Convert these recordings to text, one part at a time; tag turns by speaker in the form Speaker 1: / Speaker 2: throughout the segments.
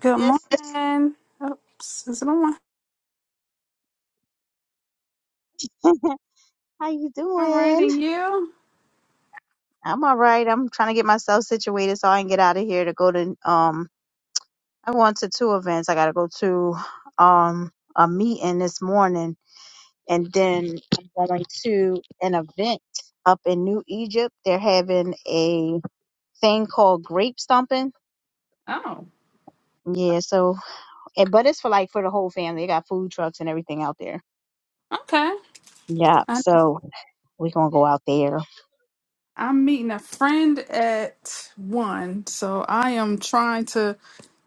Speaker 1: Good
Speaker 2: Sis,
Speaker 1: morning. Oops, is it on?
Speaker 2: how you
Speaker 1: All right,
Speaker 2: doing?
Speaker 1: and you?
Speaker 2: I'm all right. I'm trying to get myself situated so I can get out of here to go to um I'm going to two events. I gotta go to um a meeting this morning and then I'm going to an event up in New Egypt. They're having a thing called grape stomping.
Speaker 1: Oh,
Speaker 2: Yeah, so and but it's for like for the whole family. They got food trucks and everything out there.
Speaker 1: okay.
Speaker 2: Yeah.
Speaker 1: I,
Speaker 2: So We're gonna go out there.
Speaker 1: I'm meeting a friend at one, so I am trying to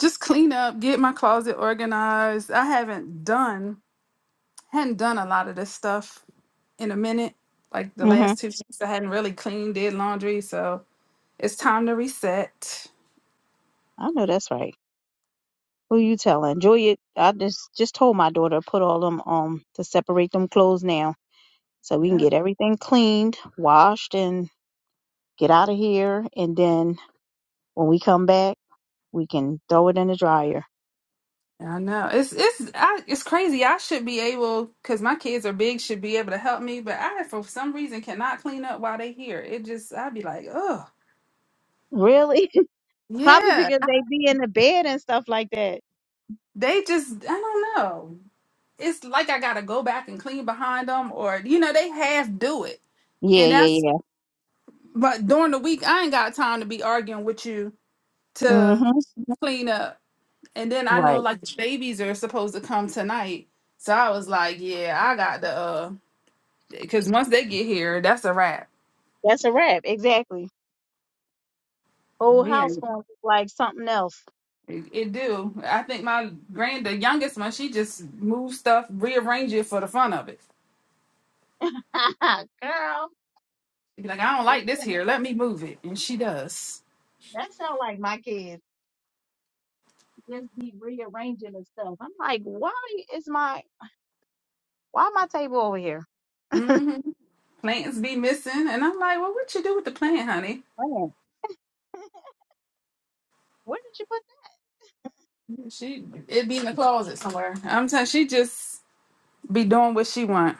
Speaker 1: just clean up, get my closet organized. I haven't done hadn't done a lot of this stuff in a minute. Like the
Speaker 2: hmm
Speaker 1: last two weeks, I hadn't really cleaned, did laundry, so it's time to reset.
Speaker 2: I know that's right. Who you telling? Julia, I just just told my daughter put all them um to separate them clothes now so we
Speaker 1: Yep.
Speaker 2: can get everything cleaned, washed and get out of here and then when we come back we can throw it in the dryer.
Speaker 1: Yeah, I know it's it's I, it's crazy. I should be able because my kids are big, should be able to help me, but I for some reason cannot clean up while they here. It just I'd be like, oh
Speaker 2: Really? Probably
Speaker 1: yeah,
Speaker 2: because they be in the bed and stuff like that.
Speaker 1: they just I don't know. It's like I gotta go back and clean behind them, or you know they half do it,
Speaker 2: Yeah,
Speaker 1: and
Speaker 2: yeah,
Speaker 1: that's
Speaker 2: yeah.
Speaker 1: but during the week I ain't got time to be arguing with you to
Speaker 2: Mhm.
Speaker 1: clean up, and then I
Speaker 2: Right.
Speaker 1: know like the babies are supposed to come tonight, so I was like, yeah, I got the uh, because once they get here, that's a wrap.
Speaker 2: That's a wrap, exactly. Whole
Speaker 1: Yeah,
Speaker 2: house going to look like something else.
Speaker 1: it, it do. I think my grand, the youngest one, she just moves stuff, rearrange it for the fun of it.
Speaker 2: Girl, that
Speaker 1: She be like, I don't like this
Speaker 2: sound,
Speaker 1: here. Let me move it, and she does.
Speaker 2: that sound like my kids just be rearranging and stuff. I'm like, why is my why my table over here?
Speaker 1: Mm-hmm. Plants be missing, and I'm like, well, what you do with the plant, honey?
Speaker 2: Man, where did you put
Speaker 1: She it be in the closet somewhere. I'm telling she just be doing what she want,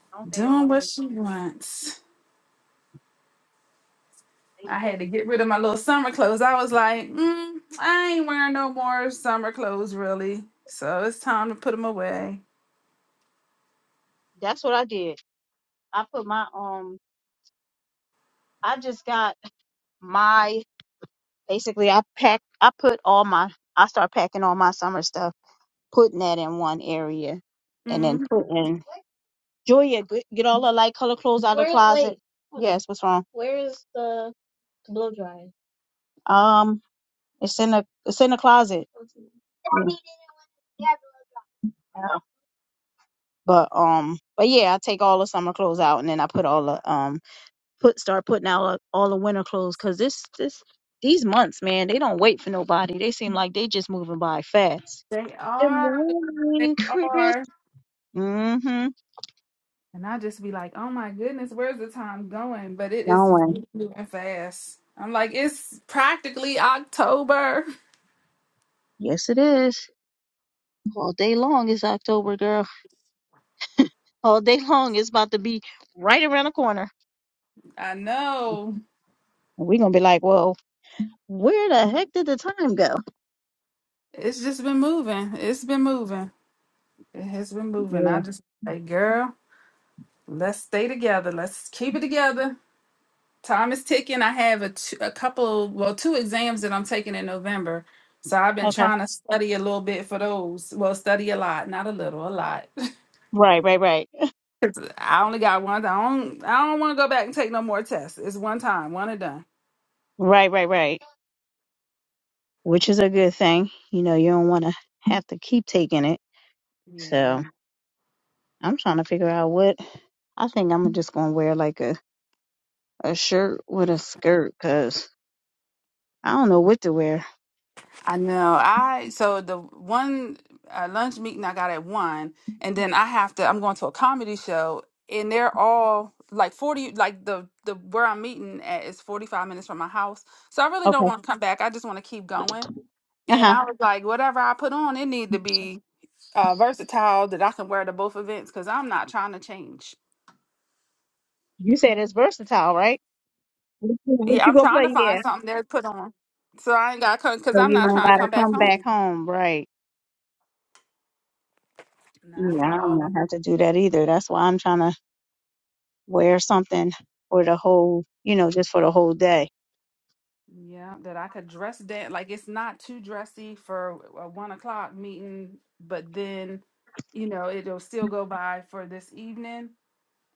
Speaker 2: that? Don't they
Speaker 1: doing what
Speaker 2: always?
Speaker 1: she wants.
Speaker 2: They,
Speaker 1: I had to get rid of my little summer clothes. I was like, mm, I ain't wearing no more summer clothes, really. So it's time to put them away.
Speaker 2: that's what I did. I put my um. I just got my basically. I pack. I put all my. I start packing all my summer stuff, putting that in one area, and
Speaker 1: Mm-hmm.
Speaker 2: then putting. Julia, g- get all her light color clothes out of the Where- closet. wait, hold on. Yes, what's wrong? Where is the blow dryer? Um, it's in the it's in the closet. Okay. Mm. Yeah. But um, but yeah, I take all the summer clothes out and then I put all the um put start putting out uh, all the winter clothes because this this these months, man, they don't wait for nobody. They seem like they just moving by fast.
Speaker 1: They
Speaker 2: Good
Speaker 1: are. They
Speaker 2: morning, Chris.
Speaker 1: are.
Speaker 2: Mm-hmm.
Speaker 1: And I just be like, oh my goodness, where's the time going? But it
Speaker 2: No
Speaker 1: is
Speaker 2: one.
Speaker 1: moving fast. I'm like, it's practically October.
Speaker 2: Yes, it is. All day long is October, girl. all day long is about to be right around the corner.
Speaker 1: I know.
Speaker 2: And we're gonna be like, Whoa, where the heck did the time go?
Speaker 1: It's just been moving. It's been moving. It has been moving.
Speaker 2: Yeah.
Speaker 1: I just like, girl, let's stay together. Let's keep it together. Time is ticking. I have a t- a couple, well, two exams that I'm taking in November. So I've been
Speaker 2: Okay.
Speaker 1: trying to study a little bit for those. Well, study a lot, not a little, a lot.
Speaker 2: Right, right, right.
Speaker 1: I only got one. I don't. I don't want to go back and take no more tests. It's one time, one and done.
Speaker 2: Right, right, right. Which is a good thing. You know, you don't wanna have to keep taking it.
Speaker 1: Yeah.
Speaker 2: So I'm trying to figure out what I think I'm just gonna wear like a, a shirt with a skirt because I don't know what to wear.
Speaker 1: I know. I so the one uh, lunch meeting I got at one, and then I have to. I'm going to a comedy show, and they're all like forty. Like the the where I'm meeting at is forty five minutes from my house. So I really
Speaker 2: Okay.
Speaker 1: don't want to come back. I just want to keep going.
Speaker 2: Uh
Speaker 1: And
Speaker 2: huh.
Speaker 1: I was like, whatever I put on, it need to be uh, versatile that I can wear to both events because I'm not trying to change.
Speaker 2: You said it's versatile, right? What you, what
Speaker 1: Yeah,
Speaker 2: you
Speaker 1: I'm
Speaker 2: gonna
Speaker 1: trying to
Speaker 2: play?
Speaker 1: find
Speaker 2: Yeah.
Speaker 1: something there to put on. So I ain't got to because
Speaker 2: So
Speaker 1: I'm
Speaker 2: you
Speaker 1: not
Speaker 2: don't
Speaker 1: trying to
Speaker 2: gotta
Speaker 1: come back
Speaker 2: come back
Speaker 1: home.
Speaker 2: home, right?
Speaker 1: Not
Speaker 2: Yeah,
Speaker 1: at
Speaker 2: I don't
Speaker 1: all.
Speaker 2: know how to do that either. That's why I'm trying to wear something for the whole, you know, just for the whole day.
Speaker 1: Yeah, that I could dress down. Like it's not too dressy for a one o'clock meeting, but then, you know, it'll still go by for this evening.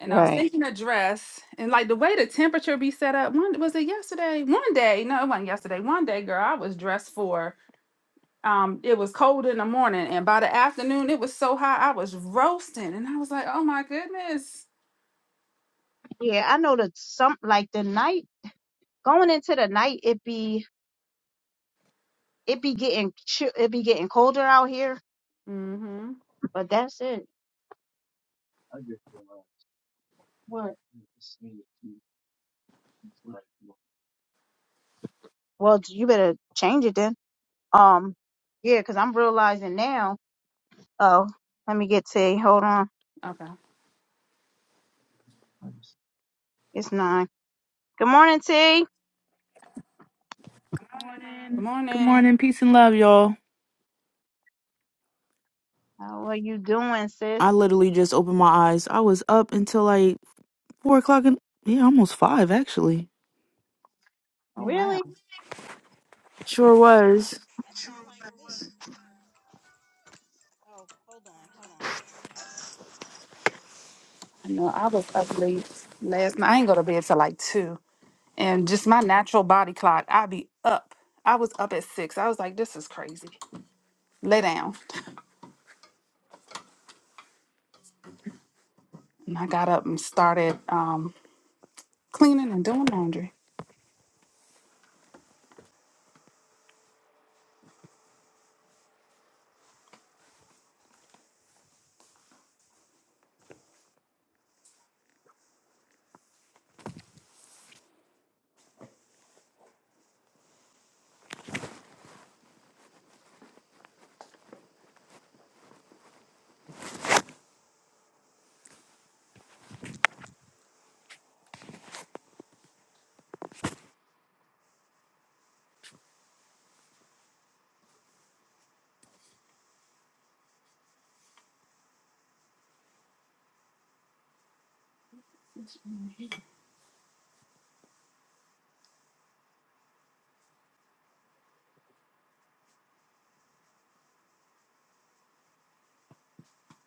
Speaker 1: And I was
Speaker 2: Right.
Speaker 1: thinking a dress and like the way the temperature be set up. One was it yesterday? One day, no, it wasn't yesterday. One day, girl, I was dressed for. Um, it was cold in the morning, and by the afternoon, it was so hot I was roasting, and I was like, "Oh my goodness!"
Speaker 2: Yeah, I know that some like the night going into the night, it be it be getting chi- it be getting colder out here,
Speaker 1: Mm-hmm.
Speaker 2: but that's it. What? Well, you better change it then. Um, yeah, i I'm realizing now. Oh, let me get T. Hold on,
Speaker 1: Okay.
Speaker 2: it's nine. Good morning, T.
Speaker 1: Good
Speaker 3: morning. Good
Speaker 1: morning.
Speaker 3: morning. Peace and love, y'all.
Speaker 2: How are you doing, sis?
Speaker 3: I literally just opened my eyes. I was up until like four o'clock and yeah, almost five actually.
Speaker 1: Oh
Speaker 2: Really?
Speaker 1: wow.
Speaker 3: Sure was.
Speaker 2: That sound like me. Oh, hold on, hold on. guys.
Speaker 1: I know I was up late last night. I ain't go to bed till like two. And just my natural body clock, i be up. I was up at six. I was like, this is crazy. Lay down. And I got up and started um cleaning and doing laundry.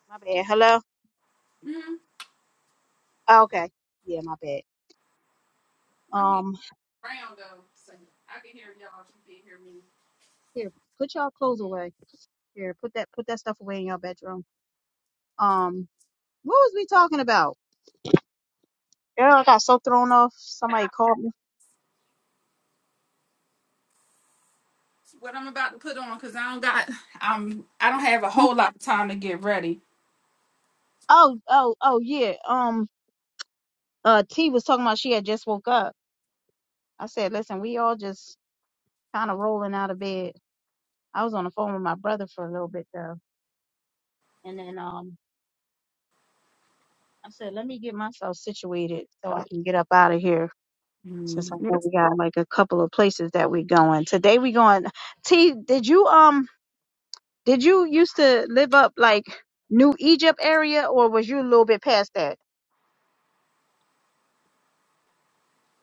Speaker 2: My bad. Hello?
Speaker 1: Mm-hmm.
Speaker 2: Oh, okay. Yeah, my bad.
Speaker 1: I'm getting
Speaker 2: Um
Speaker 1: around though, so I can hear y'all if you can hear me.
Speaker 2: here, put y'all clothes away. Here, put that put that stuff away in your bedroom. Um, what was we talking about? Girl, I got so thrown off. Somebody
Speaker 1: That's
Speaker 2: called me.
Speaker 1: What I'm about to put on, cause I don't got, um, I don't have a whole lot of time to get ready.
Speaker 2: Oh, oh, oh yeah. Um uh T was talking about she had just woke up. I said, listen, we all just kinda rolling out of bed. I was on the phone with my brother for a little bit though. And then um I said, let me get myself situated so I can get up out of here. Since I
Speaker 1: Mm,
Speaker 2: know
Speaker 1: it's-
Speaker 2: we got like a couple of places that we going. Today we going T did you um did you used to live up like New Egypt area or was you a little bit past that?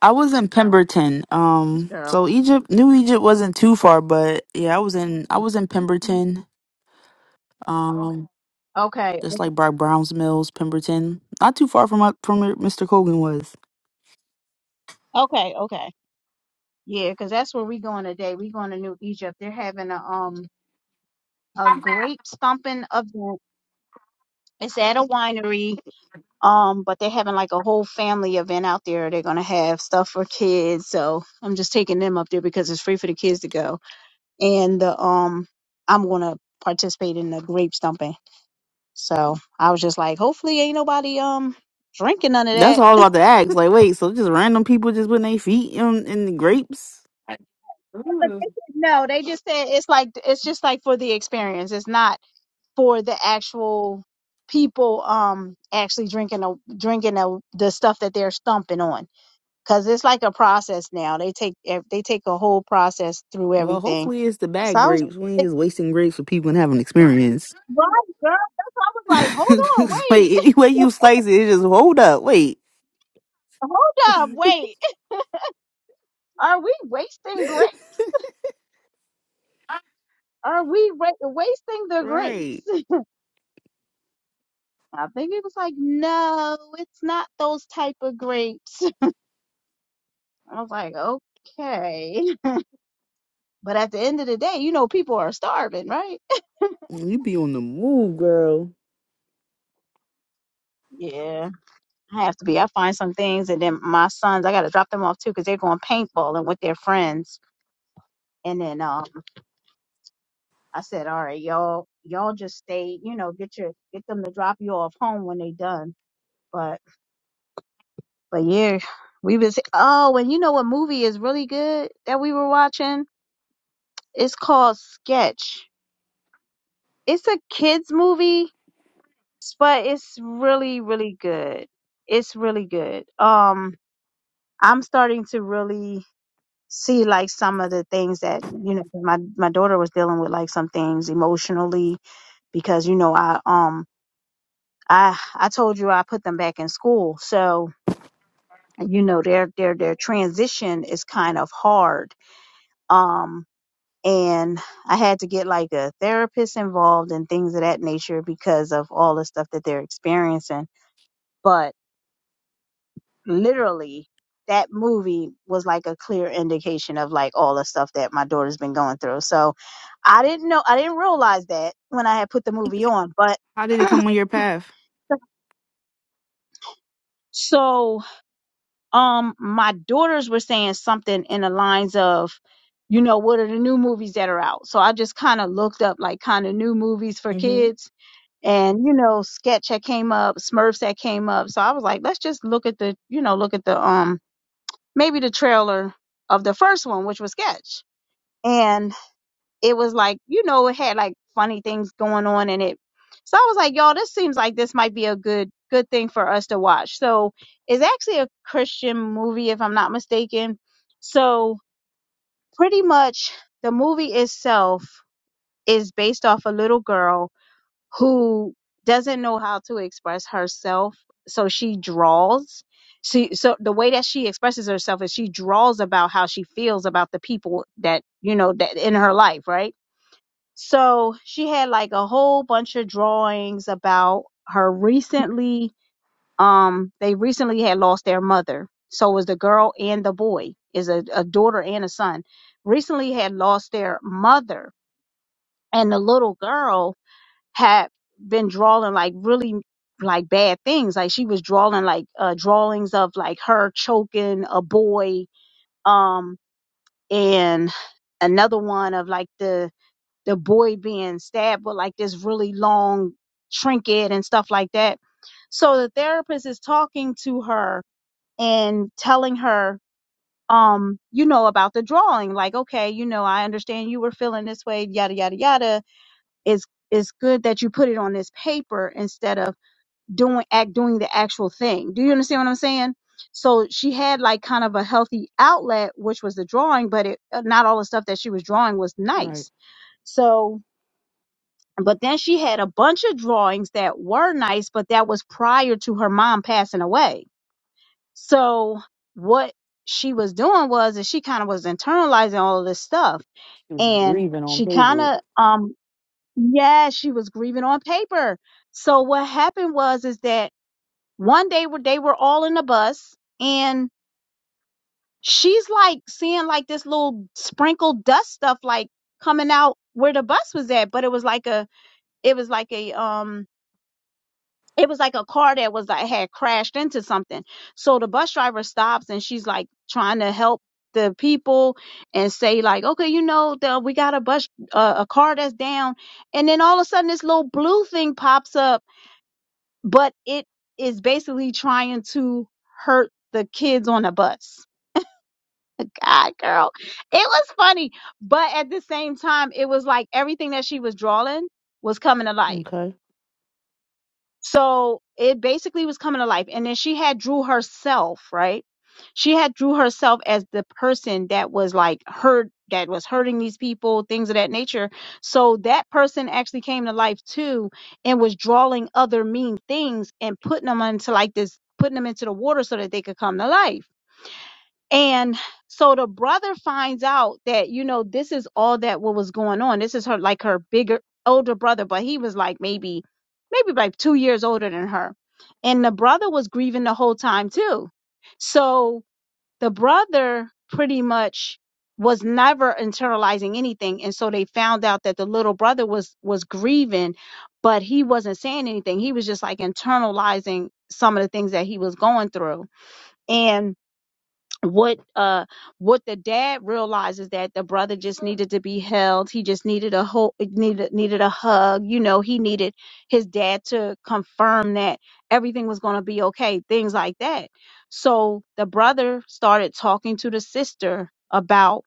Speaker 3: I was in Pemberton.
Speaker 2: This
Speaker 3: Um
Speaker 2: girl.
Speaker 3: so Egypt New Egypt wasn't too far, but yeah, I was in I was in Pemberton. Um
Speaker 2: Okay.
Speaker 3: just like by Browns Mills, Pemberton. Not too far from my, from where Mr. Colgan was.
Speaker 2: Okay, okay. Yeah, because that's where we going today. We going to New Egypt. They're having a um a grape stomping event. It's at a winery. Um, but they're having like a whole family event out there. They're gonna have stuff for kids. So I'm just taking them up there because it's free for the kids to go and the um I'm gonna participate in the grape stumping. So I was just like, hopefully ain't nobody um drinking none of
Speaker 3: That's
Speaker 2: that.
Speaker 3: all I was about to ask. Like, wait, so just random people just putting their feet in, in the grapes?
Speaker 2: But
Speaker 1: Ooh,
Speaker 2: they said No, they just said it's like it's just like for the experience. It's not for the actual people um actually drinking a, drinking a, the stuff that they're stumping on because it's like a process now. They take ev- they take a whole process through
Speaker 3: Well,
Speaker 2: everything.
Speaker 3: hopefully it's the
Speaker 2: So
Speaker 3: bad
Speaker 2: I was
Speaker 3: grapes. We ain't
Speaker 2: like,
Speaker 3: just wasting grapes for people and having experience.
Speaker 2: right, girl. That's why I was like, hold on, wait,
Speaker 3: wait, any way you slice it, it just hold up. Wait.
Speaker 2: hold up, wait. Are we wasting grapes? Are we ra- wasting the grapes?
Speaker 3: Right.
Speaker 2: I think it was like, no, it's not those type of grapes. I was like, okay. But at the end of the day, you know, people are starving, right?
Speaker 3: You be on the move, girl.
Speaker 2: Yeah, I have to be. I find some things, and then my sons, I got to drop them off too because they're going paintballing with their friends. And then um, I said, all right, y'all, y'all just stay, you know, get your get them to drop you off home when they done. But But yeah, we was oh, and you know what movie is really good that we were watching? It's called Sketch. It's a kids movie, but it's really really good. It's really good. Um, I'm starting to really see like some of the things that you know my my daughter was dealing with like some things emotionally because you know I um I I told you I put them back in school so you know their their their transition is kind of hard Um. and I had to get like a therapist involved and things of that nature because of all the stuff that they're experiencing. But literally, that movie was like a clear indication of like all the stuff that my daughter's been going through. So I didn't know, I didn't realize that when I had put the movie on, but
Speaker 3: How did it come on your path?
Speaker 2: so um my daughters were saying something in the lines of you know what are the new movies that are out so i just kind of looked up like kind of new movies for
Speaker 3: Mm-hmm.
Speaker 2: kids and you know sketch had came up smurfs had came up so i was like let's just look at the you know look at the um maybe the trailer of the first one which was sketch and it was like you know it had like funny things going on in it so i was like y'all this seems like this might be a good good thing for us to watch so it's actually a christian movie if i'm not mistaken so pretty much the movie itself is based off a little girl who doesn't know how to express herself so she draws she so the way that she expresses herself is she draws about how she feels about the people that you know that in her life right so she had like a whole bunch of drawings about her recently um they recently had lost their mother so it was the girl and the boy is a, a daughter and a son recently had lost their mother and the little girl had been drawing like really like bad things. Like she was drawing like uh, drawings of like her choking a boy, um, and another one of like the the boy being stabbed with like this really long trinket and stuff like that. So the therapist is talking to her and telling her, um, you know, about the drawing. Like, okay, you know, I understand you were feeling this way, yada yada yada. It's it's good that you put it on this paper instead of doing act doing the actual thing. Do you understand what I'm saying? So she had like kind of a healthy outlet, which was the drawing, but it uh, not all the stuff that she was drawing was
Speaker 3: Right.
Speaker 2: nice. So, but then she had a bunch of drawings that were nice, but that was prior to her mom passing away. So what she was doing was that she kind of was internalizing all of this stuff,
Speaker 3: She was
Speaker 2: and
Speaker 3: breathing on
Speaker 2: she kind
Speaker 3: paper.
Speaker 2: of um yeah she was grieving on paper. So what happened was is that one day where they were all in the bus and she's like seeing like this little sprinkled dust stuff like coming out where the bus was at but it was like a it was like a um it was like a car that was like had crashed into something so the bus driver stops and she's like trying to help the people and say like okay you know the, we got a bus uh, a car that's down and then all of a sudden this little blue thing pops up but it is basically trying to hurt the kids on the bus. God, girl, it was funny, but at the same time, it was like everything that she was drawing was coming to life.
Speaker 3: Okay.
Speaker 2: So it basically was coming to life. And then she had Drew herself, right? She had Drew herself as the person that was like hurt, that was hurting these people, things of that nature. So that person actually came to life too and was drawing other mean things and putting them into like this, putting them into the water so that they could come to life. And so the brother finds out that, you know, this is all that what was going on. This is her like her bigger older brother, but he was like maybe maybe like two years older than her. And the brother was grieving the whole time too. So the brother pretty much was never internalizing anything. And so they found out that the little brother was was grieving, but he wasn't saying anything. He was just like internalizing some of the things that he was going through. And what uh what the dad realizes that the brother just needed to be held he just needed a whole needed needed a hug you know he needed his dad to confirm that everything was going to be okay things like that so the brother started talking to the sister about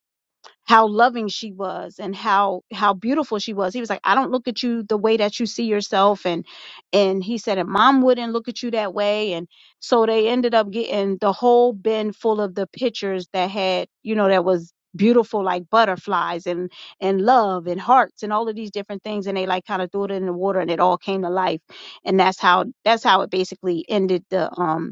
Speaker 2: how loving she was and how how beautiful she was. He was like, I don't look at you the way that you see yourself and and he said and mom wouldn't look at you that way and so they ended up getting the whole bin full of the pictures that had, you know, that was beautiful like butterflies and and love and hearts and all of these different things and they like kind of threw it in the water and it all came to life and that's how that's how it basically ended the um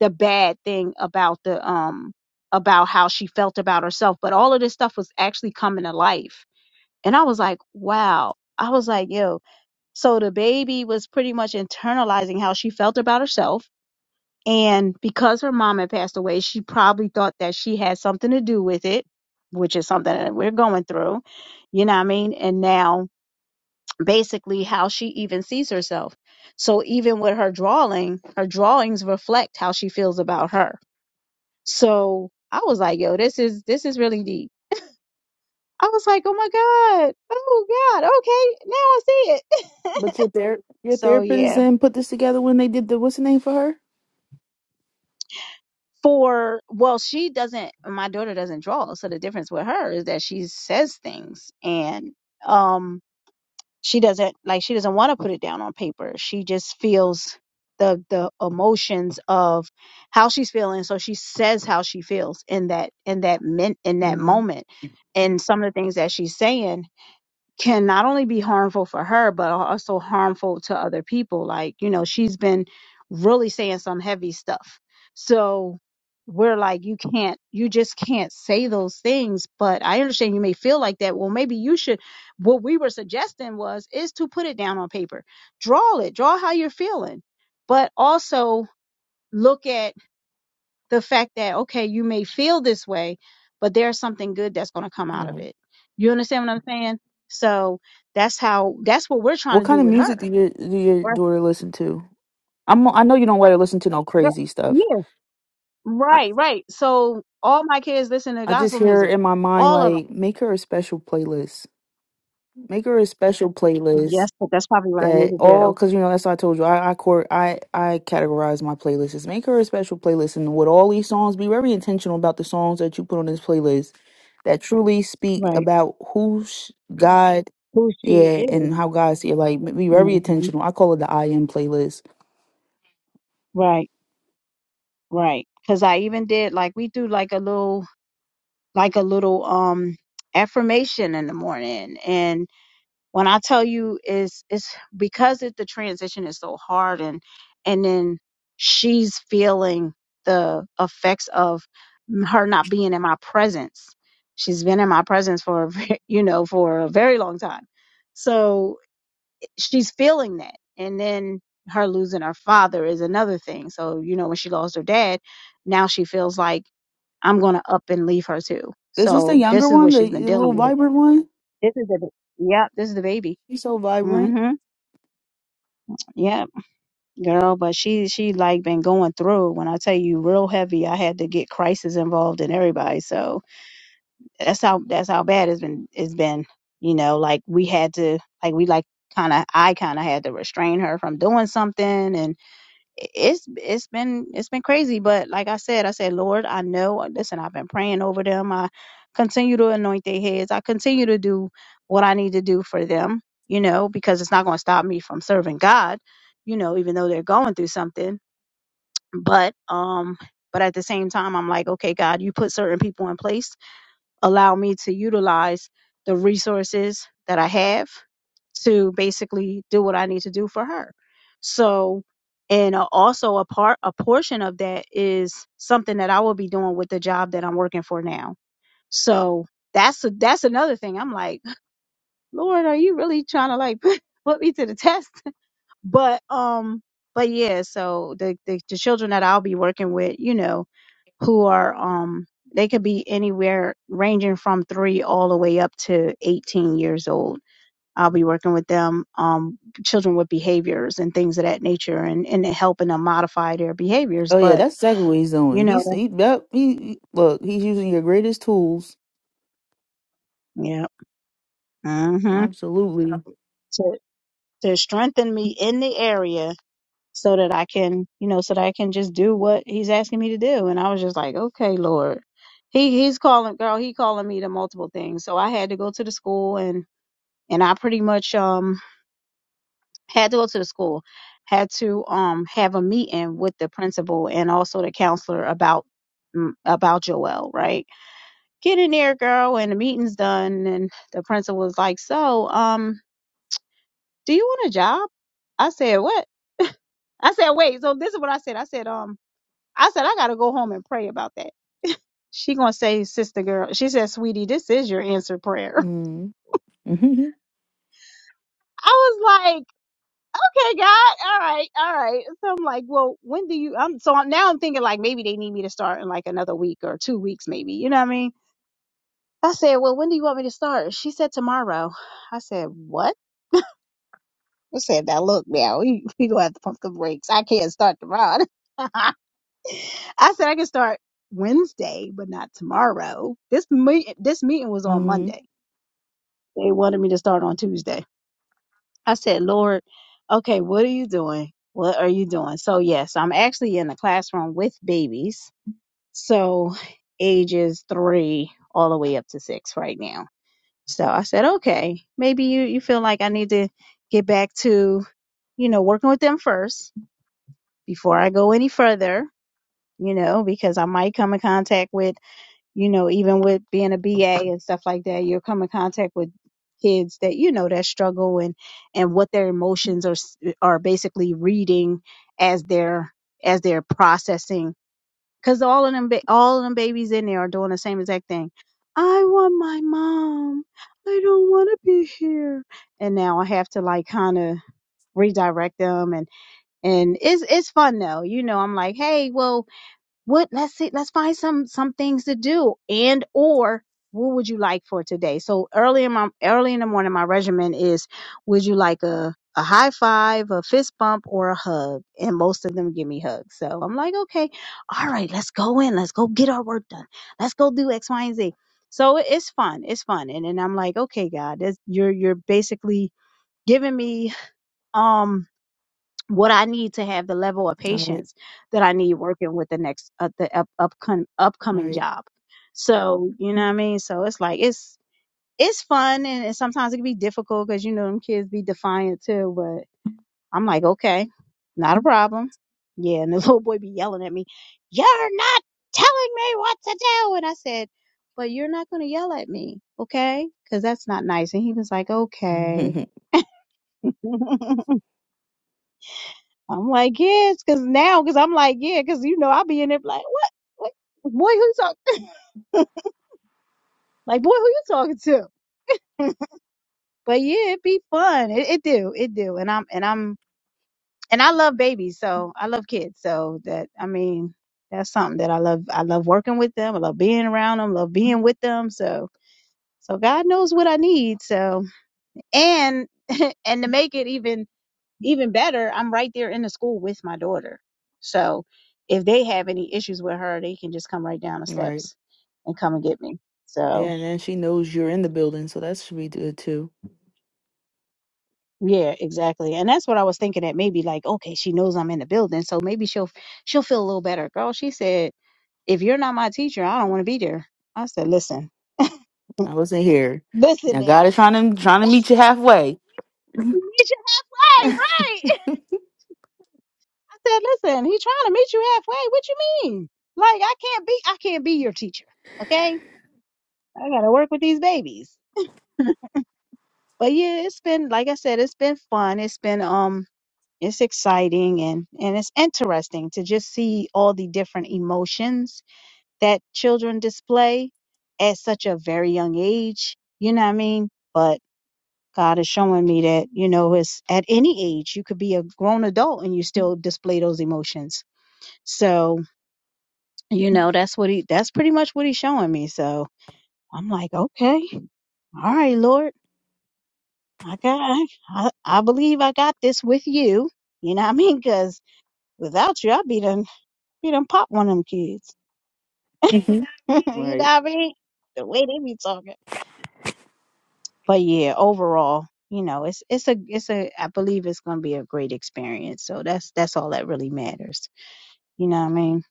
Speaker 2: the bad thing about the um about how she felt about herself but all of this stuff was actually coming to life and i was like wow i was like yo so the baby was pretty much internalizing how she felt about herself and because her mom had passed away she probably thought that she had something to do with it which is something that we're going through you know what i mean and now basically how she even sees herself so even with her drawing her drawings reflect how she feels about her so I was like, yo, this is this is really deep. I was like, oh my God. Oh God. Okay. Now I see it.
Speaker 3: But your ther- your
Speaker 2: so
Speaker 3: therapist
Speaker 2: yeah.
Speaker 3: and put this together when they did the what's the name for her?
Speaker 2: For well, she doesn't my daughter doesn't draw. So the difference with her is that she says things and um she doesn't like she doesn't want to put it down on paper. She just feels the the emotions of how she's feeling. So she says how she feels in that in that min in that
Speaker 3: Mm-hmm.
Speaker 2: moment and some of the things that she's saying can not only be harmful for her, but also harmful to other people. Like, you know, she's been really saying some heavy stuff. So we're like, you can't, you just can't say those things. But I understand you may feel like that. Well, maybe you should. What we were suggesting was is to put it down on paper, draw it, draw how you're feeling, but also look at the fact that okay you may feel this way but there's something good that's going to come
Speaker 3: All
Speaker 2: out of
Speaker 3: right.
Speaker 2: it you understand what i'm saying so that's how that's what we're trying
Speaker 3: What
Speaker 2: to
Speaker 3: kind
Speaker 2: do
Speaker 3: of
Speaker 2: with her
Speaker 3: music do your do your
Speaker 2: right
Speaker 3: daughter listen to? I'm I know you don't let her listen to no
Speaker 2: Right.
Speaker 3: crazy stuff.
Speaker 2: yeah right right so all my kids listen to
Speaker 3: I just
Speaker 2: gospel
Speaker 3: hear
Speaker 2: music
Speaker 3: in my mind
Speaker 2: all of them
Speaker 3: like make her a special playlist. Make her a special
Speaker 2: yes
Speaker 3: playlist
Speaker 2: but that's probably what i need
Speaker 3: that
Speaker 2: to
Speaker 3: all
Speaker 2: do
Speaker 3: because you know that's what I told you. I I court I I categorize my playlists. Is make her a special playlist and with all these songs, be very intentional about the songs that you put on this playlist that truly speak
Speaker 2: right
Speaker 3: about who sh- God,
Speaker 2: who she
Speaker 3: yeah,
Speaker 2: is
Speaker 3: and how God see it. Like be very
Speaker 2: hmm
Speaker 3: intentional. I call it the I am playlist.
Speaker 2: right right because i even did like we do like a little like a little um affirmation in the morning and. When I tell you is it's because it, the transition is so hard and and then she's feeling the effects of m- her not being in my presence. She's been in my presence for a ve- you know for a very long time. So she's feeling that. And then her losing her father is another thing. So, you know, when she lost her dad, now she feels like I'm going to up and leave her too.
Speaker 3: Is this the
Speaker 2: So
Speaker 3: younger
Speaker 2: this is
Speaker 3: one,
Speaker 2: what
Speaker 3: the,
Speaker 2: she's been
Speaker 3: the
Speaker 2: dealing
Speaker 3: little
Speaker 2: with.
Speaker 3: vibrant one?
Speaker 2: This is the, ba- yep, this is the baby.
Speaker 3: She's so vibrant.
Speaker 2: hmm. Yeah, girl, but she she like been going through. it. When I tell you, real heavy, I had to get crisis involved in everybody. So that's how that's how bad it's been. It's been, you know, like we had to like we like kind of I kind of had to restrain her from doing something, and it's it's been it's been crazy but like i said i said lord i know uh, listen i've been praying over them i continue to anoint their heads i continue to do what i need to do for them you know because it's not going to stop me from serving god you know even though they're going through something but um but at the same time i'm like okay god you put certain people in place allow me to utilize the resources that I have to basically do what I need to do for her. So, and uh, also a part, a portion of that is something that I will be doing with the job that I'm working for now. So that's that's another thing. I'm like, Lord, are you really trying to like put me to the test? But um, but yeah. So the the, the children that I'll be working with, you know, who are um they could be anywhere ranging from three all the way up to 18 years old i'll be working with them um children with behaviors and things of that nature and and helping them modify their behaviors
Speaker 3: Oh yeah,
Speaker 2: but
Speaker 3: that's exactly what he's doing.
Speaker 2: you know
Speaker 3: He's
Speaker 2: that-
Speaker 3: he yep, he he- look, he's using your greatest tools.
Speaker 2: yeah mm-hmm.
Speaker 3: Absolutely.
Speaker 2: to to strengthen me in the area so that i can you know so that i can just do what he's asking me to do and i was just like okay lord he he's calling girl he calling me to multiple things so i had to go to the school and and i pretty much um had to go to the school, had to um have a meeting with the principal and also the counselor about mm, about Joel, right? Get in there, girl, and the meeting's done. And the principal was like, "So, um, do you want a job?" I said, "What?" I said, "Wait." So this is what I said. I said, "Um, I said I gotta go home and pray about that." She gonna say, "Sister girl," she said, "Sweetie, this is your answer prayer."
Speaker 3: Mm. Mm-hmm.
Speaker 2: I was like. Hey God, all right, all right. So I'm like, well, when do you? I'm so I'm, now I'm thinking like maybe they need me to start in like another week or two weeks, maybe. You know what I mean? I said, well, when do you want me to start? She said tomorrow. I said, what? I said, now look, now we we gonna have to pump the brakes. I can't start tomorrow. I said I can start Wednesday, but not tomorrow. This meet this meeting was on
Speaker 3: Mm-hmm.
Speaker 2: Monday. They wanted me to start on Tuesday. I said, Lord, okay, what are you doing? What are you doing? So, yes, I'm actually in the classroom with babies. So, ages three all the way up to six right now. So I said, okay, maybe you, you feel like I need to get back to, you know, working with them first before I go any further, you know, because I might come in contact with you know, even with being a BA and stuff like that, you'll come in contact with kids that you know that struggle and and what their emotions are s- are basically reading as they're as they're processing because all of them ba- all of them babies in there are doing the same exact thing. I want my mom. I don't want to be here. And now I have to like kind of redirect them and and it's it's fun though. You know, I'm like, hey, well, what let's see, let's find some some things to do and or what would you like for today? So early in my early in the morning, my regimen is would you like a a high five, a fist bump, or a hug? And most of them give me hugs. So I'm like, okay, all right, let's go in. Let's go get our work done. Let's go do X, Y, and Z. So it- it's fun. It's fun. And then I'm like, okay, God, this, you're you're basically giving me um what I need to have the level of
Speaker 3: All right.
Speaker 2: patience that I need working with the next uh, the up, upcom-
Speaker 3: All
Speaker 2: upcoming
Speaker 3: right.
Speaker 2: job. So you know what I mean. So it's like it's it's fun and, and sometimes it can be difficult because you know them kids be defiant too. But I'm like, okay, not a problem. Yeah, and the little boy be yelling at me, "You're not telling me what to do," and I said, "But you're not gonna yell at me, okay? Because that's not nice." And he was like, "Okay."
Speaker 3: Mm-hmm.
Speaker 2: I'm like, yes, because now, because I'm like, yeah, because you know, I'll be in there like, what? what? Boy, who you talking? Like, boy, who you talking to? But yeah, it be fun. It, it do, it do. And I'm, and I'm, and I love babies, so I love kids. So that, I mean, that's something that I love. I love working with them. I love being around them. Love being with them. So, so God knows what I need. So, and and to make it even even better, I'm right there in the school with my daughter. So if they have any issues with her, they can just come right down the
Speaker 3: All right.
Speaker 2: steps and come and get me. So
Speaker 3: Yeah, and then she knows you're in the building, so that should be good too.
Speaker 2: yeah, exactly. And that's what I was thinking that maybe like, okay, she knows I'm in the building, so maybe she'll she'll feel a little better. Girl, she said, if you're not my teacher, I don't want to be there. I said, listen,
Speaker 3: I wasn't here.
Speaker 2: listen
Speaker 3: Now
Speaker 2: now.
Speaker 3: God is trying to trying to meet you halfway.
Speaker 2: He meet you halfway, right? I said, listen, he's trying to meet you halfway. What you mean? Like I can't be I can't be your teacher. Okay? I gotta work with these babies. but yeah, it's been like I said, it's been fun. It's been um it's exciting and and it's interesting to just see all the different emotions that children display at such a very young age. You know what I mean? But God is showing me that, you know, it's at any age you could be a grown adult and you still display those emotions. So, you know, that's what he that's pretty much what he's showing me. So I'm like, okay, all right, Lord I got, I, I I believe I got this with you. You know what I mean? 'Cause without you, I'd be done, be done pop one of them kids.
Speaker 3: Mhm.
Speaker 2: you know what
Speaker 3: Right.
Speaker 2: I mean? The way they be talking. But yeah, overall, you know, it's, it's a, it's a, I believe it's going to be a great experience. So that's, that's all that really matters. You know what I mean?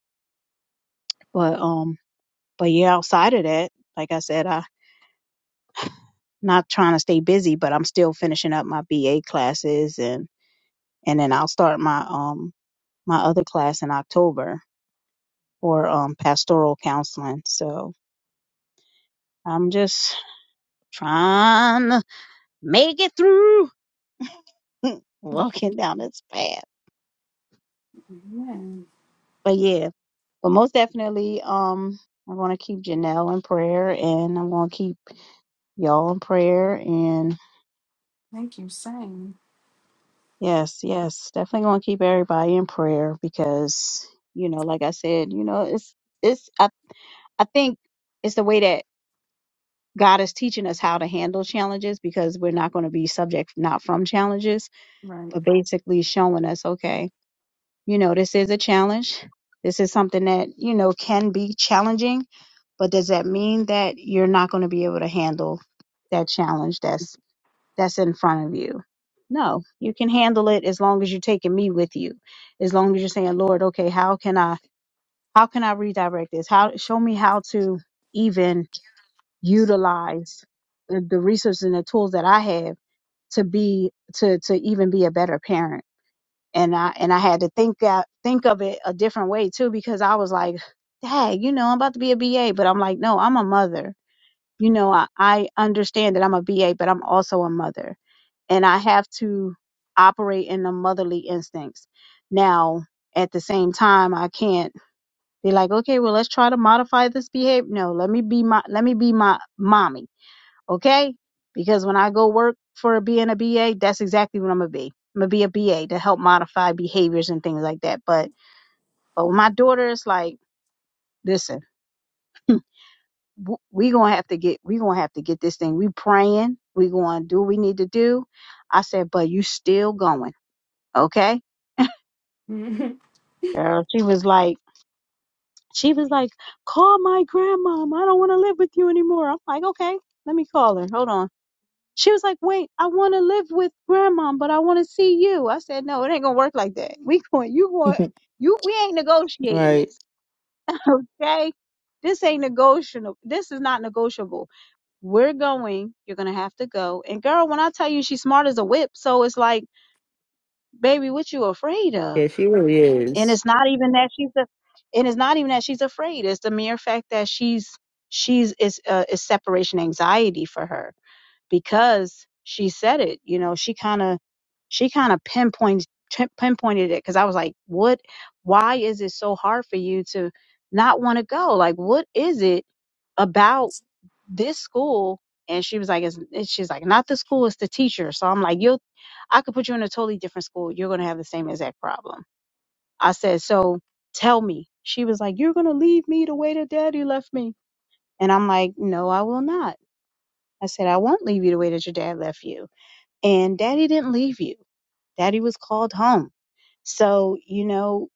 Speaker 2: But, um, but yeah, outside of that, like I said, I, not trying to stay busy, but I'm still finishing up my BA classes and, and then I'll start my, um, my other class in October for um, pastoral counseling. So I'm just trying to make it through walking down this path.
Speaker 1: yeah.
Speaker 2: But yeah, but most definitely, um, I'm going to keep Janelle in prayer and I'm going to keep y'all in prayer. And
Speaker 1: Thank you, same.
Speaker 2: yes, yes, definitely going to keep everybody in prayer because, you know, like I said, you know, it's, it's, I, I think it's the way that God is teaching us how to handle challenges because we're not going to be subject not from challenges
Speaker 1: Right.
Speaker 2: but basically showing us, okay, you know, this is a challenge. This is something that, you know, can be challenging, but does that mean that you're not going to be able to handle that challenge that's that's in front of you? No, you can handle it as long as you're taking me with you. As long as you're saying, "Lord, okay, how can I how can I redirect this? How show me how to even utilize the, the resources and the tools that I have to be to to even be a better parent." and I and I had to think that think of it a different way too because I was like, "Dang, you know, I'm about to be a BA," but I'm like, "No, I'm a mother. You know, I, I understand that I'm a BA, but I'm also a mother, and I have to operate in the motherly instincts." Now, at the same time, I can't be like, "Okay, well, let's try to modify this behavior." No, let me be my let me be my mommy okay? Because when I go work for being a BA, that's exactly what I'm gonna be. I'm gonna be a BA to help modify behaviors and things like that. But but with my daughter, it's like, listen, w- we gonna have to get we gonna have to get this thing. We praying. We gonna do what we need to do. I said, but you still going, okay,
Speaker 1: right.
Speaker 2: girl? She was like, she was like, call my grandmom. I don't want to live with you anymore. I'm like, okay, let me call her. Hold on. She was like, wait, I want to live with grandma, but I want to see you. I said, no, it ain't going to work like that. We going, you going, you, we ain't negotiating
Speaker 3: right.
Speaker 2: this. Okay. This ain't negotiable. This is not negotiable. We're going. You're going to have to go. And girl, when I tell you she's smart as a whip, so it's like, baby, what you afraid of?
Speaker 3: Yeah, she really
Speaker 2: And
Speaker 3: is.
Speaker 2: it's not even that she's a, and it's not even that she's afraid. It's the mere fact that she's, she's, is, uh, is separation anxiety for her because she said it. You know, she kind of she kind of pinpointed, pinpointed it because I was like, what? Why is it so hard for you to not want to go? Like, what is it about this school? And she was like, it's, it's- she's like, not the school, it's the teacher. So I'm like, you'll, I could put you in a totally different school. You're going to have the same exact problem. I said, so tell me. She was like, you're going to leave me the way that daddy left me. And I'm like, no, I will not. I said, I won't leave you the way that your dad left you and daddy didn't leave you daddy was called home so you know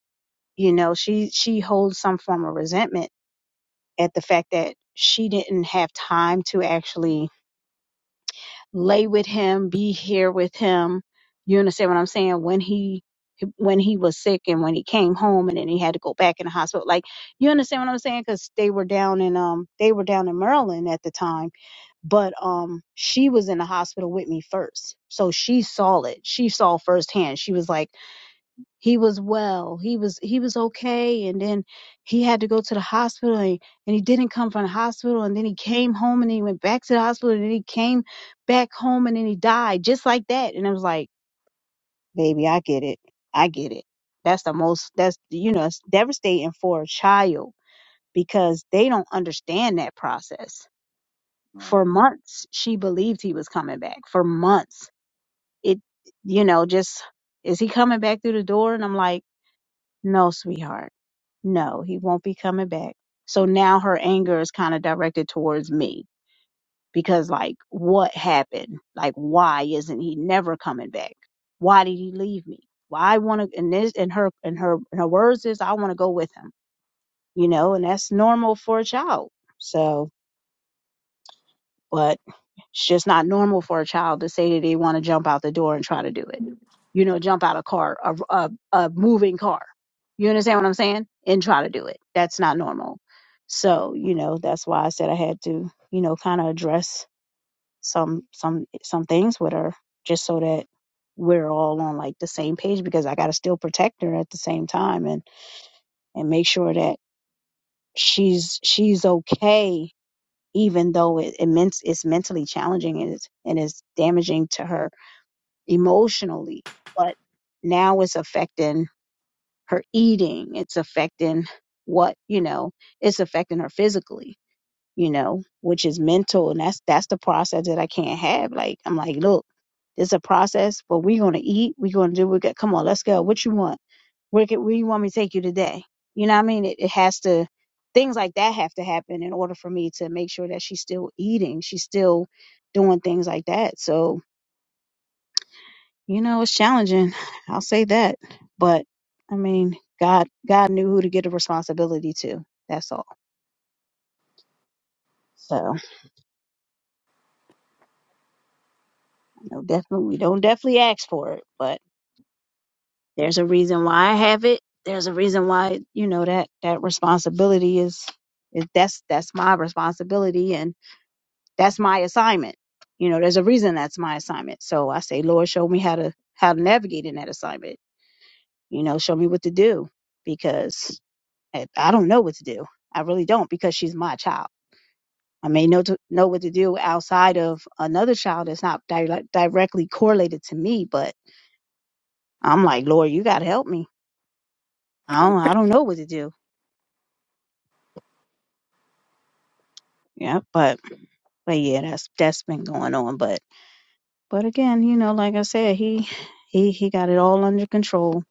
Speaker 2: you know she she holds some form of resentment at the fact that she didn't have time to actually lay with him be here with him you understand what i'm saying when he when he was sick and when he came home and then he had to go back in the hospital like you understand what i'm saying because they were down in um they were down in maryland at the time but um she was in the hospital with me first so she saw it she saw firsthand she was like he was well he was he was okay and then he had to go to the hospital and, and he didn't come from the hospital and then he came home and then he went back to the hospital and then he came back home and then he died just like that and i was like baby i get it i get it that's the most that's you know it's devastating for a child because they don't understand that process for months she believed he was coming back for months it you know just is he coming back through the door and i'm like no sweetheart no he won't be coming back so now her anger is kind of directed towards me because like what happened like why isn't he never coming back why did he leave me well i want to and this and her and her and her words is i want to go with him you know and that's normal for a child so but It's just not normal for a child to say that they want to jump out the door and try to do it. You know, jump out a car, a, a, a moving car. You understand what I'm saying? And try to do it. That's not normal. So, you know, that's why I said I had to, you know, kind of address some some some things with her just so that we're all on like the same page because I got to still protect her at the same time and and make sure that she's she's okay even though it, it meant, it's mentally challenging and it's, and it's damaging to her emotionally. But now it's affecting her eating. It's affecting what, you know, it's affecting her physically you know, which is mental. And that's that's the process that I can't have. Like I'm like, look, it's a process, but we're gonna eat, we're gonna do we got come on, let's go. What you want? Where can, where you want me to take you today? You know what I mean? It, it has to things like that have to happen in order for me to make sure that she's still eating, she's still doing things like that. So, you know, it's challenging. I'll say that. But I mean, God God knew who to give the responsibility to. That's all. So, I know definitely we don't definitely ask for it, but There's a reason why I have it. There's a reason why, you know, that that responsibility is is that's that's my responsibility and that's my assignment. You know, there's a reason that's my assignment. So I say, Lord, show me how to how to navigate in that assignment. You know, show me what to do because I, I don't know what to do. I really don't because she's my child. I may know to, know what to do outside of another child that's not direct, directly correlated to me, but I'm like, Lord, you got to help me. I don't, I don't know what to do Yeah, but but yeah, that's that's been going on. But but again, you know, like I said, he he he got it all under control,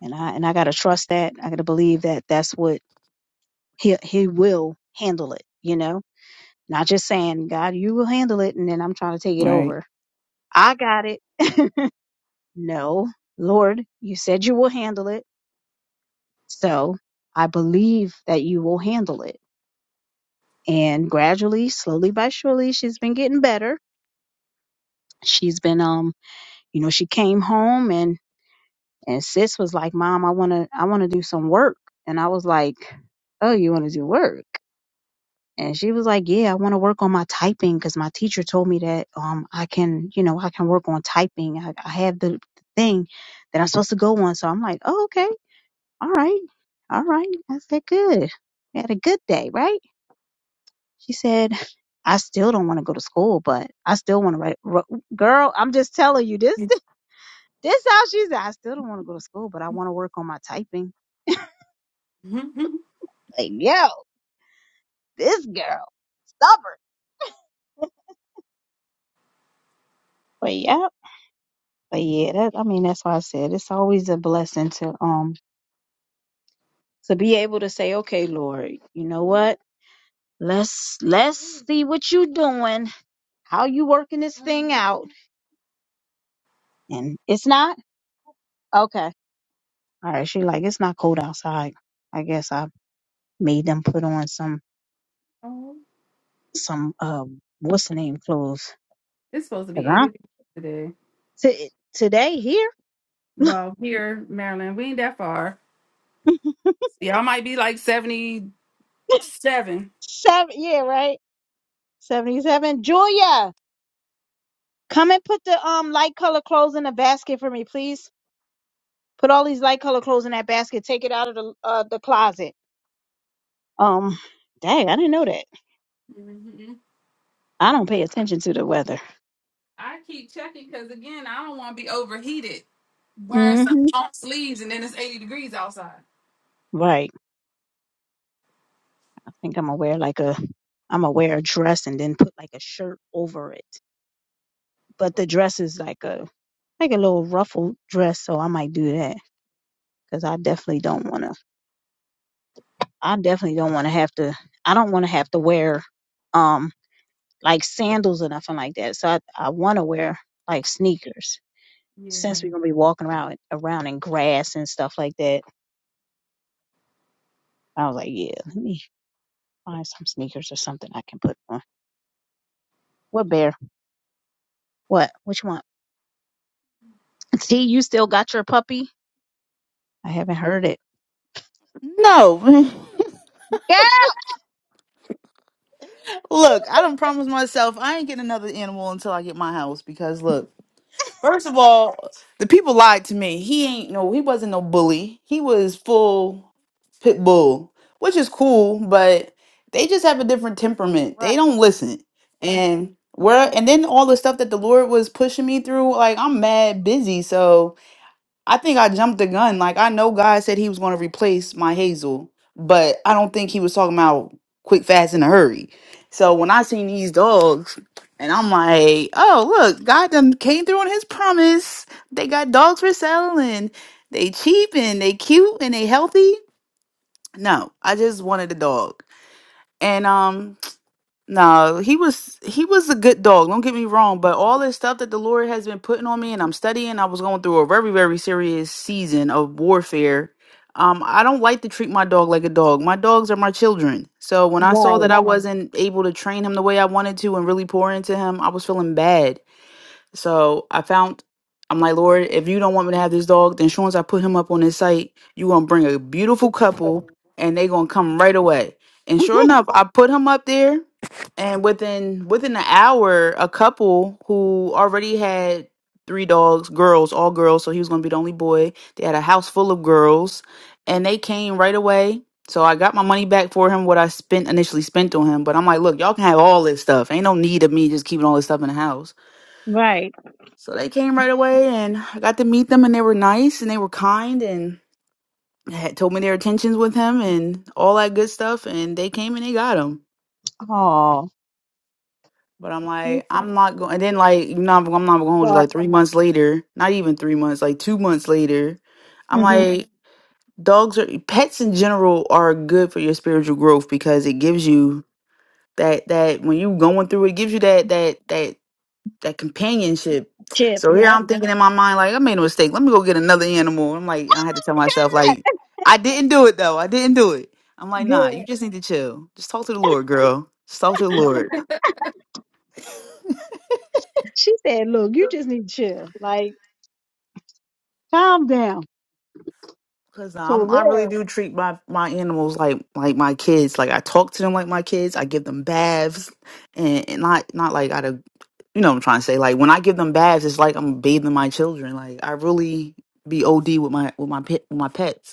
Speaker 2: and I and I gotta trust that. I gotta believe that that's what he he will handle it. You know, not just saying God, you will handle it, and then I'm trying to take it
Speaker 3: Right.
Speaker 2: over. I got it. no, Lord, you said you will handle it, so I believe that you will handle it. And gradually, slowly by surely, she's been getting better. She's been um you know, she came home and and sis was like, "Mom, I want to I want to do some work." And I was like, "Oh, you want to do work?" And she was like, "Yeah, I want to work on my typing cuz my teacher told me that um I can, you know, I can work on typing. I, I have the, the thing that I'm supposed to go on." So I'm like, "Oh, okay. All right. All right. I said, "Good. You had a good day, right?" She said, "I still don't want to go to school, but I still want to write." ro- Girl, I'm just telling you this.
Speaker 1: It's,
Speaker 2: This how she's. at. I still don't want to go to school, but I want to work on my typing. Like, yo, this girl stubborn. But yeah, but yeah. That I mean, that's why I said it's always a blessing to um to be able to say, okay, Lord, you know what? Let's let's see what you doing, how you working this thing out, and it's not okay. All right, she like it's not cold outside. I guess I made them put on some
Speaker 1: oh,
Speaker 2: some um what's the name clothes
Speaker 1: it's supposed to be
Speaker 2: because
Speaker 1: 80
Speaker 2: I
Speaker 1: degrees today.
Speaker 2: t- today here.
Speaker 1: Well, here, Maryland, we ain't that far. Y'all might be like 77.
Speaker 2: Seven, yeah, right. Seventy-seven. Julia, come and put the um light color clothes in the basket for me, please. Put all these light color clothes in that basket. Take it out of the uh the closet. Um, dang, I didn't know that.
Speaker 1: hmm
Speaker 2: I don't pay attention to the weather.
Speaker 1: I keep checking because, again, I don't want to be overheated wearing some
Speaker 2: Mm-hmm.
Speaker 1: long sleeves and then it's 80 degrees outside.
Speaker 2: Right. I think I'm gonna wear like a I'm gonna wear a dress and then put like a shirt over it. But the dress is like a like a little ruffled dress, so I might do that because I definitely don't wanna. I definitely don't wanna have to. I don't wanna have to wear. um. like sandals or nothing like that. So I, I want to wear like sneakers
Speaker 1: Yeah.
Speaker 2: since we're gonna be walking around around in grass and stuff like that. I was like, yeah, let me find some sneakers or something I can put on. What bear? What? Which one? T, you still got your puppy? I haven't heard it.
Speaker 3: No.
Speaker 2: Yeah.
Speaker 3: Look, I don't promise myself I ain't getting another animal until I get my house because look, first of all, the people lied to me. He ain't no he wasn't no bully. He was full pit bull, which is cool, but they just have a different temperament.
Speaker 2: Right.
Speaker 3: They don't listen. And where and then all the stuff that the Lord was pushing me through, like I'm mad busy, so I think I jumped the gun. Like I know God said he was going to replace my Hazel, but I don't think he was talking about quick, fast, in a hurry. So when I seen these dogs, and I'm like, oh look, God done came through on his promise. They got dogs for sale, and they cheap, and they cute, and they healthy. No, I just wanted a dog, and um. No, he was he was a good dog. Don't get me wrong, but all this stuff that the Lord has been putting on me, and I'm studying. I was going through a very very serious season of warfare. Um, I don't like to treat my dog like a dog. My dogs are my children. So when I saw that
Speaker 2: right.
Speaker 3: I Mhm. wasn't able to train him the way I wanted to and really pour into him, I was feeling bad. So I found, I'm like, Lord, if you don't want me to have this dog, then sure as I put him up on this site, you going to bring a beautiful couple and they going to come right away. And sure enough, I put him up there. And within within an hour, a couple who already had three dogs, girls, all girls, so he was gonna be the only boy. They had a house full of girls, and they came right away. So I got my money back for him, what I spent initially spent on him. But I'm like, look, y'all can have all this stuff. Ain't no need of me just keeping all this stuff in the house. So they came right away, and I got to meet them, and they were nice and they were kind, and had told me their intentions with him and all that good stuff. And they came and they got him.
Speaker 2: oh,
Speaker 3: But I'm like, I'm not going. And then like, you know, I'm I'm not gonna hold you.
Speaker 2: dark.
Speaker 3: Like three months later, not even three months, like two months later, I'm
Speaker 2: hmm
Speaker 3: like, dogs are pets in general are good for your spiritual growth because it gives you that that when you going through it, it gives you that that that. that companionship.
Speaker 2: Chip.
Speaker 3: So here
Speaker 2: Yep.
Speaker 3: I'm thinking in my mind, like, I made a mistake. Let me go get another animal. I'm like, I had to tell myself,
Speaker 2: Not
Speaker 3: like, I didn't do it though. I didn't do it. I'm like, nah, you
Speaker 2: Good.
Speaker 3: just need to chill. Just talk to the Lord, girl. Just talk to the Lord.
Speaker 2: She said, look, you just need to chill. Like, calm down.
Speaker 3: Cause uh,
Speaker 2: For
Speaker 3: I'm, I really
Speaker 2: real.
Speaker 3: do treat my, my animals like like my kids. Like I talk to them like my kids. I give them baths, and, and not not like out of you know what I'm trying to say. Like when I give them baths, it's like I'm bathing my children. Like I really be OD with my with my pet with my pets.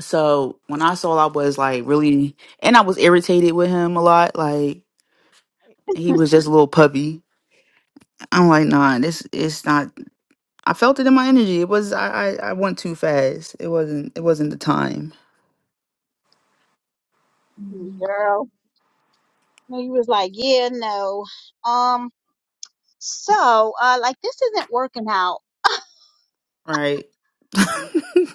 Speaker 3: So when I saw, I was like really, and I was irritated with him a lot. Like he was just a little puppy. I'm like, nah, this it's not. I felt it in my energy. It was I I, I went too fast. It wasn't it wasn't the time,
Speaker 2: Girl. And he was like, yeah, no. Um, so, uh, like this isn't working out.
Speaker 3: right?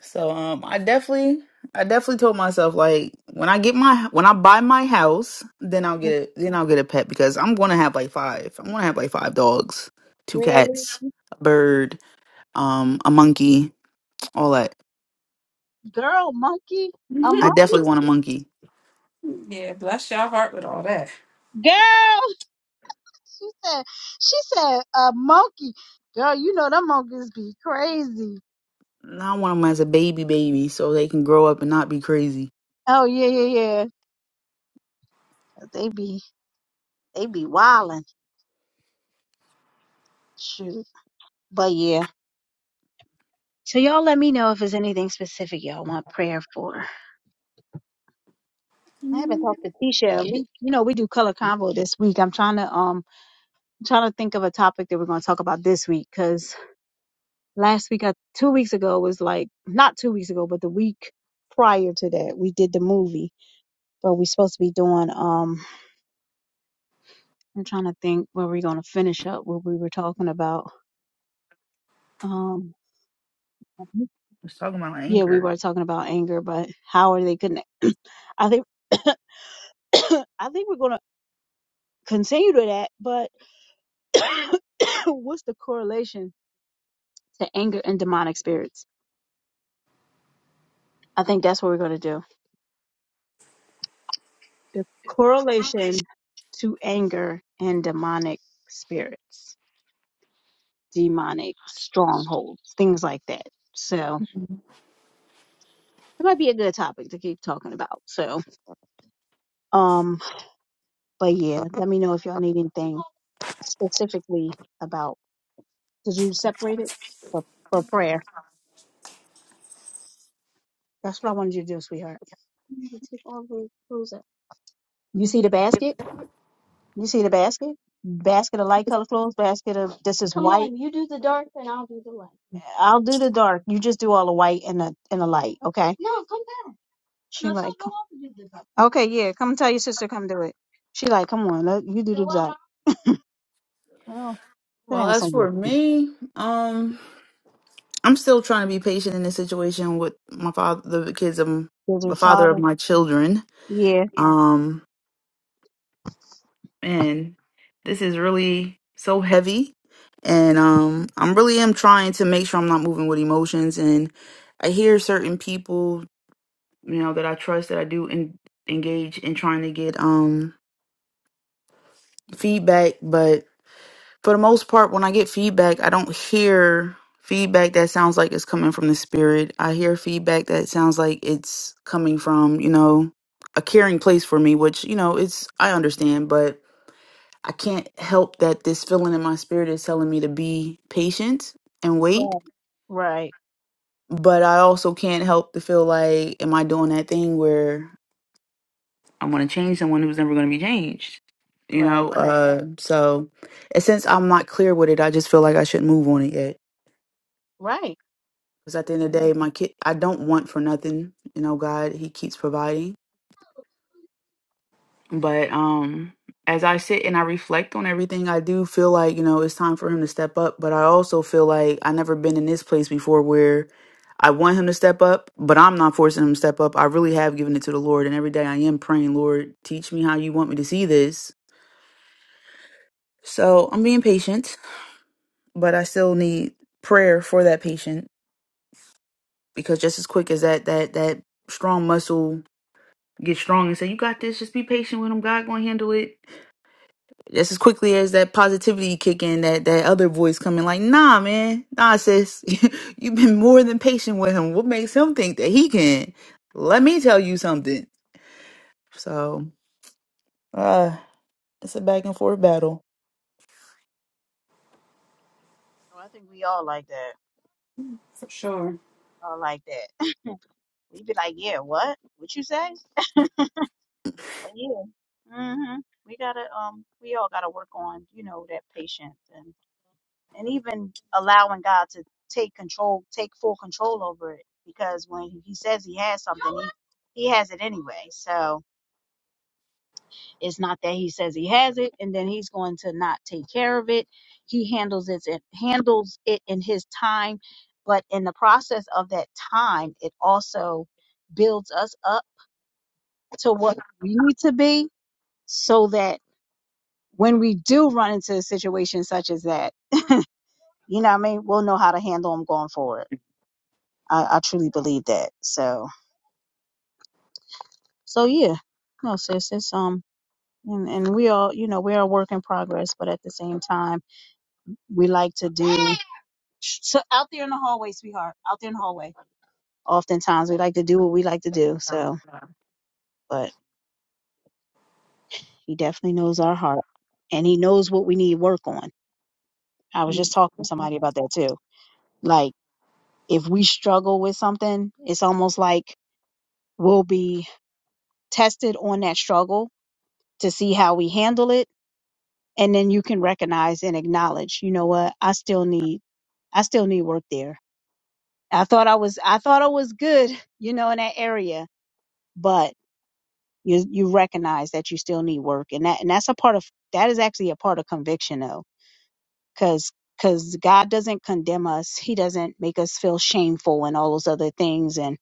Speaker 3: so um, I definitely I definitely told myself like when I get my when I buy my house, then I'll get a then I'll get a pet because I'm gonna have like five. I'm gonna have like five dogs, two
Speaker 2: Really?
Speaker 3: cats, a bird, um, a monkey, all that.
Speaker 2: Girl, monkey? A
Speaker 3: I
Speaker 2: monkey?
Speaker 3: definitely want a monkey.
Speaker 1: Mhm. yeah, bless your heart with all that.
Speaker 2: Girl, she said, she said, a monkey. Girl, you know them monkeys be crazy.
Speaker 3: And I want them as a baby baby so they can grow up and not be crazy.
Speaker 2: Oh, yeah, yeah, yeah. 'Cause They be, they be wildin'. Shoot. But yeah. So y'all let me know if there's anything specific y'all want prayer for. I haven't
Speaker 1: Mhm.
Speaker 2: talked to Tisha. We, you know, we do color convo this week. I'm trying to, um, I'm trying to think of a topic that we're going to talk about this week 'cause last week, I, two weeks ago was like not two weeks ago, but the week prior to that, we did the movie. But we are supposed to be doing. Um, I'm trying to think where we're gonna finish up what we were talking about. Um,
Speaker 3: Let's talk about
Speaker 2: yeah, we
Speaker 3: anger.
Speaker 2: were talking about anger, but how are they gonna? I think I think we're gonna continue to that. But what's the correlation to anger and demonic spirits? I think that's what we're gonna do. The correlation to anger and demonic spirits, demonic strongholds, things like that. So it might be a good topic to keep talking about. So, um, but yeah, let me know if y'all need anything specifically about. Did you separate it for for prayer? That's what I wanted you to do, sweetheart. You need to take all the clothes out. You see the basket? You see the basket? Basket of light color clothes. basket of this is Come white. on, you do the dark and I'll do the light. I'll do the dark. You just do all the white and the and the light, okay? No, come back. She No, like, so go up and the dark. okay, yeah, come tell your sister, come do it. She like, come on, let, you do the dark. now? Oh, sit
Speaker 3: Well,
Speaker 2: down
Speaker 3: as
Speaker 2: somewhere.
Speaker 3: for me, um, I'm still trying to be patient in this situation with my father, the kids of m-
Speaker 2: Does your
Speaker 3: the father of
Speaker 2: father?
Speaker 3: my children.
Speaker 2: Yeah,
Speaker 3: Um, and this is really so heavy, and um, I'm really am trying to make sure I'm not moving with emotions. And I hear certain people, you know, that I trust that I do en- engage in trying to get um feedback, but for the most part, when I get feedback, I don't hear feedback that sounds like it's coming from the spirit. I hear feedback that sounds like it's coming from, you know, a caring place for me, which, you know, it's, I understand, but I can't help that this feeling in my spirit is telling me to be patient and
Speaker 2: right,
Speaker 3: wait.
Speaker 2: right,
Speaker 3: But I also can't help to feel like, am I doing that thing where I want to change someone who's never going to be changed. You
Speaker 2: right,
Speaker 3: know,
Speaker 2: right, right.
Speaker 3: uh, so and since I'm not clear with it, I just feel like I shouldn't move on it yet.
Speaker 2: Right.
Speaker 3: Because at the end
Speaker 2: I
Speaker 3: of the
Speaker 2: know.
Speaker 3: day, my kid, I don't want for nothing. You know, God, He keeps providing. But um, as I sit and I reflect on everything, I do feel like you know it's time for Him to step up. But I also feel like I never been in this place before where I want Him to step up, but I'm not forcing Him to step up. I really have given it to the Lord, and every day I am praying, Lord, teach me how You want me to see this So I'm being patient, but I still need prayer for that patient because just as quick as that that that strong muscle gets strong and say, You got this, just be patient with him, God gonna handle it. Just as quickly as that positivity kick in, that that other voice coming like, nah man, nah sis, you've been more than patient with him. What makes him think that he can? Let me tell you something. So uh it's a back and forth battle.
Speaker 2: Well, I think we all like that.
Speaker 1: For sure.
Speaker 2: All like that. We be like, yeah, what? What you say? But yeah, hmm we gotta um, we all gotta work on you know that patience and and even allowing God to take control, take full control over it. Because when He says He has something, He He has it anyway. So it's not that He says He has it and then He's going to not take care of it. He handles it handles it in His time. But in the process of that time, it also builds us up to what we need to be so that when we do run into a situation such as that, you know what I mean? We'll know how to handle them going forward. I, I truly believe that. So, so yeah, no, sis, it's, um, and, and we all, you know, we're a work in progress, but at the same time, we like to do Shh, so out there in the hallway, sweetheart, out there in the hallway. Oftentimes we like to do what we like to do. So, but he definitely knows our heart and he knows what we need work on. I was
Speaker 1: You're
Speaker 2: just talking to
Speaker 1: Not
Speaker 2: somebody about that too. Like if we struggle with something, it's almost like We'll be tested on that struggle to see how we handle it. And then you can recognize and acknowledge, you know what, I still need I still need work there. I thought I was I thought I was good, you know, in that area, but you you recognize that you still need work, and that and that's a part of that is actually a part of conviction though, because because God doesn't condemn us, He doesn't make us feel shameful and all those other things, and.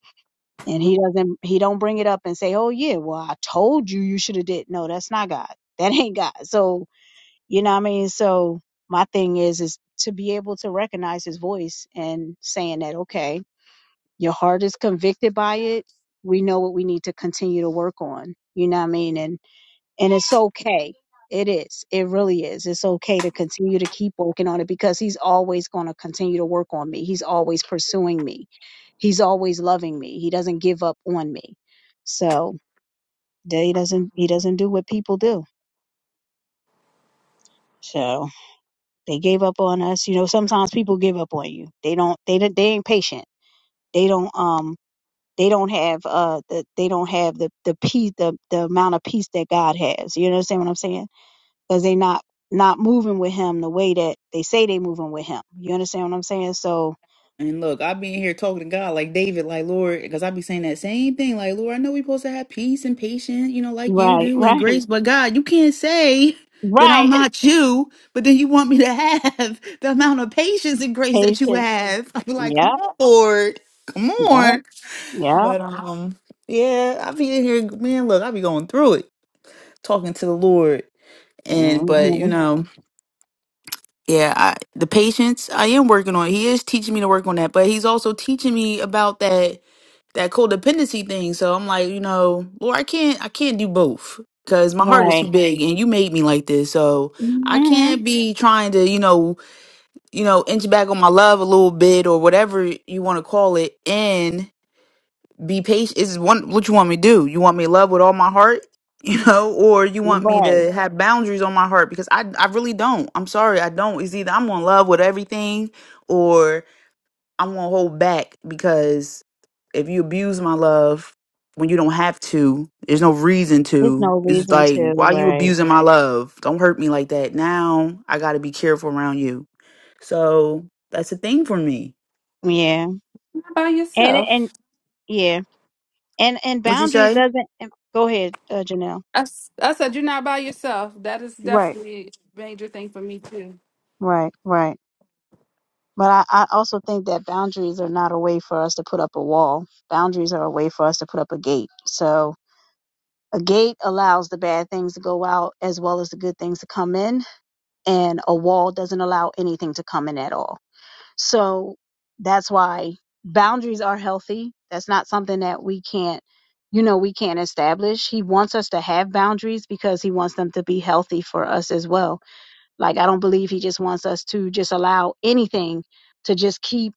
Speaker 2: and he doesn't he don't bring it up and say oh yeah well i told you you should have did no that's not god that ain't god so you know what i mean so my thing is is to be able to recognize his voice and saying that okay your heart is convicted by it we know what we need to continue to work on you know what i mean And and it's okay. It is. It really is. It's okay to continue to keep working on it because he's always going to continue to work on me. He's always pursuing me. He's always loving me. He doesn't give up on me. So that he doesn't he doesn't do what people do. So they gave up on us. You know, sometimes people give up on you. They don't they don't- they ain't patient. They don't um they don't have uh the, they don't have the the peace the the amount of peace that God has. You understand what I'm saying? because they not not moving with him the way that they say they moving with him. You understand what I'm saying? So
Speaker 3: And look, I be in here talking to God like David, like Lord, because I be saying that same thing, like Lord, I know we supposed to have peace and patience, you know, like you
Speaker 2: right,
Speaker 3: do, and
Speaker 2: right,
Speaker 3: grace, but God, you can't say that
Speaker 2: right.
Speaker 3: I'm not you, but then you want me to have the amount of patience and grace that you
Speaker 2: Patience.
Speaker 3: have. I be like,
Speaker 2: Yep,
Speaker 3: come on, Lord, come
Speaker 2: yep,
Speaker 3: on.
Speaker 2: yep.
Speaker 3: But um, yeah, I be in here, man. Look, I be going through it, talking to the Lord, and but you
Speaker 2: hmm
Speaker 3: know, yeah, I, the patience I am working on. He is teaching me to work on that, but he's also teaching me about that that codependency thing. So I'm like, you know, Lord, I can't I can't do both because my heart is
Speaker 2: Right,
Speaker 3: too big and you made me like this. So I
Speaker 2: hmm
Speaker 3: can't be trying to, you know, you know, inch back on my love a little bit or whatever you want to call it and be patient. Is one what you want me to do? You want me to love with all my heart? You know, or you want me
Speaker 2: right.
Speaker 3: to have boundaries on my heart because I I really don't. I'm sorry, I don't. It's either I'm gonna love with everything, or I won't hold back because if you abuse my love when you don't have to, there's no reason
Speaker 2: There's
Speaker 3: to.
Speaker 2: no
Speaker 3: It's just
Speaker 2: reason
Speaker 3: like,
Speaker 2: to.
Speaker 3: why you
Speaker 2: Right.
Speaker 3: abusing my love? Don't hurt me like that. Now I got to be careful around you. So that's a thing for me.
Speaker 2: Yeah.
Speaker 1: by
Speaker 2: And
Speaker 1: yourself.
Speaker 2: and yeah. And and
Speaker 3: What you
Speaker 2: boundaries
Speaker 3: say?
Speaker 2: doesn't. and- Go ahead, uh, Janelle.
Speaker 1: I, s- I said you're not by yourself. That is
Speaker 2: Right,
Speaker 1: definitely a major thing for me too.
Speaker 2: right, right. But I, I also think that boundaries are not a way for us to put up a wall. Boundaries are a way for us to put up a gate. So A gate allows the bad things to go out as well as the good things to come in, and a wall doesn't allow anything to come in at all. So that's why boundaries are healthy. That's not something that we can't, you know, we can't establish. He wants us to have boundaries because he wants them to be healthy for us as well. Like, I don't believe he just wants us to just allow anything to just keep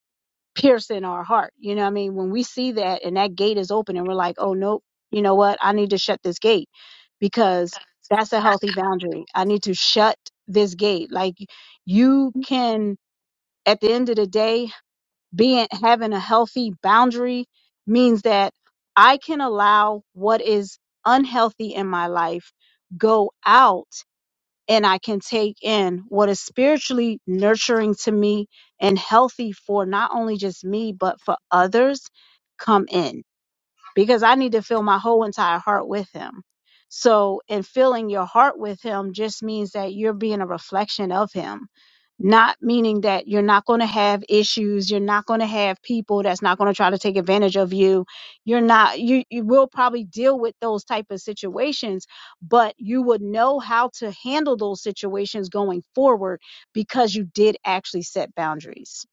Speaker 2: piercing our heart. You know what I mean? When we see that and that gate is open and we're like, oh, nope, you know what? I need to shut this gate because that's a healthy boundary. I need to shut this gate. Like you can, at the end of the day, being having a healthy boundary means that I can allow what is unhealthy in my life go out and I can take in what is spiritually nurturing to me and healthy for not only just me, but for others come in because I need to fill my whole entire heart with him. So, in filling your heart with him just means that you're being a reflection of him, not meaning that you're not going to have issues, you're not going to have people that's not going to try to take advantage of you. You're not you you will probably deal with those type of situations, but you would know how to handle those situations going forward because you did actually set boundaries.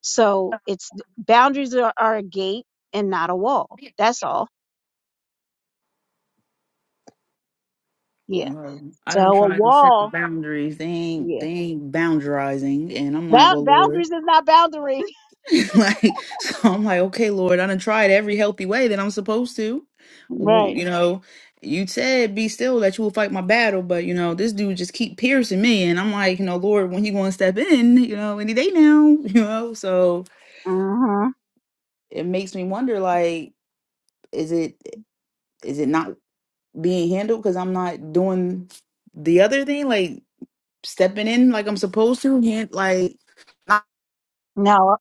Speaker 2: So, it's boundaries are, are a gate and not a wall. That's all Yeah.
Speaker 3: Well, I
Speaker 2: So
Speaker 3: don't
Speaker 2: a
Speaker 3: try to set the
Speaker 2: wall.
Speaker 3: boundaries. They ain't
Speaker 2: Yeah.
Speaker 3: they ain't boundarizing, and I'm like,
Speaker 2: Bound,
Speaker 3: well, Lord.
Speaker 2: boundaries is not boundary.
Speaker 3: like so i'm like okay lord i done tried every healthy way that i'm supposed to W-
Speaker 2: Right.
Speaker 3: you know you said be still that you will fight my battle but you know this dude just keep piercing me and i'm like you know lord when you gonna step in you know any day now you know so
Speaker 2: Mm-hmm.
Speaker 3: it makes me wonder like is it is it not being handled because i'm not doing the other thing like stepping in like i'm supposed to hand- like
Speaker 2: No.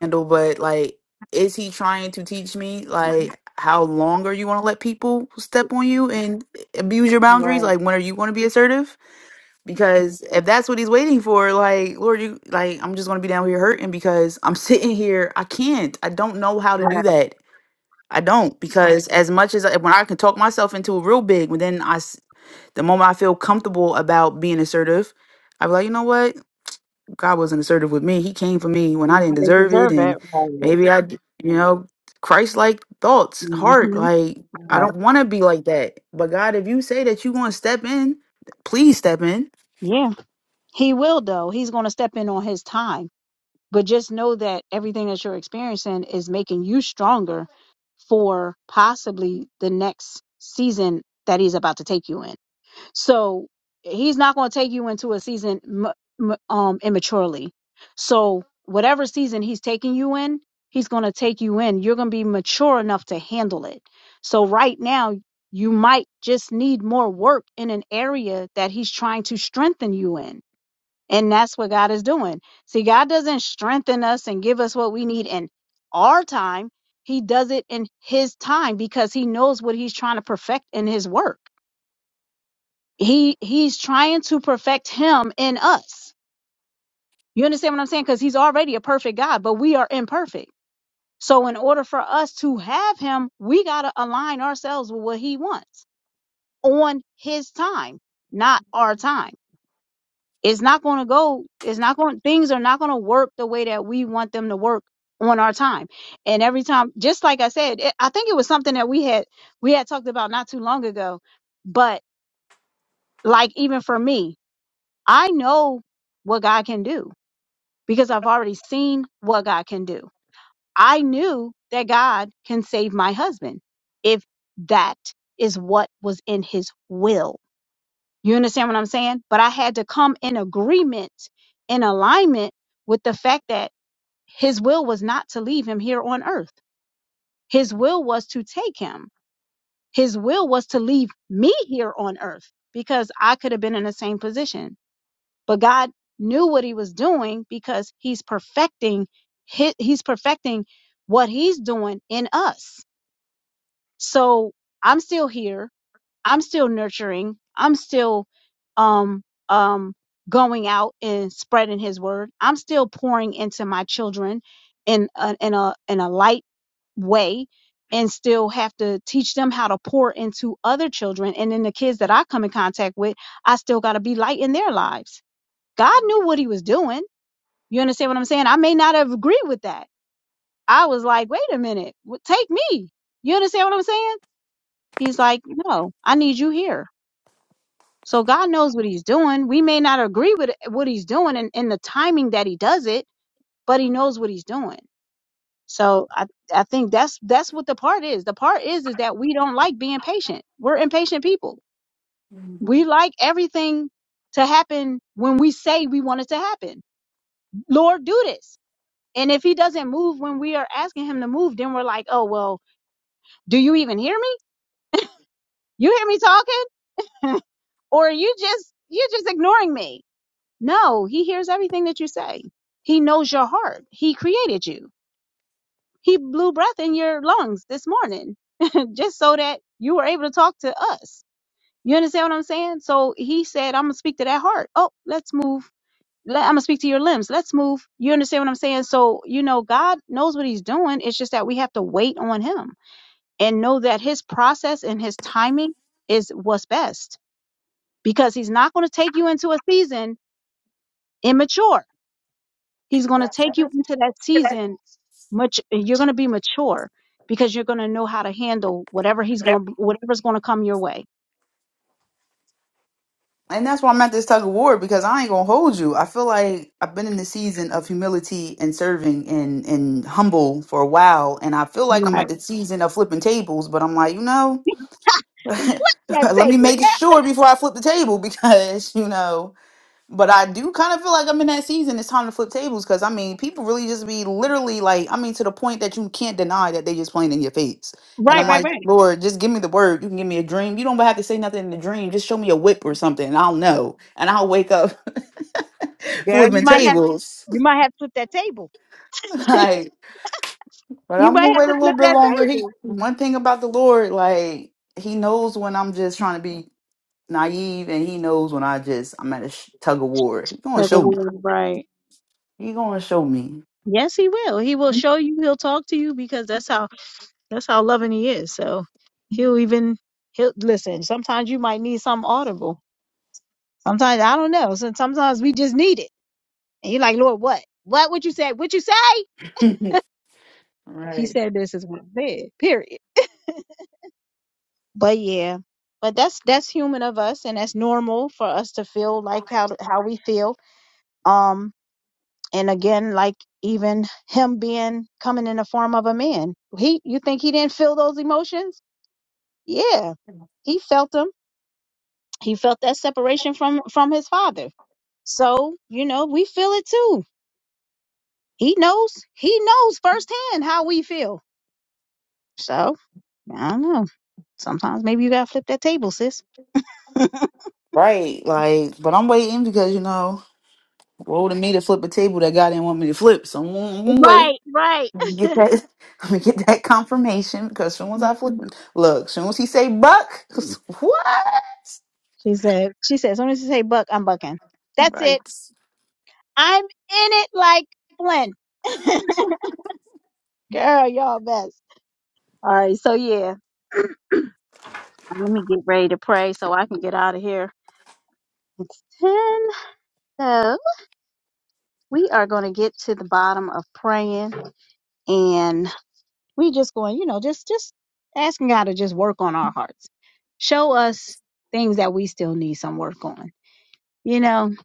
Speaker 3: handle, but like, is he trying to teach me like how long are you want to let people step on you and abuse your boundaries?
Speaker 2: Right.
Speaker 3: Like, when are you going to be assertive? Because if that's what he's waiting for, like, Lord, you like, I'm just going to be down here hurting because I'm sitting here. I can't. I don't know how to do
Speaker 2: Right.
Speaker 3: that. I don't Right. because as much as I, when I can talk myself into a real big, but then I, s- the moment I feel comfortable about being assertive, i am like, you know what? God wasn't assertive with me. He came for me when I
Speaker 2: You
Speaker 3: didn't
Speaker 2: know, they
Speaker 3: deserve it,
Speaker 2: deserve
Speaker 3: and
Speaker 2: it. Right.
Speaker 3: maybe I, d- you know, Christ-like thoughts, heart.
Speaker 2: Mm-hmm.
Speaker 3: Like I
Speaker 2: Right.
Speaker 3: don't want to be like that. But God, if you say that you want to step in, please step in.
Speaker 2: Yeah. He will though. He's going to step in on his time. But just know that everything that you're experiencing is making you stronger for possibly the next season that he's about to take you in. So he's not going to take you into a season m- m- um, immaturely. So whatever season he's taking you in, he's going to take you in. You're going to be mature enough to handle it. So right now, you might just need more work in an area that he's trying to strengthen you in. And that's what God is doing. See, God doesn't strengthen us and give us what we need in our time. He does it in his time because he knows what he's trying to perfect in his work he he's trying to perfect him in us you understand what i'm saying because he's already a perfect god but we are imperfect so in order for us to have him we got to align ourselves with what he wants on his time not our time it's not going to go it's not going things are not going to work the way that we want them to work on our time and every time just like i said it, i think it was something that we had we had talked about not too long ago but like even for me I know what God can do because I've already seen what God can do. I knew that God can save my husband if that is what was in his will. You understand what I'm saying? But I had to come in agreement, in alignment with the fact that his will was not to leave him here on earth. His will was to take him. His will was to leave me here on earth because I could have been in the same position but God knew what he was doing because he's perfecting hi- he's perfecting what he's doing in us. So I'm still here. I'm still nurturing. I'm still um um going out and spreading his word. I'm still pouring into my children in a, in a in a light way and still have to teach them how to pour into other children and then the kids that I come in contact with, I still got to be light in their lives. God knew what he was doing. You understand what I'm saying? I may not have agreed with that. I was like, wait a minute, w- take me. You understand what I'm saying? He's like, no, I need you here. So God knows what he's doing. We may not agree with eh, what he's doing and, and the timing that he does it, but he knows what he's doing. So I, I think that's that's what the part is. The part is is that we don't like being patient. We're impatient people.
Speaker 1: Mhm.
Speaker 2: We like everything to happen when we say we want it to happen. Lord, do this. And if he doesn't move when we are asking him to move, then we're like, oh, well, do you even hear me? You hear me talking? Or you just, you're just ignoring me. No, he hears everything that you say. He knows your heart. He created you. He blew breath in your lungs this morning just so that you were able to talk to us. You understand what I'm saying? So he said, I'm going to speak to that heart. Oh, let's move. Let, I'm going to speak to your limbs. Let's move. You understand what I'm saying? So, you know, God knows what he's doing. It's just that we have to wait on him and know that his process and his timing is what's best because he's not going to take you into a season immature. He's going to
Speaker 1: That's
Speaker 2: take you
Speaker 1: that's-
Speaker 2: into that season much you're going to be mature because you're going to know how to handle whatever he's going whatever's going to come your way.
Speaker 3: And that's why I'm at this tug of war because I ain't gonna hold you. I feel like I've been in the season of humility and serving and and humble for a while, and I feel like I'm
Speaker 2: Right.
Speaker 3: at the season of flipping tables. But I'm like, you know,
Speaker 2: That
Speaker 3: let me
Speaker 2: table.
Speaker 3: make sure before I flip the table because you know. But I do kind of feel like I'm in that season. It's time to flip tables because I mean, people really just be literally like, I mean, to the point that you can't deny that they just playing in your face. And
Speaker 2: Right,
Speaker 3: I'm
Speaker 2: right,
Speaker 1: right.
Speaker 3: like,
Speaker 2: right.
Speaker 3: Lord, just give me the word. You can give me a dream. You don't have to say nothing in the dream. Just show me a whip or something. And I'll know, and I'll wake up
Speaker 2: Girl, you
Speaker 3: flipping
Speaker 2: might have
Speaker 3: tables.
Speaker 2: you might have to flip that table.
Speaker 3: like, but
Speaker 2: You
Speaker 3: I'm
Speaker 2: might
Speaker 3: gonna
Speaker 2: have
Speaker 3: wait a
Speaker 2: to
Speaker 3: little
Speaker 2: flip
Speaker 3: bit
Speaker 2: that
Speaker 3: longer. He
Speaker 2: table.
Speaker 3: one thing about the Lord, like He knows when I'm just trying to be naive, and He knows when I just I'm at a sh- tug of war. He gonna
Speaker 2: Like a
Speaker 3: show me.
Speaker 2: word, right.
Speaker 3: He gonna show me.
Speaker 2: Yes, he will. He will show you, he'll talk to you because that's how That's how loving he is. So he'll even he'll listen. Sometimes you might need something audible. Sometimes I don't know. So sometimes we just need it. And you're like, Lord, what? What would you say? What you say? He
Speaker 3: Right.
Speaker 2: said this is what I said. Period. But yeah. But that's that's human of us and that's normal for us to feel like how how we feel. Um and again, like even him being coming in the form of a man. He you think he didn't feel those emotions? Yeah. He felt them he felt that separation from from his father so you know we feel it too he knows he knows firsthand how we feel so i don't know sometimes maybe you gotta flip that table sis
Speaker 3: Right, like, but I'm waiting because you know, roll to me to flip a table that God didn't want me to flip, so I'm gonna I'm gonna wait.
Speaker 2: right right
Speaker 3: Let me Get that, let me get that confirmation because soon as I flip, look, soon as he say buck, what?
Speaker 2: she said she said as soon as you say buck i'm bucking that's it
Speaker 3: Right.
Speaker 2: i'm in it like flynn girl y'all best all right so yeah let me get ready to pray so i can get out of here it's 10 so we are going to get to the bottom of praying and we just going, you know, just just asking God to just work on our hearts. Show us things that we still need some work on. You know,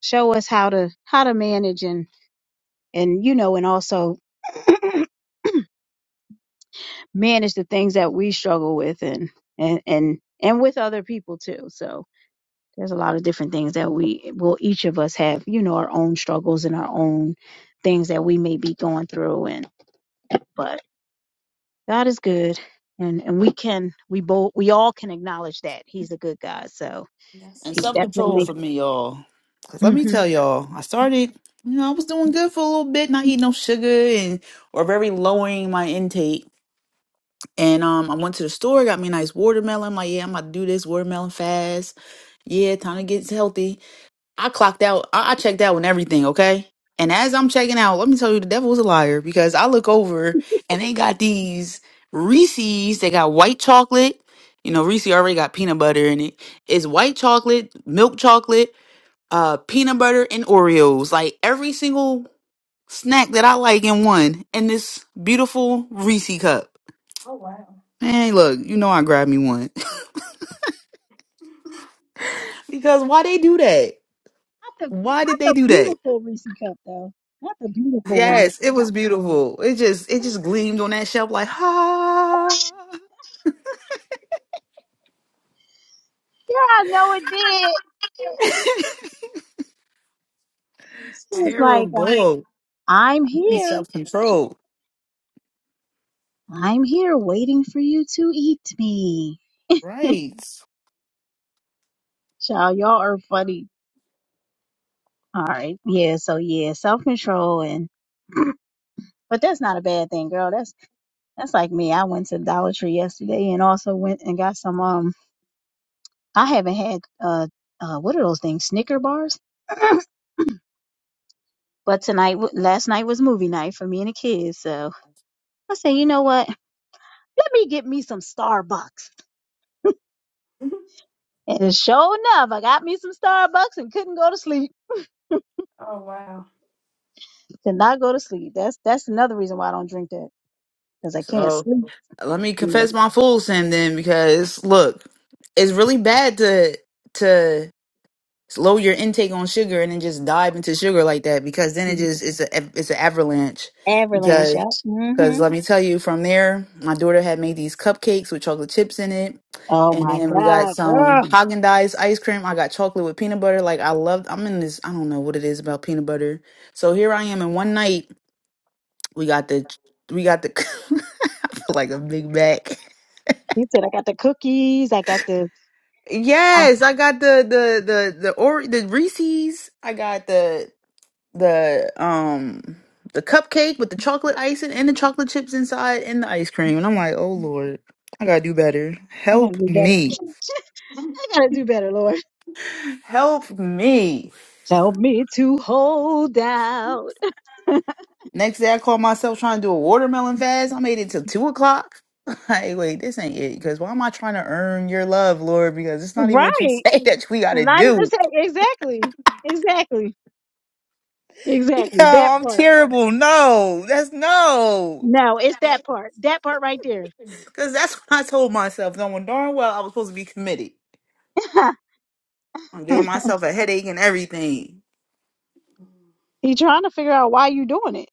Speaker 2: show us how to how to manage and and you know and also manage the things that we struggle with and and and and with other people too. So there's a lot of different things that we will each of us have, you know, our own struggles and our own things that we may be going through and but God is good, and and we can we both we all can acknowledge that He's a good God. So
Speaker 1: Yes.
Speaker 3: And
Speaker 2: He's
Speaker 3: self control
Speaker 2: definitely.
Speaker 3: for me, y'all. Cause
Speaker 2: hmm
Speaker 3: let me
Speaker 2: Not
Speaker 3: tell y'all, I started, you know, I was doing good for a little bit, not eating no sugar and or very lowering my intake. And um, I went to the store, got me a nice watermelon. I'm like, yeah, I'm about to do this watermelon fast. Yeah, time to get healthy. I clocked out. I, I checked out and everything, okay? And as I'm checking out, let me tell you, the devil was a liar because I look over and they got these Reese's. They got white chocolate. You know, Reese already got peanut butter in it. It's white chocolate, milk chocolate, uh, peanut butter, and Oreos. Like every single snack that I like in one, in this beautiful Reese cup.
Speaker 1: Oh wow,
Speaker 3: Man, look, you know I grabbed me one because why they do that?
Speaker 2: the not
Speaker 3: Why did they
Speaker 2: the
Speaker 3: do that?
Speaker 2: beautiful Reese cup though. Not the beautiful one.
Speaker 3: Yes, it was beautiful. It just it just gleamed on that shelf like ha.
Speaker 2: Yeah, I know it did.
Speaker 1: that's
Speaker 2: It was
Speaker 1: funny.
Speaker 2: like uh,
Speaker 3: Terrible.
Speaker 2: I'm here,
Speaker 3: Self control.
Speaker 2: I'm here, waiting for you to eat me.
Speaker 3: Right.
Speaker 2: Child, y'all are funny. All right, yeah. So yeah, self control and. But that's not a bad thing, girl. That's that's like me. I went to Dollar Tree yesterday and also went and got some um. I haven't had uh, uh what are those things? Snicker bars. But tonight, w- last night was movie night for me and the kids. So I said, you know what? Let me get me some Starbucks. And sure enough, I got me some Starbucks and couldn't go to sleep.
Speaker 1: Oh wow.
Speaker 2: Could not go to sleep. That's that's another reason why I don't drink that because I can't
Speaker 3: So
Speaker 2: sleep.
Speaker 3: let me
Speaker 2: Yeah.
Speaker 3: confess my full sin then because look, it's really bad to to lower your intake on sugar and then just dive into sugar like that because then it
Speaker 2: Mhm.
Speaker 3: just it's a it's an avalanche.
Speaker 2: Avalanche. Yep. hmm
Speaker 3: Because let me tell you, from there, my daughter had made these cupcakes with chocolate chips in it.
Speaker 2: Oh
Speaker 3: And
Speaker 2: my
Speaker 3: then we got
Speaker 2: God,
Speaker 3: some
Speaker 2: girl.
Speaker 3: Haagen Dazs ice cream. I got chocolate with peanut butter. Like, I loved, I'm in this, I don't know what it is about peanut butter. So here I am in one night. We got the, we got the, I feel like a big back.
Speaker 2: He said, I got the cookies. I got the. I,
Speaker 3: Yes, I got the, the, the, the, or, the Reese's. I got the, the um the cupcake with the chocolate icing and the chocolate chips inside and the ice cream. And I'm like, oh Lord, I gotta do better.
Speaker 2: I gotta
Speaker 3: Help
Speaker 2: do better.
Speaker 3: me.
Speaker 1: Hmm.
Speaker 2: I gotta do better, Lord.
Speaker 3: Help me.
Speaker 2: Help me to hold out.
Speaker 3: Next day I called myself trying to do a watermelon fast. I made it till two o'clock. Like, wait, this ain't it. Cause why am I trying to earn your love, Lord? Because it's not even what you
Speaker 2: Right.
Speaker 3: say that we
Speaker 2: It's
Speaker 3: gotta
Speaker 2: not even
Speaker 3: do.
Speaker 2: say exactly. Exactly.
Speaker 3: Yo,
Speaker 2: Exactly. That
Speaker 3: I'm
Speaker 2: part.
Speaker 3: terrible. No, that's no.
Speaker 2: No, it's that part. That part right there.
Speaker 3: Cause that's what I told myself. Knowing darn well I was supposed to be committed. I gave myself a headache and everything.
Speaker 2: he trying to figure out why you doing it.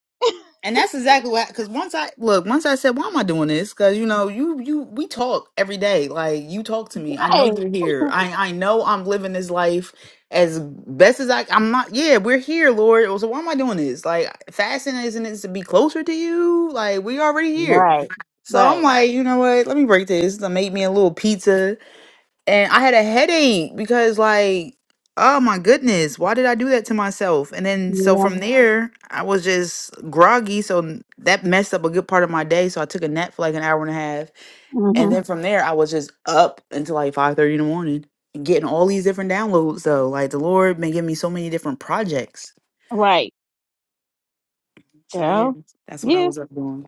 Speaker 3: And that's exactly what because once I look, once I said, Why am I doing this? Cause you know, you you we talk every day. Like you talk to me. I know
Speaker 2: Right.
Speaker 3: you're here. I I know I'm living this life as best as I I'm not yeah, we're here, Lord. Oh, So why am I doing this? Like fasting isn't it to be closer to you? Like we already here.
Speaker 2: Right.
Speaker 3: So I'm
Speaker 2: Right.
Speaker 3: like, you know what? Let me break this. I made me a little pizza and I had a headache because like oh my goodness why did I do that to myself and then so
Speaker 2: Yeah.
Speaker 3: from Yeah. there I was just groggy so n- that messed up a good part of my day so I took a nap for like an hour and a half and
Speaker 2: hmm
Speaker 3: then Oh, from there I was just up until like five thirty in the morning getting all these different downloads though like the Lord been giving me so many different projects
Speaker 2: Right,
Speaker 3: so yeah
Speaker 2: girl.
Speaker 3: that's what I
Speaker 2: Yeah.
Speaker 3: was up doing.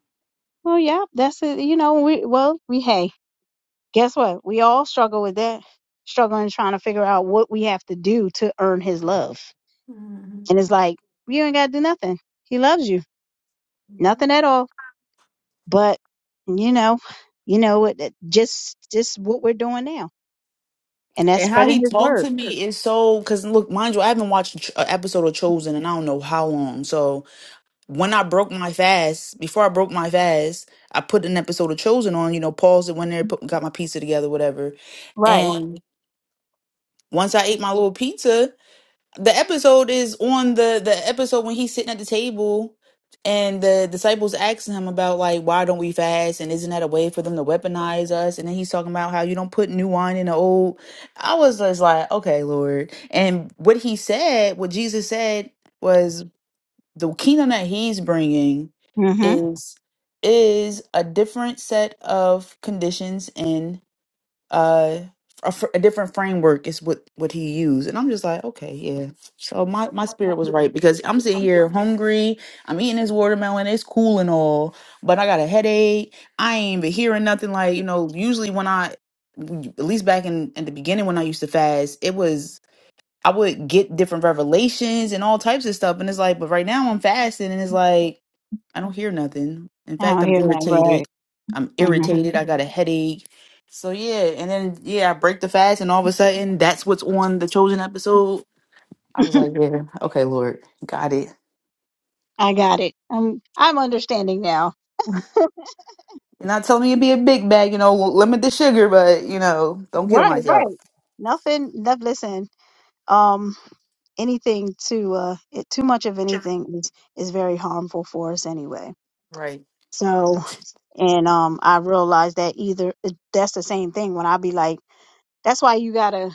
Speaker 2: Well, yeah. That's it. You know, we well, we hey, guess what? We all struggle with that. Struggling trying to figure out what we have to do to earn his love. And it's like, you ain't gotta do nothing. He loves you. Nothing at all. But you know, you know, it, it- just just what we're doing now, and that's
Speaker 3: And how
Speaker 2: spreading
Speaker 3: he
Speaker 2: His
Speaker 3: talked
Speaker 2: word,
Speaker 3: to me is so because look, mind you, I haven't watched an episode of Chosen and I don't know how long. So. when I broke my fast, before I broke my fast, I put an episode of Chosen on, you know, paused it, went there, put, got my pizza together, whatever.
Speaker 2: right?
Speaker 3: And once I ate my little pizza, the episode is on the the episode when he's sitting at the table and the disciples asking him about like why don't we fast and isn't that a way for them to weaponize us and then he's talking about how you don't put new wine in the old i was just like okay lord and what he said what jesus said was the kingdom that he's bringing
Speaker 2: Mm-hmm.
Speaker 3: is is a different set of conditions and uh a, fr- a different framework is what what he used and i'm just like okay yeah so my my spirit was right because i'm sitting
Speaker 1: Hmm.
Speaker 3: here hungry i'm eating this watermelon it's cool and all but i got a headache i ain't even hearing nothing like you know usually when i at least back in, in the beginning when i used to fast it was I would get different revelations and all types of stuff. And it's like, but right now I'm fasting and it's like, I don't hear nothing. In
Speaker 2: I
Speaker 3: fact,
Speaker 2: don't
Speaker 3: I'm
Speaker 2: hear that,
Speaker 3: irritated.
Speaker 2: right?
Speaker 3: I'm
Speaker 2: hmm
Speaker 3: irritated. I got a headache. So yeah. And then, yeah, I break the fast and all of a sudden that's what's on the chosen episode. I was like, yeah, okay, Lord, got it.
Speaker 2: I got it. I'm I'm understanding now.
Speaker 3: You're not telling me to be a big bag, you know, limit the sugar, but, you know, don't kill
Speaker 2: Right,
Speaker 3: myself.
Speaker 2: right. Nothing. No, listen. Um, anything too uh, it, too much of anything is is very harmful for us anyway.
Speaker 3: Right.
Speaker 2: So, and um, I realize that either that's the same thing when I be like, that's why you gotta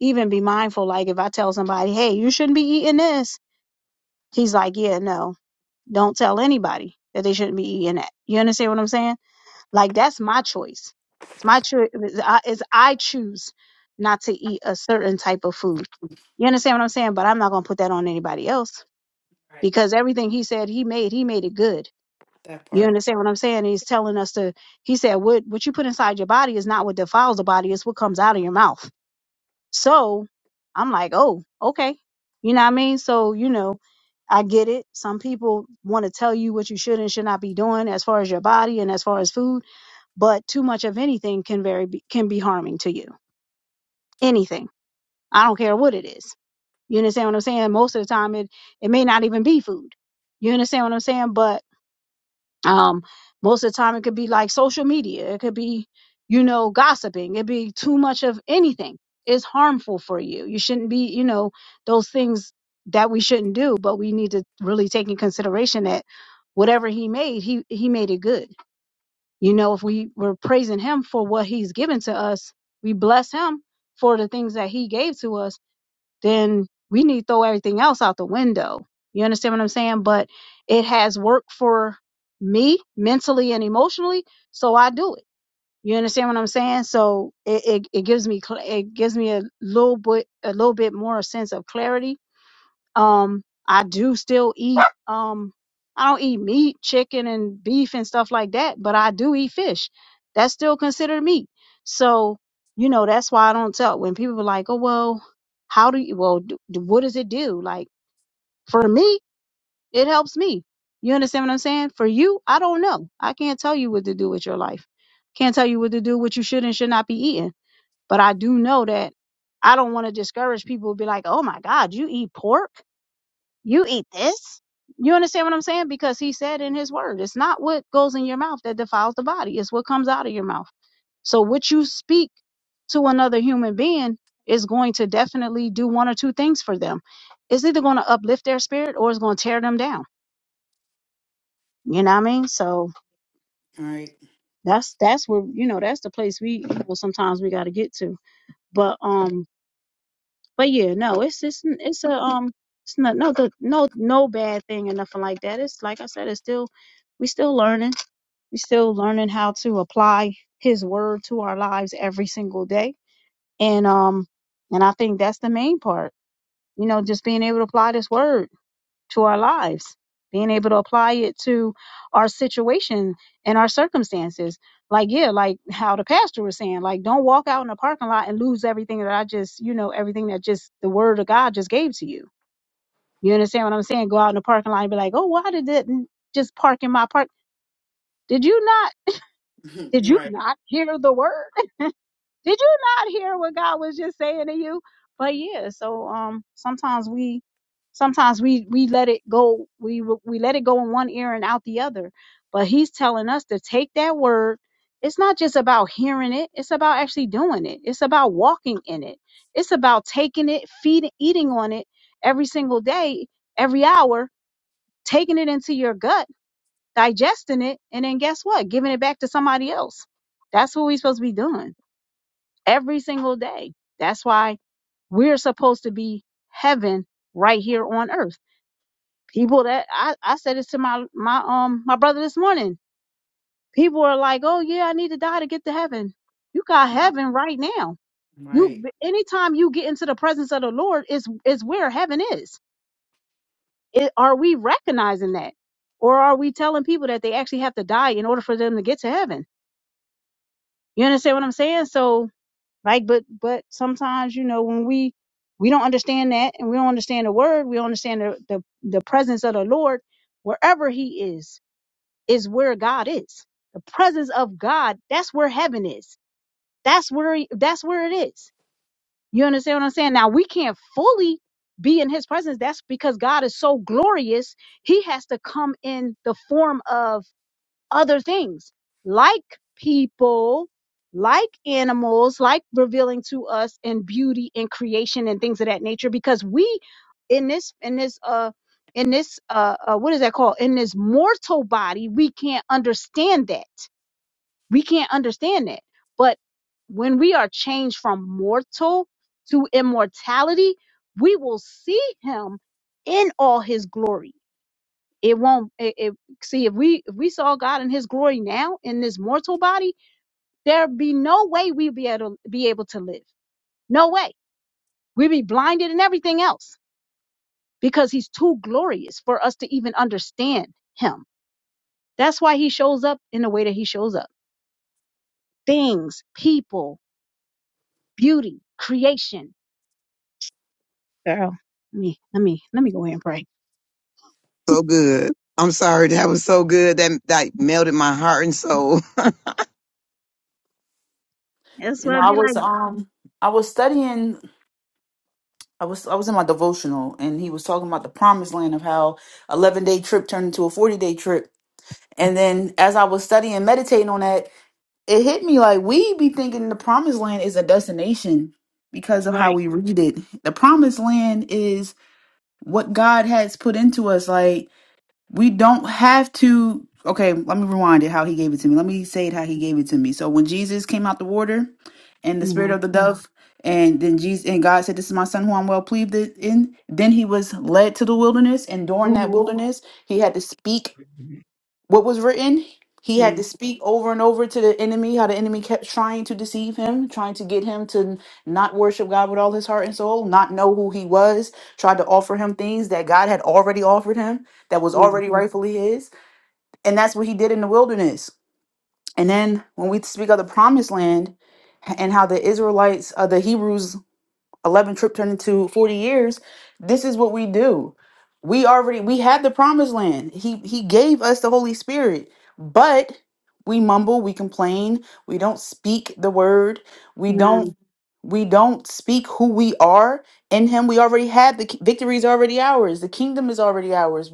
Speaker 2: even be mindful. Like if I tell somebody, hey, you shouldn't be eating this, he's like, yeah, no, don't tell anybody that they shouldn't be eating that. You understand what I'm saying? Like that's my choice. It's my choice. It's I choose not to eat a certain type of food. You understand what I'm saying? But I'm not gonna put that on anybody else
Speaker 3: Right.
Speaker 2: because everything he said he made, he made it good.
Speaker 3: That
Speaker 2: You
Speaker 3: part.
Speaker 2: understand what I'm saying? He's telling us to. He said, "What what you put inside your body is not what defiles the body; it's what comes out of your mouth." So I'm like, oh, okay. You know what I mean? So, you know, I get it. Some people want to tell you what you should and should not be doing as far as your body and as far as food, but too much of anything can very be, can be harming to you. Anything. I don't care what it is. You understand what I'm saying? Most of the time it it may not even be food. You understand what I'm saying? But um most of the time it could be like social media it could be you know gossiping it'd be too much of anything it's harmful for you you shouldn't be you know those things that we shouldn't do but we need to really take in consideration that whatever he made he he made it good you know if we were praising him for what he's given to us we bless him for the things that he gave to us then we need to throw everything else out the window. You understand what I'm saying? But it has worked for me mentally and emotionally, so I do it. You understand what I'm saying? So it, it, it gives me cl- it gives me a little bit a little bit more sense of clarity um, I do still eat. Um, I don't eat meat, chicken, and beef and stuff like that, but I do eat fish. That's still considered meat. So, you know, that's why I don't tell. When people are like, "Oh well, how do you? Well, do, what does it do?" Like for me, it helps me. You understand what I'm saying? For you, I don't know. I can't tell you what to do with your life. Can't tell you what to do, what you should and should not be eating. But I do know that I don't want to discourage people. Be like, "Oh my God, you eat pork." You eat this. You understand what I'm saying? Because he said in his word, it's not what goes in your mouth that defiles the body, it's what comes out of your mouth. So, what you speak to another human being is going to definitely do one or two things for them. It's either going to uplift their spirit or it's going to tear them down. You know what I mean? So,
Speaker 3: Right.
Speaker 2: that's that's where you know that's the place we well sometimes we got to get to. But um, but yeah, no, it's it's it's a um, it's not no good, no no bad thing or nothing like that. It's like I said, it's still we still learning We're still learning how to apply His Word to our lives every single day, and um, and I think that's the main part. You know, just being able to apply this Word to our lives, being able to apply it to our situation and our circumstances. Like yeah, like how the pastor was saying, like don't walk out in the parking lot and lose everything that I just, you know, everything that just the Word of God just gave to you. You understand what I'm saying? Go out in the parking lot and be like, oh, why did that just park in my park? Did you not? Did you
Speaker 3: right.
Speaker 2: not hear the word? Did you not hear what God was just saying to you? But yeah, so um sometimes we sometimes we we let it go we we let it go in one ear and out the other. But he's telling us to take that word. It's not just about hearing it, it's about actually doing it. It's about walking in it. It's about taking it, feeding eating on it every single day, every hour, taking it into your gut, digesting it, and then guess what? Giving it back to somebody else. That's what we're supposed to be doing every single day. That's why we're supposed to be heaven right here on earth. People that I, I said this to my my um my brother this morning. People are like, "Oh yeah, I need to die to get to heaven." You got
Speaker 3: No.
Speaker 2: heaven right now. You
Speaker 3: Right.
Speaker 2: anytime you get into the presence of the Lord is is where heaven is. It, are we recognizing that, or are we telling people that they actually have to die in order for them to get to heaven? You understand what I'm saying? So right? But but sometimes you know when we we don't understand that and we don't understand the word, we don't understand the the, the presence of the Lord wherever He is is where God is. The presence of God that's where heaven is. That's where that's where it is. You understand what I'm saying? Now we can't fully be in His presence. That's because God is so glorious. He has to come in the form of other things like people, like animals, like revealing to us in beauty and creation and things of that nature because we in this in this uh in this uh, uh what is that called in this mortal body we can't understand that we can't understand that but when we are changed from mortal to immortality we will see him in all his glory it won't it, it see if we if we saw god in his glory now in this mortal body there'd be no way we'd be able be able to live no way we'd be blinded and everything else because he's too glorious for us to even understand him that's why he shows up in the way that he shows up things people beauty creation girl let me let me let me go ahead and pray
Speaker 4: so good. I'm sorry, that was so good. That that melted my heart and soul.
Speaker 2: that's
Speaker 3: You
Speaker 2: what
Speaker 3: know,
Speaker 2: i'd
Speaker 3: I
Speaker 2: be like
Speaker 3: was, um, I was studying I was I was in my devotional and he was talking about the promised land of how 11 day trip turned into a 40 day trip. And then as I was studying and meditating on that, it hit me like we be thinking the promised land is a destination because of how
Speaker 2: right
Speaker 3: we read it. The promised land is what God has put into us. Like we don't have to okay let me rewind it how he gave it to me let me say it how he gave it to me so when jesus came out the water and the spirit
Speaker 2: mm-hmm,
Speaker 3: of the Mhm. dove and then jesus and god said this is my son who i'm well pleased in then he was led to the wilderness and during that Mhm.
Speaker 2: mm-hmm,
Speaker 3: wilderness he had to speak what was written. He had
Speaker 2: mm,
Speaker 3: to speak over and over to the enemy, how the enemy kept trying to deceive him, trying to get him to not worship God with all his heart and soul, not know who he was, tried to offer him things that God had already offered him, that was
Speaker 2: mm,
Speaker 3: already Mhm. rightfully his. And that's what he did in the wilderness. And then when we speak of the promised land and how the Israelites, uh, the Hebrews 11 trip turned into 40 years this is what we do we already we had the promised land he he gave us the holy spirit but we mumble we complain we don't speak the word we
Speaker 2: mm,
Speaker 3: don't we don't speak who we are in him we already had the ki- victory is already ours the kingdom is already ours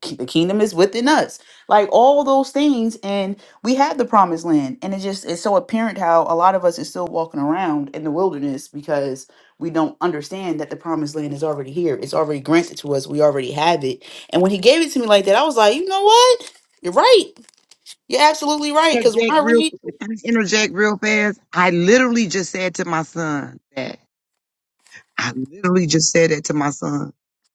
Speaker 3: ki- the kingdom is within us like all those things and we had the promised land and it just it's so apparent how a lot of us is still walking around in the wilderness we don't understand that the promised land is already here. It's already granted to us. We already have it. And when he gave it to me like that, I was like, you know what? You're right. You're absolutely right. Because when
Speaker 4: Interject
Speaker 3: I
Speaker 4: real,
Speaker 3: read,
Speaker 4: can I interject real fast. I literally just said to my son that. I literally just said that to my son,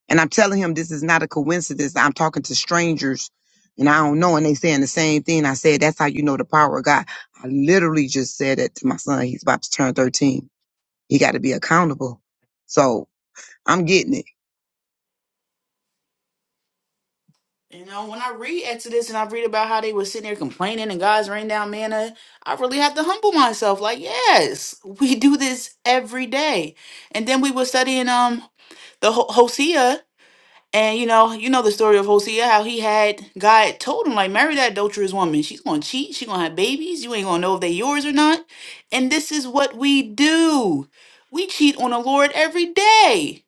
Speaker 4: and I'm telling him this is not a coincidence. I'm talking to strangers, and I don't know, and they saying the same thing. I said that's how you know the power of God. I literally just said that to my son. He's about to turn 13. He got to be accountable. So I'm getting it.
Speaker 3: you know, when I read Exodus and I read about how they were sitting there complaining and God's rained down manna, I really have to humble myself. Like, yes, we do this every day. And then we were studying um the Ho- Hosea And you know, you know the story of Hosea, how he had God told him, like, marry that adulterous woman. She's gonna cheat, she's gonna have babies, you ain't gonna know if they yours or not. And this is what we do. We cheat on the Lord every day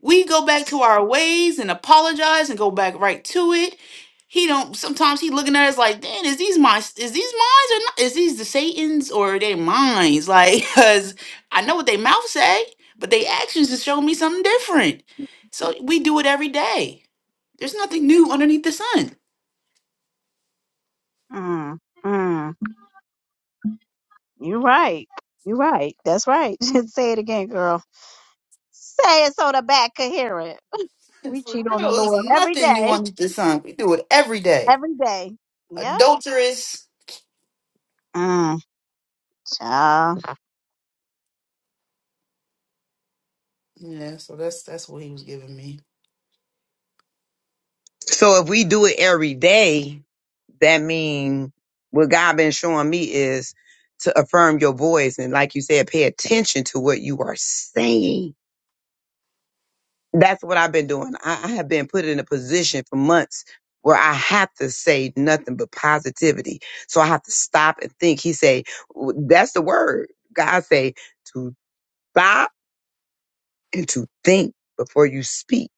Speaker 3: we go back to our ways and apologize and go back right to it. He don't. Sometimes he looking at us like, "Damn, is these my is these minds or not? Is these the Satan's or are they minds?" Like, cause I know what they mouth say, but they actions just show me something different. So we do it every day. There's nothing new underneath the sun.
Speaker 2: mm, mm. You're right. You're right. That's right. Say it again, girl. Say it so the back could hear it. We
Speaker 3: For
Speaker 2: cheat
Speaker 3: real,
Speaker 2: on the
Speaker 3: there's
Speaker 2: Lord every
Speaker 3: nothing new
Speaker 2: day.
Speaker 3: underneath the sun. We do it every day.
Speaker 2: Every day. Yep.
Speaker 3: Adulterous.
Speaker 2: Mm, child.
Speaker 3: Yeah. So that's that's what he was giving me.
Speaker 4: So if we do it every day, that mean what God been showing me is to affirm your voice and like you said, pay attention to what you are saying. That's what I've been doing. I, I have been put in a position for months where I have to say nothing but positivity. So I have to stop and think. He say, w- that's the word. God say to stop and to think before you speak.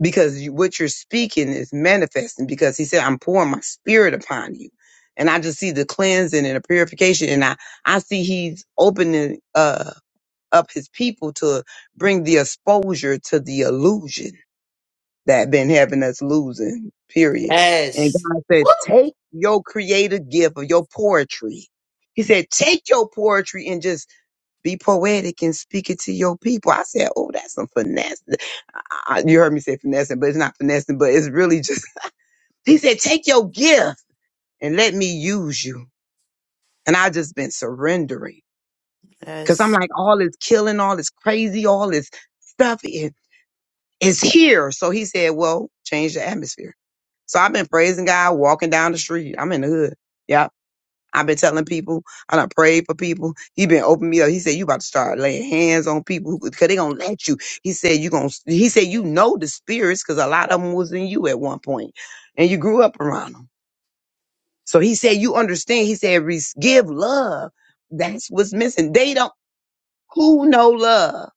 Speaker 4: because you, what you're speaking is manifesting because he said i'm pouring my spirit upon you and i just see the cleansing and the purification and i i see he's opening uh up his people to bring the exposure to the illusion that been having us losing period and
Speaker 3: Yes.
Speaker 4: god said
Speaker 3: Woo!
Speaker 4: take your creative gift of your poetry he said take your poetry and just be poetic and speak it to your people i said oh that's some finesse I, you heard me say finessing, but it's not finessing, but it's really just, he said, take your gift and let me use you. And I just been surrendering because I'm
Speaker 3: Yes.
Speaker 4: like, all this killing, all this crazy, all this stuff is, is here. So he said, well, change the atmosphere. So I've been praising God, walking down the street. I'm in the hood. Yeah. I've been telling people, I done prayed for people. He been opening me up. He said, you about to start laying hands on people because they gonna let you. He said, you gonna, he said, you know the spirits because a lot of them was in you at one point and you grew up around them. So he said, you understand. He said, "Re- give love. That's what's missing. They don't, who know love?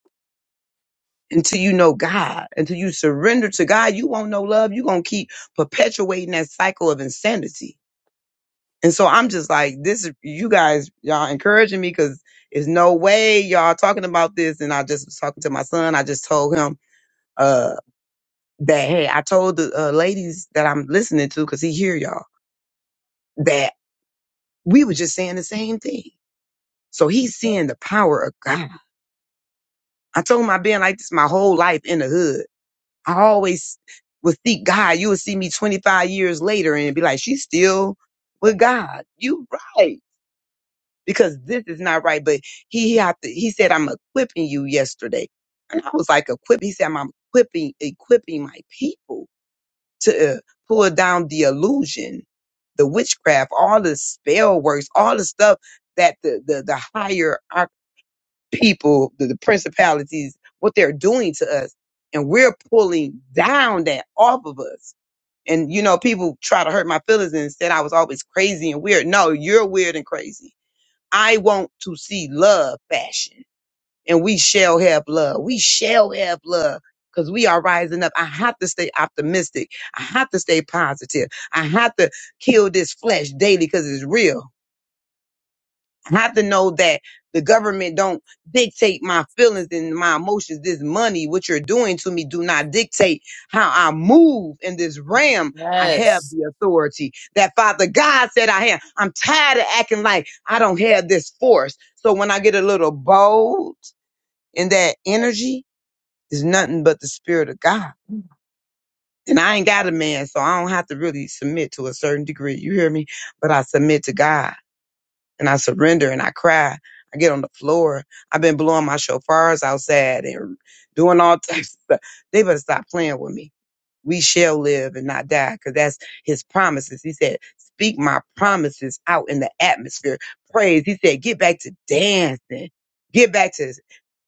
Speaker 4: Until you know God, until you surrender to God, you won't know love. you going to keep perpetuating that cycle of insanity And so I'm just like, this, is you guys, y'all encouraging me because there's no way y'all talking about this. And I just was talking to my son. I just told him, uh, that, hey, I told the uh, ladies that I'm listening to because he hear y'all that we were just saying the same thing. So he's seeing the power of God. I told him I've been like this my whole life in the hood. I always would seek God. You would see me 25 years later and be like, she's still with God. You right. because this is not right. But he, he have to, he said, I'm equipping you yesterday. And I was like, equip. He said, I'm equipping, equipping my people to uh, pull down the illusion, the witchcraft, all the spell works, all the stuff that the, the, the higher our people, the, the principalities, what they're doing to us. And we're pulling down that off of us. And you know, people try to hurt my feelings and said I was always crazy and weird. No, you're weird and crazy I want to see love fashion. And we shall have love. We shall have love because we are rising up. I have to stay optimistic. I have to stay positive. I have to kill this flesh daily because it's real. I have to know that the government don't dictate my feelings and my emotions. This money, what you're doing to me, do not dictate how I move in this realm. I have
Speaker 3: Yes.
Speaker 4: the authority that Father God said I have. I'm tired of acting like I don't have this force. So when I get a little bold in that energy, it's nothing but the spirit of God. And I ain't got a man, so I don't have to really submit to a certain degree. You hear me? But I submit to God and I surrender and I cry. I get on the floor. I've been blowing my shofars outside and doing all types of stuff. They better stop playing with me. We shall live and not die because that's his promises. He said, Speak my promises out in the atmosphere. Praise. He said, Get back to dancing. Get back to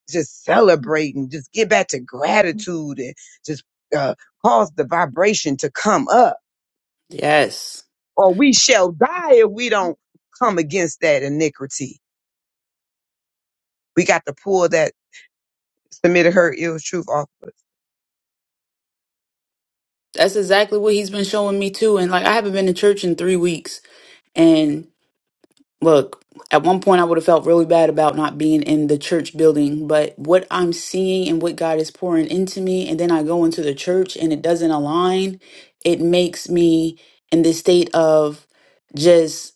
Speaker 4: just celebrating. Just get back to gratitude and just uh, cause the vibration to come up.
Speaker 3: Yes.
Speaker 4: Or we shall die if we don't come against that iniquity We got to pull that submitted her ill truth off of us.
Speaker 3: That's exactly what he's been showing me too. And like I haven't been to church in three weeks. And look, at one point I would have felt really bad about not being in the church building, but what I'm seeing and what God is pouring into me, and then I go into the church and it doesn't align, it makes me in this state of just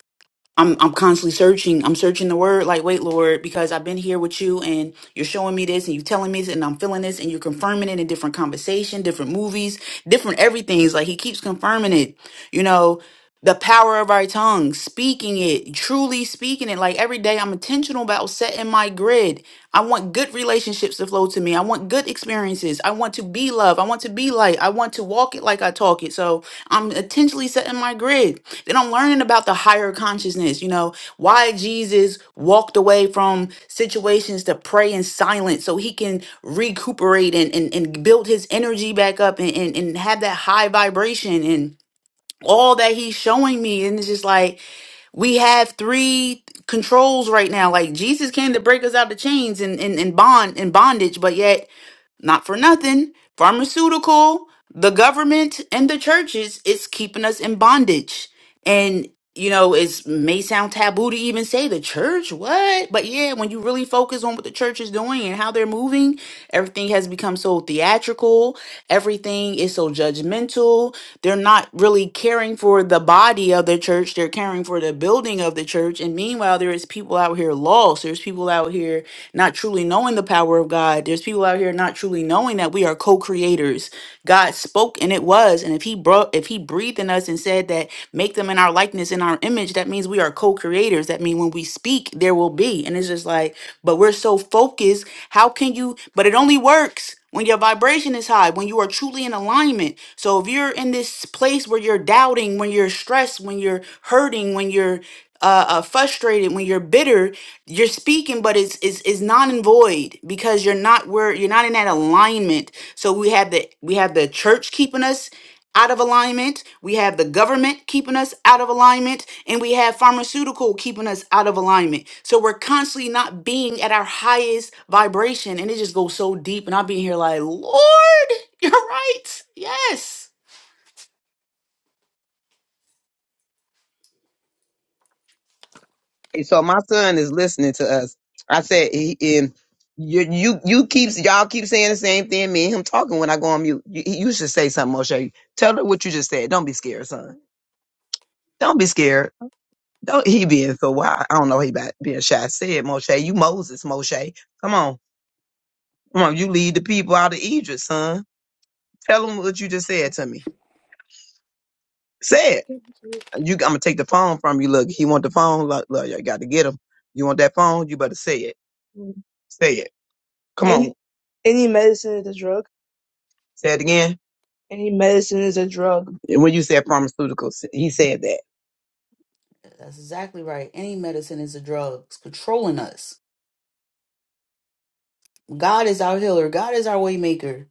Speaker 3: I'm I'm constantly searching. I'm searching the word like, wait, Lord, because I've been here with you and you're showing me this and you're telling me this and I'm feeling this and you're confirming it in different conversation, different movies, different everything's like he keeps confirming it. You know, the power of our tongue, speaking it, truly speaking it. Like every day I'm intentional about setting my grid. I want good relationships to flow to me. I want good experiences. I want to be love. I want to be light. I want to walk it like I talk it. So I'm intentionally setting my grid. Then I'm learning about the higher consciousness, you know, why Jesus walked away from situations to pray in silence so he can recuperate and, and, and build his energy back up and, and, and have that high vibration and all that he's showing me. And it's just like, we have three controls right now. Like Jesus came to break us out of chains and, and, and bond and bondage, but yet not for nothing, pharmaceutical, the government, and the churches is keeping us in bondage. And you know, it may sound taboo to even say the church, what? But yeah, when you really focus on what the church is doing and how they're moving, Everything has become so theatrical. Everything is so judgmental. They're not really caring for the body of the church. They're caring for the building of the church. And meanwhile, there is people out here lost. There's people out here not truly knowing the power of God. There's people out here not truly knowing that we are co-creators. God spoke and it was. And if he brought if he breathed in us and said that make them in our likeness in our image, that means we are co-creators. That means when we speak, there will be. And it's just like, but we're so focused. How can you but it only works when your vibration is high, when you are truly in alignment. So if you're in this place where you're doubting, when you're stressed, when you're hurting, when you're uh, uh, frustrated, when you're bitter, you're speaking, but it's is is non and void because you're not where you're not in that alignment. So we have the we have the church keeping us out of alignment. We have the government keeping us out of alignment, and we have pharmaceutical keeping us out of alignment. So we're constantly not being at our highest vibration, and it just goes so deep. And I'll be here like, Lord, you're right. Yes,
Speaker 4: And so my son is listening to us. I said, he, and you, you, you keeps y'all keep saying the same thing. Me and him talking when I go on mute. You, you should say something, Moshe. Tell her what you just said. Don't be scared, son. Don't be scared. Don't he being so wild. I don't know. He about being shy. I said, Moshe, you Moses, Moshe. Come on, come on. You lead the people out of Egypt, son. Tell them what you just said to me. Say it. You, I'm gonna take the phone from you. Look, he want the phone. Look, look, you got to get him. You want that phone? You better say it. Say it. Come on. Any any medicine is a drug. Say it again. Any medicine is a drug. And when you said pharmaceuticals, he said that.
Speaker 3: that's exactly right. Any medicine is a drug. It's controlling us. God is our healer. God is our way maker.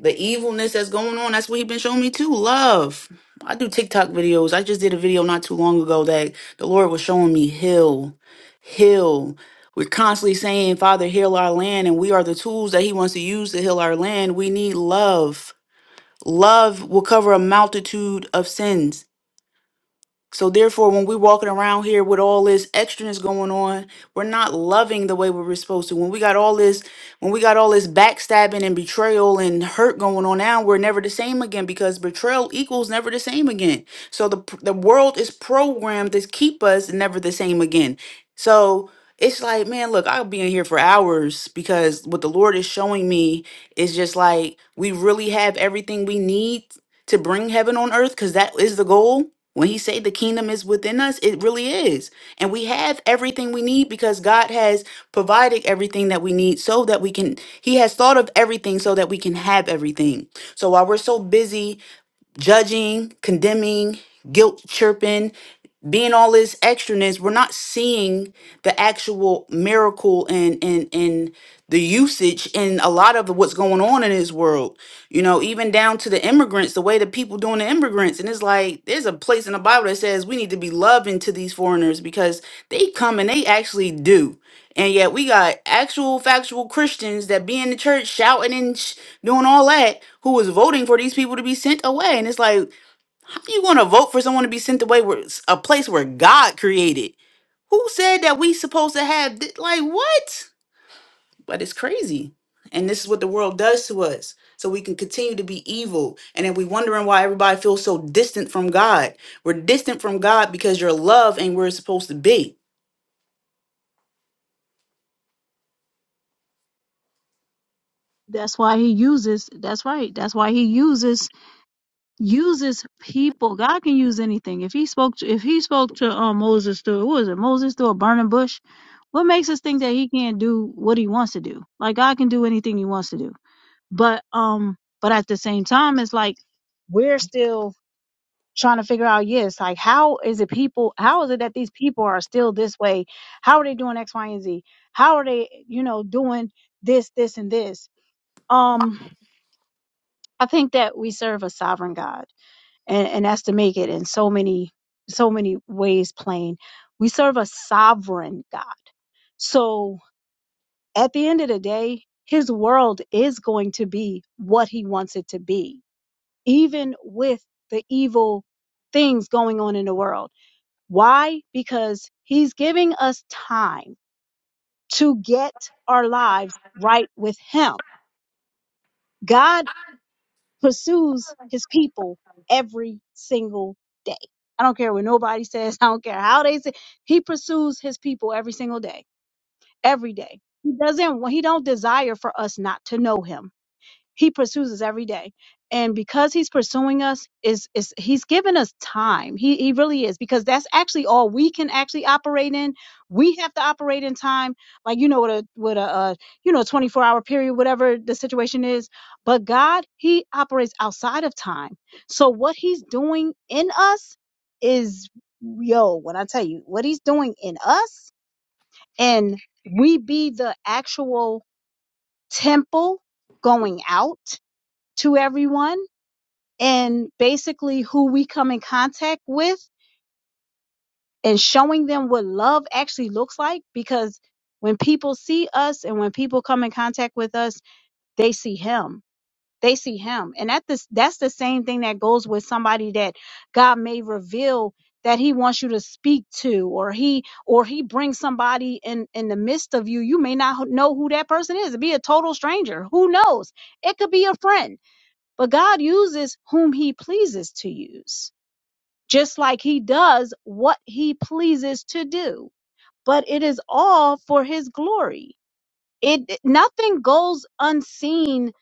Speaker 3: The evilness that's going on, that's what he's been showing me too. Love. I do TikTok videos. I just did a video not too long ago that the Lord was showing me heal. Heal. We're constantly saying, Father, heal our land, and we are the tools that he wants to use to heal our land. We need love. Love will cover a multitude of sins. So therefore, when we're walking around here with all this extraness going on, we're not loving the way we were supposed to. When we got all this, when we got all this backstabbing and betrayal and hurt going on now, we're never the same again because betrayal equals never the same again. So the pr- the world is programmed to keep us never the same again. So it's like, man, look, I'll be in here for hours because what the Lord is showing me is just like we really have everything we need to bring heaven on earth because that is the goal when he say the kingdom is within us, it really is. And we have everything we need because God has provided everything that we need so that we can he has thought of everything so that we can have everything. So while we're so busy judging, condemning, guilt chirping, being all this extraness, we're not seeing the actual miracle and and and the usage in a lot of what's going on in this world. You know, even down to the immigrants, the way the people doing the immigrants, and it's like there's a place in the Bible that says we need to be loving to these foreigners because they come and they actually do. And yet we got actual factual Christians that be in the church shouting and sh- doing all that who is voting for these people to be sent away. And it's like how you going to vote for someone to be sent away where a place where God created? Who said that we supposed to have thi- like what? But it's crazy. And this is what the world does to us. So we can continue to be evil. And then we wondering why everybody feels so distant from God. We're distant from God because your love ain't where it's supposed to be.
Speaker 2: That's why he uses that's right. That's why he uses uses people. God can use anything. If he spoke to if he spoke to um, Moses through what was it, Moses through a burning bush, what makes us think that he can't do what he wants to do? Like God can do anything he wants to do. But um but at the same time it's like we're still trying to figure out yes like how is it people how is it that these people are still this way how are they doing x y and z how are they you know doing this this and this um i think that we serve a sovereign god and and that's to make it in so many so many ways plain we serve a sovereign god so at the end of the day his world is going to be what he wants it to be even with the evil things going on in the world Why? Because he's giving us time to get our lives right with him. God pursues his people every single day. I don't care what nobody says. I don't care how they say. He pursues his people every single day. Every day. He doesn't he don't desire for us not to know him. he pursues us every day and because he's pursuing us is is he's given us time he he really is because that's actually all we can actually operate in we have to operate in time like you know with a with a uh, you know 24 hour period whatever the situation is but god he operates outside of time so what he's doing in us is yo when i tell you what he's doing in us and we be the actual temple going out to everyone and basically who we come in contact with and showing them what love actually looks like because when people see us and when people come in contact with us they see him they see him and that this that's the same thing that goes with somebody that God may reveal that he wants you to speak to or he or he brings somebody in in the midst of you you may not know who that person is it be a total stranger who knows it could be a friend but God uses whom he pleases to use, just like he does what he pleases to do. But it is all for his glory. It nothing goes unseen.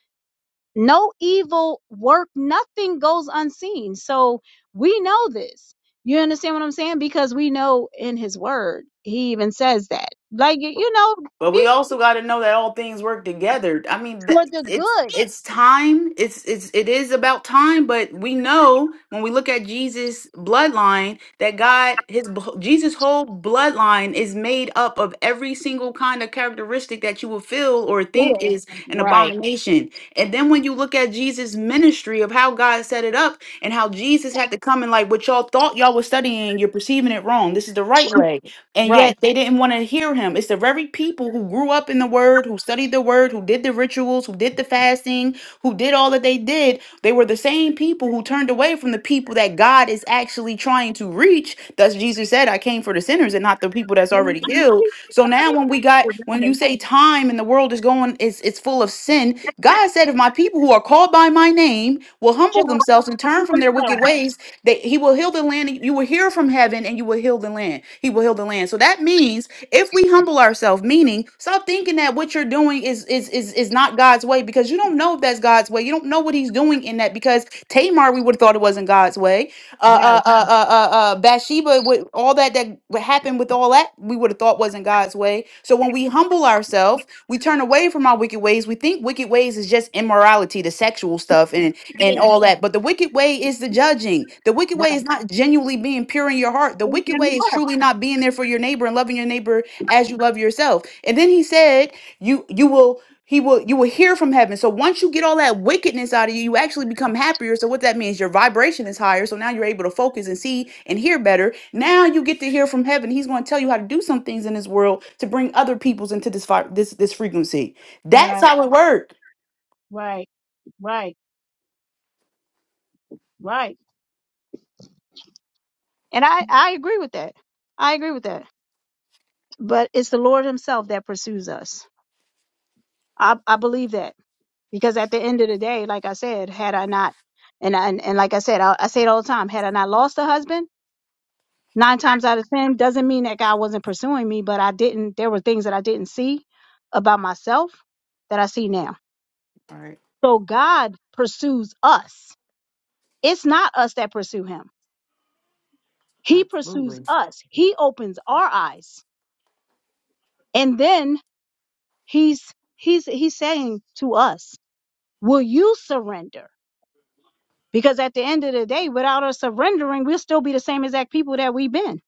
Speaker 2: No evil work, nothing goes unseen. So we know this. You understand what I'm saying? Because we know in his word, he even says that. Like, you know,
Speaker 3: But
Speaker 2: be
Speaker 3: we also got to know that all things work together. I mean,
Speaker 2: for
Speaker 3: that,
Speaker 2: the
Speaker 3: it's
Speaker 2: good.
Speaker 3: it's time. It's it's it is about time. But we know when we look at Jesus' bloodline that God, his b- Jesus' whole bloodline is made up of every single kind of characteristic that you will feel or think is an abomination. And then when you look at Jesus' ministry of how God set it up and how Jesus had to come and like what y'all thought y'all was studying, you're perceiving it wrong. This is the right way and yet they didn't want to hear him. It's the very people who grew up in the word, who studied the word, who did the rituals, who did the fasting, who did all that they did. They were the same people who turned away from the people that God is actually trying to reach. Thus Jesus said, I came for the sinners and not the people that's
Speaker 2: and
Speaker 3: already
Speaker 2: not
Speaker 3: healed. So now when we got
Speaker 2: for the evil.
Speaker 3: when you
Speaker 2: Right.
Speaker 3: say time and the world is going, it's it's full of sin. God said, if my people who are called by my name will humble themselves and turn from their wicked ways, that he will heal the land. and You will hear from heaven and you will heal the land. He will heal the land. So that means if we humble ourselves, meaning stop thinking that what you're doing is is is is not God's way because you don't know if that's God's way. You don't know what he's doing in that because Tamar, we would have thought it wasn't God's way way. Uh, uh, uh, uh, uh, uh, Bathsheba, with all that that what happened with all that, we would have thought wasn't God's way. So when we humble ourselves, we turn away from our wicked ways. We think wicked ways is just immorality, the sexual stuff, and and
Speaker 2: Yeah,
Speaker 3: all that. But the wicked way is the judging. The wicked way
Speaker 2: right.
Speaker 3: is not genuinely being pure in your heart. The wicked way is truly not being there for your neighbor and loving your neighbor as you love yourself. And then he said, "You you will." He will you will hear from heaven. So once you get all that wickedness out of you, you actually become happier. So what that means, your vibration is higher. So now you're able to focus and see and hear better. Now you get to hear from heaven. He's going to tell you how to do some things in this world to bring other peoples into this vi- this this frequency. That's
Speaker 2: Yeah,
Speaker 3: how it works.
Speaker 2: right, right, right, right. And I, I agree with that. I agree with that. But it's the Lord Himself that pursues us. I, I believe that because at the end of the day, like I said, had I not, and I, and, and like I said, I, I say it all the time, had I not lost a husband, nine times out of ten, doesn't mean that God wasn't pursuing me, but I didn't. There were things that I didn't see about myself that I see now.
Speaker 3: Right.
Speaker 2: So God pursues us. It's not us that pursue Him He pursues
Speaker 3: Absolutely.
Speaker 2: us. He opens our eyes. And then he's he's he's saying to us, "Will you surrender?" Because at the end of the day, without us surrendering, we'll still be the same exact people that we've been.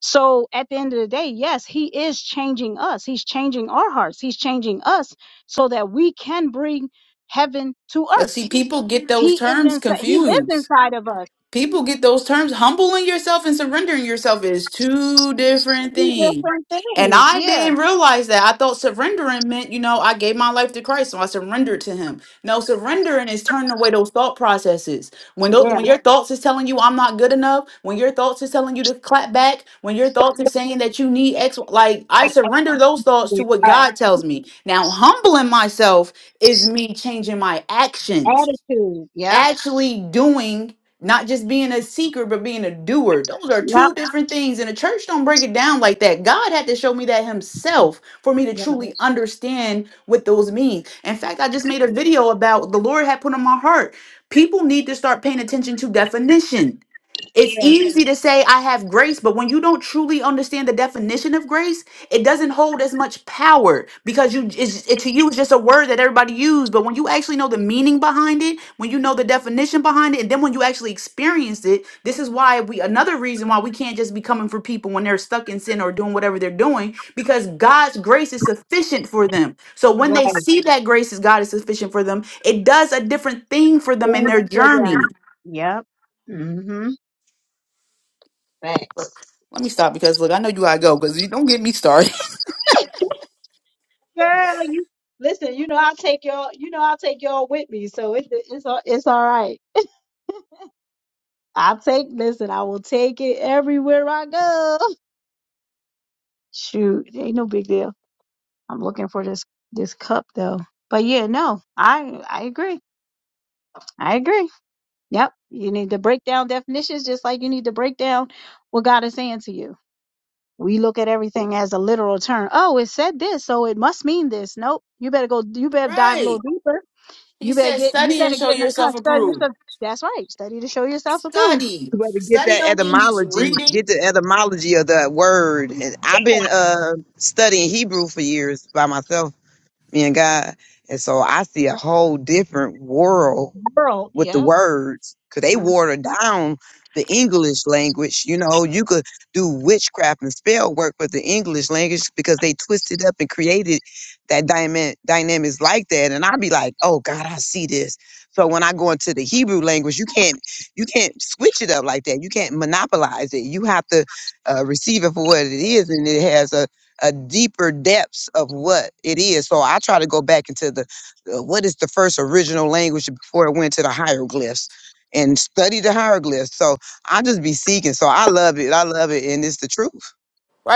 Speaker 2: So at the end of the day, yes, he is changing us. He's changing our hearts. He's changing us so that we can bring heaven to
Speaker 3: But
Speaker 2: earth.
Speaker 3: see, people get those
Speaker 2: He is
Speaker 3: terms
Speaker 2: inside. He lives
Speaker 3: confused.
Speaker 2: inside of us.
Speaker 3: People get those terms. Humbling yourself and surrendering yourself is two different
Speaker 2: Two
Speaker 3: things.
Speaker 2: different
Speaker 3: And
Speaker 2: things.
Speaker 3: I
Speaker 2: Yeah.
Speaker 3: didn't realize that. I thought surrendering meant, you know, I gave my life to Christ, so I surrendered to Him. No, surrendering is turning away those thought processes. When tho-
Speaker 2: Yeah.
Speaker 3: when your thoughts is telling you I'm not good enough, when your thoughts is telling you to clap back, when your thoughts are saying that you need X, like I surrender those thoughts to what
Speaker 2: Right.
Speaker 3: God tells me. Now, humbling myself is me changing my actions
Speaker 2: Attitude. Yep.
Speaker 3: actually doing not just being a seeker but being a doer those are
Speaker 2: Yep.
Speaker 3: two different things and the church don't break it down like that god had to show me that himself for me to truly understand what those mean in fact i just made a video about the lord had put on my heart people need to start paying attention to definition it's
Speaker 2: Yeah,
Speaker 3: easy to say I have grace, but when you don't truly understand the definition of grace, it doesn't hold as much power because you it's, it to you it's just a word that everybody uses. But when you actually know the meaning behind it, when you know the definition behind it, and then when you actually experience it, this is why we another reason why we can't just be coming for people when they're stuck in sin or doing whatever they're doing because God's grace is sufficient for them. So when
Speaker 2: right.
Speaker 3: they see that grace is God is sufficient for them, it does a different thing for them in
Speaker 2: Thanks
Speaker 3: their
Speaker 2: for them.
Speaker 3: journey.
Speaker 2: Yep. Mm-hmm. Facts.
Speaker 3: Look, let me stop because look, I know you gotta go because you don't get me started.
Speaker 2: Girl, you listen. You know I'll take y'all. You know I'll take y'all with me. So it's it's all it's all right. I'll take. Listen, I will take it everywhere I go. Shoot, ain't no big deal. I'm looking for this this cup though. But yeah, no, I I agree. I agree. Yep. You need to break down definitions just like you need to break down what God is saying to you. we look at everything as a literal term. Oh, it said this, so it must mean this. Nope. You better go you better dive a little
Speaker 3: Right.
Speaker 2: deeper.
Speaker 3: He
Speaker 2: You better
Speaker 3: said
Speaker 2: get you
Speaker 3: study and
Speaker 2: better
Speaker 3: show
Speaker 2: get in a con-
Speaker 3: yourself
Speaker 2: study
Speaker 3: approved.
Speaker 2: yourself. That's right. Study to show yourself approved.
Speaker 3: Study.
Speaker 4: You better get
Speaker 3: Study
Speaker 4: that
Speaker 3: don't mean just
Speaker 4: etymology.
Speaker 3: reading.
Speaker 4: Get the etymology of that word. And I've been uh studying Hebrew for years by myself, me and God, and so I see a whole different world
Speaker 2: Girl,
Speaker 4: with the
Speaker 2: yep.
Speaker 4: words because they
Speaker 2: Uh,
Speaker 4: water down the English language. You know, you could do witchcraft and spell work with the English language because they twisted up and created that dyna- dynamics like that. And I'd be like, oh God, I see this. So when I go into the Hebrew language, you can't you can't switch it up like that. You can't monopolize it. You have to uh, receive it for what it is, and it has a a deeper depths of what it is. So I try to go back into the uh, what is the first original language before it went to the hieroglyphs and study the hieroglyphs. So I just be seeking. So I love it. I love it. And it's the truth.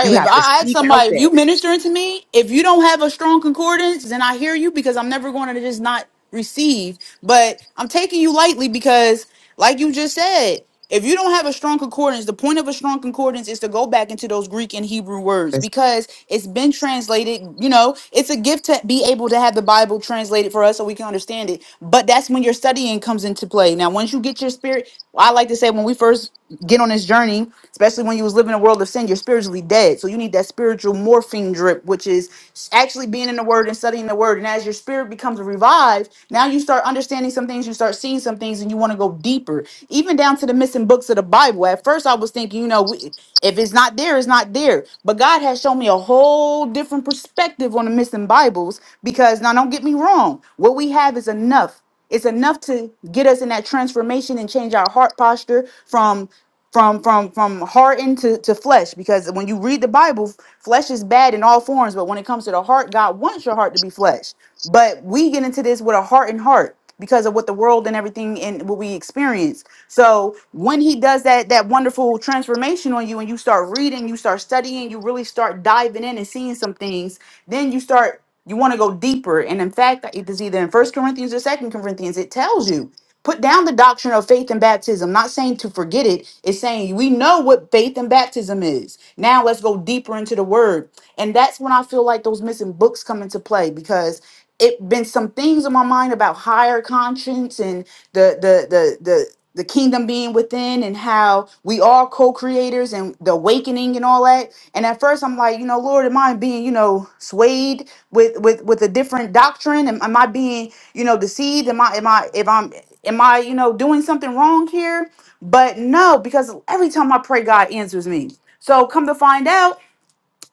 Speaker 4: You
Speaker 3: If
Speaker 4: have to
Speaker 3: I ask
Speaker 4: seek out
Speaker 3: somebody, if
Speaker 4: that.
Speaker 3: you ministering to me, if you don't have a strong concordance, then I hear you because I'm never going to just not receive. But I'm taking you lightly because, like you just said, if you don't have a strong concordance, the point of a strong concordance is to go back into those Greek and Hebrew words
Speaker 4: That's
Speaker 3: because it's been translated. You know, it's a gift to be able to have the Bible translated for us so we can understand it. But that's when your studying comes into play. Now, once you get your spirit, I like to say when we first get on this journey, especially when you was living in a world of sin, you're spiritually dead. So you need that spiritual morphine drip, which is actually being in the word and studying the word. And as your spirit becomes revived, now you start understanding some things, you start seeing some things, and you want to go deeper, even down to the missing books of the Bible. At first, I was thinking, you know, we, if it's not there, it's not there. But God has shown me a whole different perspective on the missing Bibles because now don't get me wrong, what we have is enough. It's enough to get us in that transformation and change our heart posture from from from from hardened to, to flesh. Because when you read the Bible, flesh is bad in all forms, but when it comes to the heart, God wants your heart to be flesh. But we get into this with a hardened heart because of what the world and everything and what we experience. So when he does that that wonderful transformation on you and you start reading, you start studying, you really start diving in and seeing some things, then you start you want to go deeper. And in fact, it is either in First Corinthians or Second Corinthians, it tells you put down the doctrine of faith and baptism. Not saying to forget it, it's saying we know what faith and baptism is. Now let's go deeper into the word. And that's when I feel like those missing books come into play because it been some things in my mind about higher conscience and the the the the the kingdom being within and how we are co-creators and the awakening and all that and at first i'm like you know lord am i being you know swayed with with with a different doctrine am, am i being you know deceived am i am i if i'm am i you know doing something wrong here but no because every time i pray god answers me so come to find out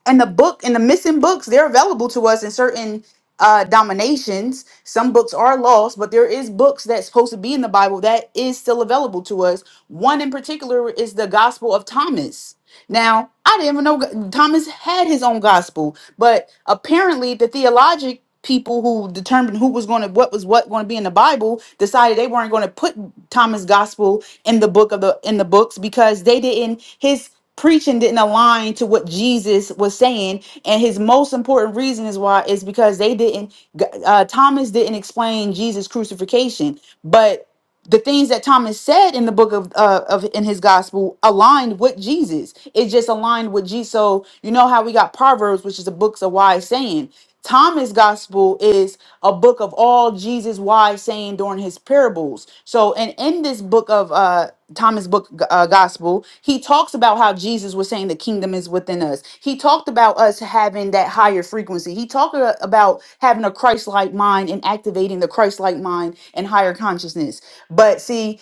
Speaker 3: and the book and the missing books they're available to us in certain uh dominations some books are lost but there is books that's supposed to be in the bible that is still available to us one in particular is the gospel of thomas now, I didn't even know Thomas had his own gospel, but apparently the theologic people who determined who was going to what was what going to be in the Bible decided they weren't going to put Thomas gospel in the book of the in the books because they didn't his preaching didn't align to what Jesus was saying and his most important reason is why is because they didn't uh, Thomas didn't explain Jesus crucifixion but the things that Thomas said in the book of uh, of in his gospel aligned with Jesus. It just aligned with Jesus. So you know how we got Proverbs, which is the books of wise saying. Thomas' gospel is a book of all Jesus' wise saying during his parables. So, and in this book of uh, Thomas' book uh, gospel, he talks about how Jesus was saying the kingdom is within us. He talked about us having that higher frequency. He talked a- about having a Christ-like mind and activating the Christ-like mind and higher consciousness. But see,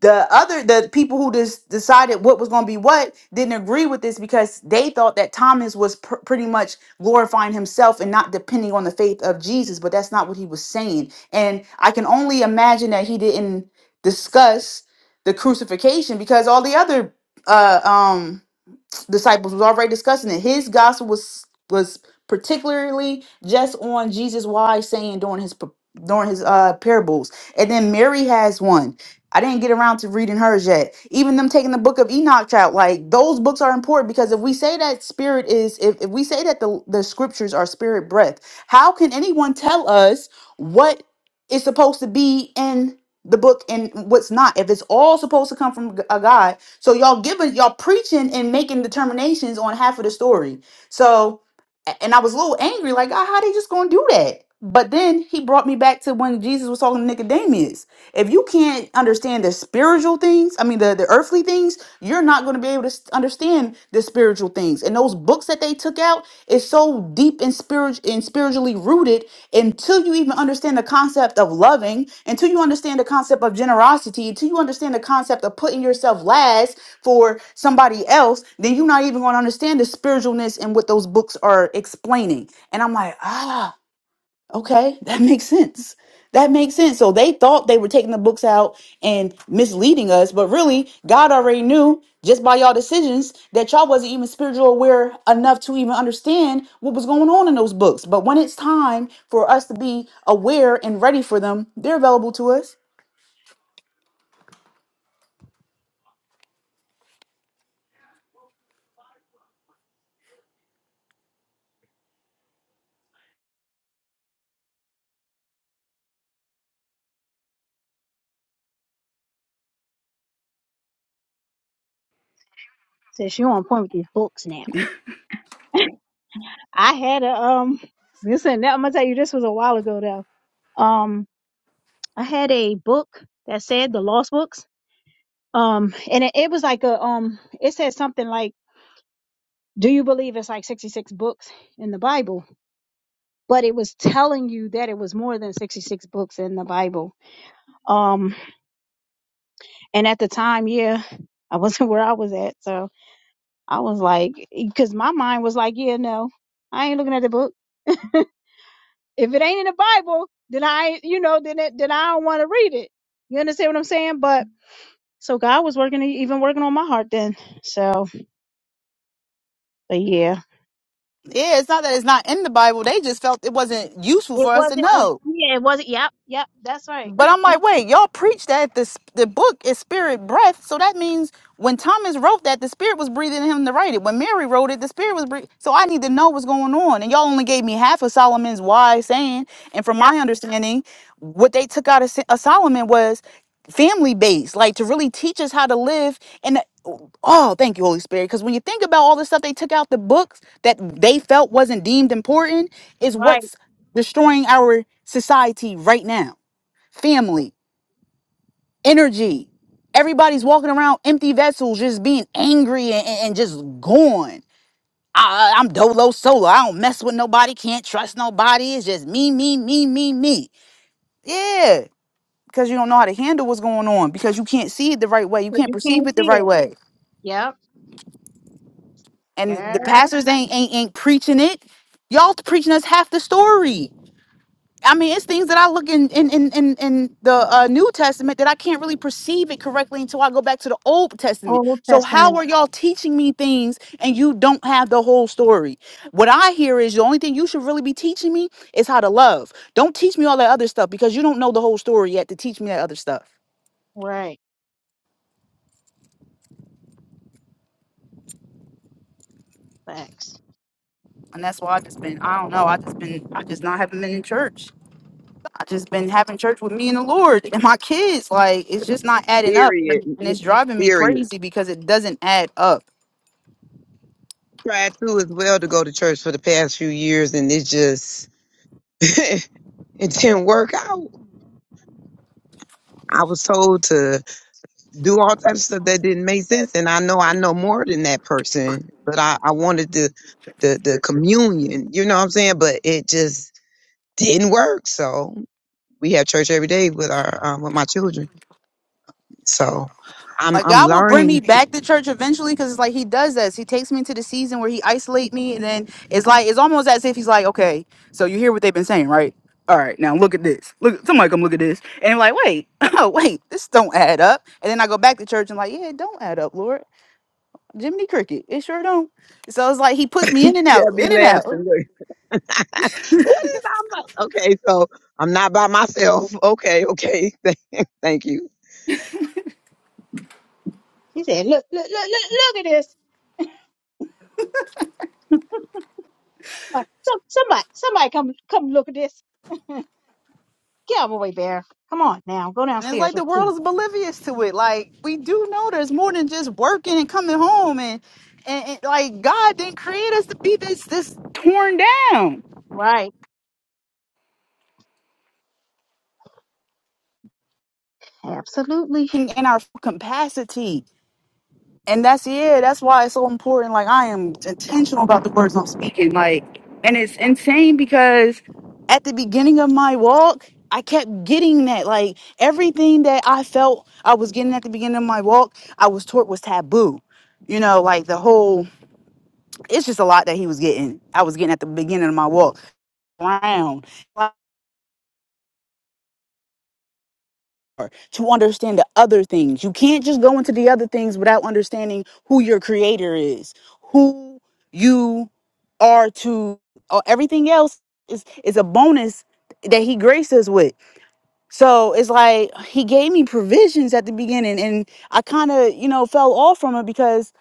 Speaker 3: the other the people who just decided what was going to be what didn't agree with this because they thought that Thomas was pr- pretty much glorifying himself and not depending on the faith of Jesus, but that's not what he was saying. And I can only imagine that he didn't discuss the crucifixion because all the other uh um disciples was already discussing it. His gospel was was particularly just on Jesus' wise saying during his during his uh parables, and then Mary has one I didn't get around to reading hers yet. Even them taking the book of Enoch out, like those books are important because if we say that spirit is, if, if we say that the, the scriptures are spirit breath, how can anyone tell us what is supposed to be in the book and what's not? If it's all supposed to come from a God, so y'all giving, y'all preaching and making determinations on half of the story. So, a- and I was a little angry, like, ah, how they just gonna do that? But then he brought me back to when Jesus was talking to Nicodemus if you can't understand the spiritual things, I mean, the, the earthly things, you're not going to be able to s- understand the spiritual things. And those books that they took out is so deep and, spirit- and spiritually rooted until you even understand the concept of loving, until you understand the concept of generosity, until you understand the concept of putting yourself last for somebody else, then you're not even going to understand the spiritualness and what those books are explaining. And I'm like, ah. Okay, that makes sense. That makes sense. So they thought they were taking the books out and misleading us, but really, God already knew just by y'all decisions that y'all wasn't even spiritual aware enough to even understand what was going on in those books. But when it's time for us to be aware and ready for them, they're available to us.
Speaker 2: Since you on point with these books now. I had a um listen, now I'm gonna tell you this was a while ago though. Um I had a book that said the lost books. Um and it, it was like a um it said something like do you believe it's like 66 books in the Bible? but it was telling you that it was more than 66 books in the Bible. Um, and at the time, yeah, I wasn't where I was at. So I was like, because my mind was like, yeah, no, I ain't looking at the book. If it ain't in the Bible, then I, you know, then it, then I don't want to read it. You understand what I'm saying? But so God was working, even working on my heart then. So, but yeah,
Speaker 3: Yeah, it's not that it's not in the Bible. They just felt it wasn't useful
Speaker 2: it
Speaker 3: for us to
Speaker 2: wasn't, a,
Speaker 3: know.
Speaker 2: yeah, it wasn't. Yep. Yep. That's right.
Speaker 3: But I'm like, wait, y'all preach that this the book is spirit breath, so that means when Thomas wrote that, the spirit was breathing him to write it. When Mary wrote it, the spirit was breathing. So I need to know what's going on. And y'all only gave me half of Solomon's wise saying. And from
Speaker 2: Yep.
Speaker 3: my understanding, what they took out of, Sa- of Solomon was family based, like to really teach us how to live. And oh, thank you, Holy Spirit, because when you think about all the stuff they took out the books that they felt wasn't deemed important, is
Speaker 2: Right.
Speaker 3: what's destroying our society right now family, energy. Everybody's walking around empty vessels, just being angry and, and- and just gone. I, I- am dolo solo. I don't mess with nobody. Can't trust nobody. It's just me, me, me, me, me. Yeah, because you don't know how to handle what's going on. Because you can't see it the right way. You
Speaker 2: Cause
Speaker 3: can't
Speaker 2: you
Speaker 3: perceive
Speaker 2: can't
Speaker 3: it the
Speaker 2: see
Speaker 3: right
Speaker 2: it.
Speaker 3: way.
Speaker 2: Yep.
Speaker 3: And
Speaker 2: Yeah.
Speaker 3: the pastors ain't ain't, ain't preaching it. Y'all preaching us half the story. I mean, it's things that I look in in in in, in the uh, New Testament that I can't really perceive it correctly until I go back to the Old Testament.
Speaker 2: Old
Speaker 3: So how
Speaker 2: Testament.
Speaker 3: are y'all teaching me things and you don't have the whole story? What I hear is the only thing you should really be teaching me is how to love. Don't teach me all that other stuff because you don't know the whole story yet to teach me that other stuff.
Speaker 2: Right. Facts.
Speaker 3: And that's why I just been I don't know I just been I just not haven't been in church. I just been having church with me and the Lord and my kids. Like it's just not adding up
Speaker 4: period.
Speaker 3: and
Speaker 4: n-
Speaker 3: it's driving me
Speaker 4: Period.
Speaker 3: crazy because it doesn't add up.
Speaker 4: Tried to as well to go to church for the past few years and it just it didn't work out. I was told to do all types of stuff that didn't make sense. And I know I know more than that person, but I, I wanted the, the the communion, you know what I'm saying? But it just didn't work. So we have church every day with our um, with my children. So I'm
Speaker 3: Like
Speaker 4: I'm
Speaker 3: God will bring me
Speaker 4: learning.
Speaker 3: back to church eventually, because it's like He does this. He takes me into the season where He isolate me, and then it's like it's almost as if He's like, okay, so you hear what they've been saying, right? All right, now look at this. Look, somebody come look at this, and I'm like, wait, oh wait, this don't add up. And then I go back to church and like, yeah, it don't add up, Lord. Jiminy Cricket, it sure don't. So it's like He puts me in and
Speaker 4: Yeah,
Speaker 3: out,
Speaker 4: be
Speaker 3: in and out.
Speaker 4: laughing. Look. what is I'm like? Okay, so I'm not by myself. Okay, okay. Thank you.
Speaker 2: He said, "Look, look, look, look, look at this! Somebody, some, somebody, somebody, come, come look at this! Get out of my way, Bear! Come on now, go
Speaker 3: And it's
Speaker 2: downstairs
Speaker 3: like
Speaker 2: with
Speaker 3: the world
Speaker 2: me."
Speaker 3: is oblivious to it. Like we do know there's more than just working and coming home and and, and, like God didn't create us to be this this torn down
Speaker 2: Right. Absolutely.
Speaker 3: in, in our capacity. And that's yeah, that's why it's so important. Like I am intentional about the words I'm speaking. Like and it's insane because at the beginning of my walk, I kept getting that. Like everything that I felt I was getting at the beginning of my walk, I was taught was taboo you know, like the whole It's just a lot that he was getting. I was getting at the beginning of my walk around to understand the other things. You can't just go into the other things without understanding who your creator is, who you are to, or everything else is is a bonus that he graces us with. So it's like he gave me provisions at the beginning, and I kind of, you know, fell off from it because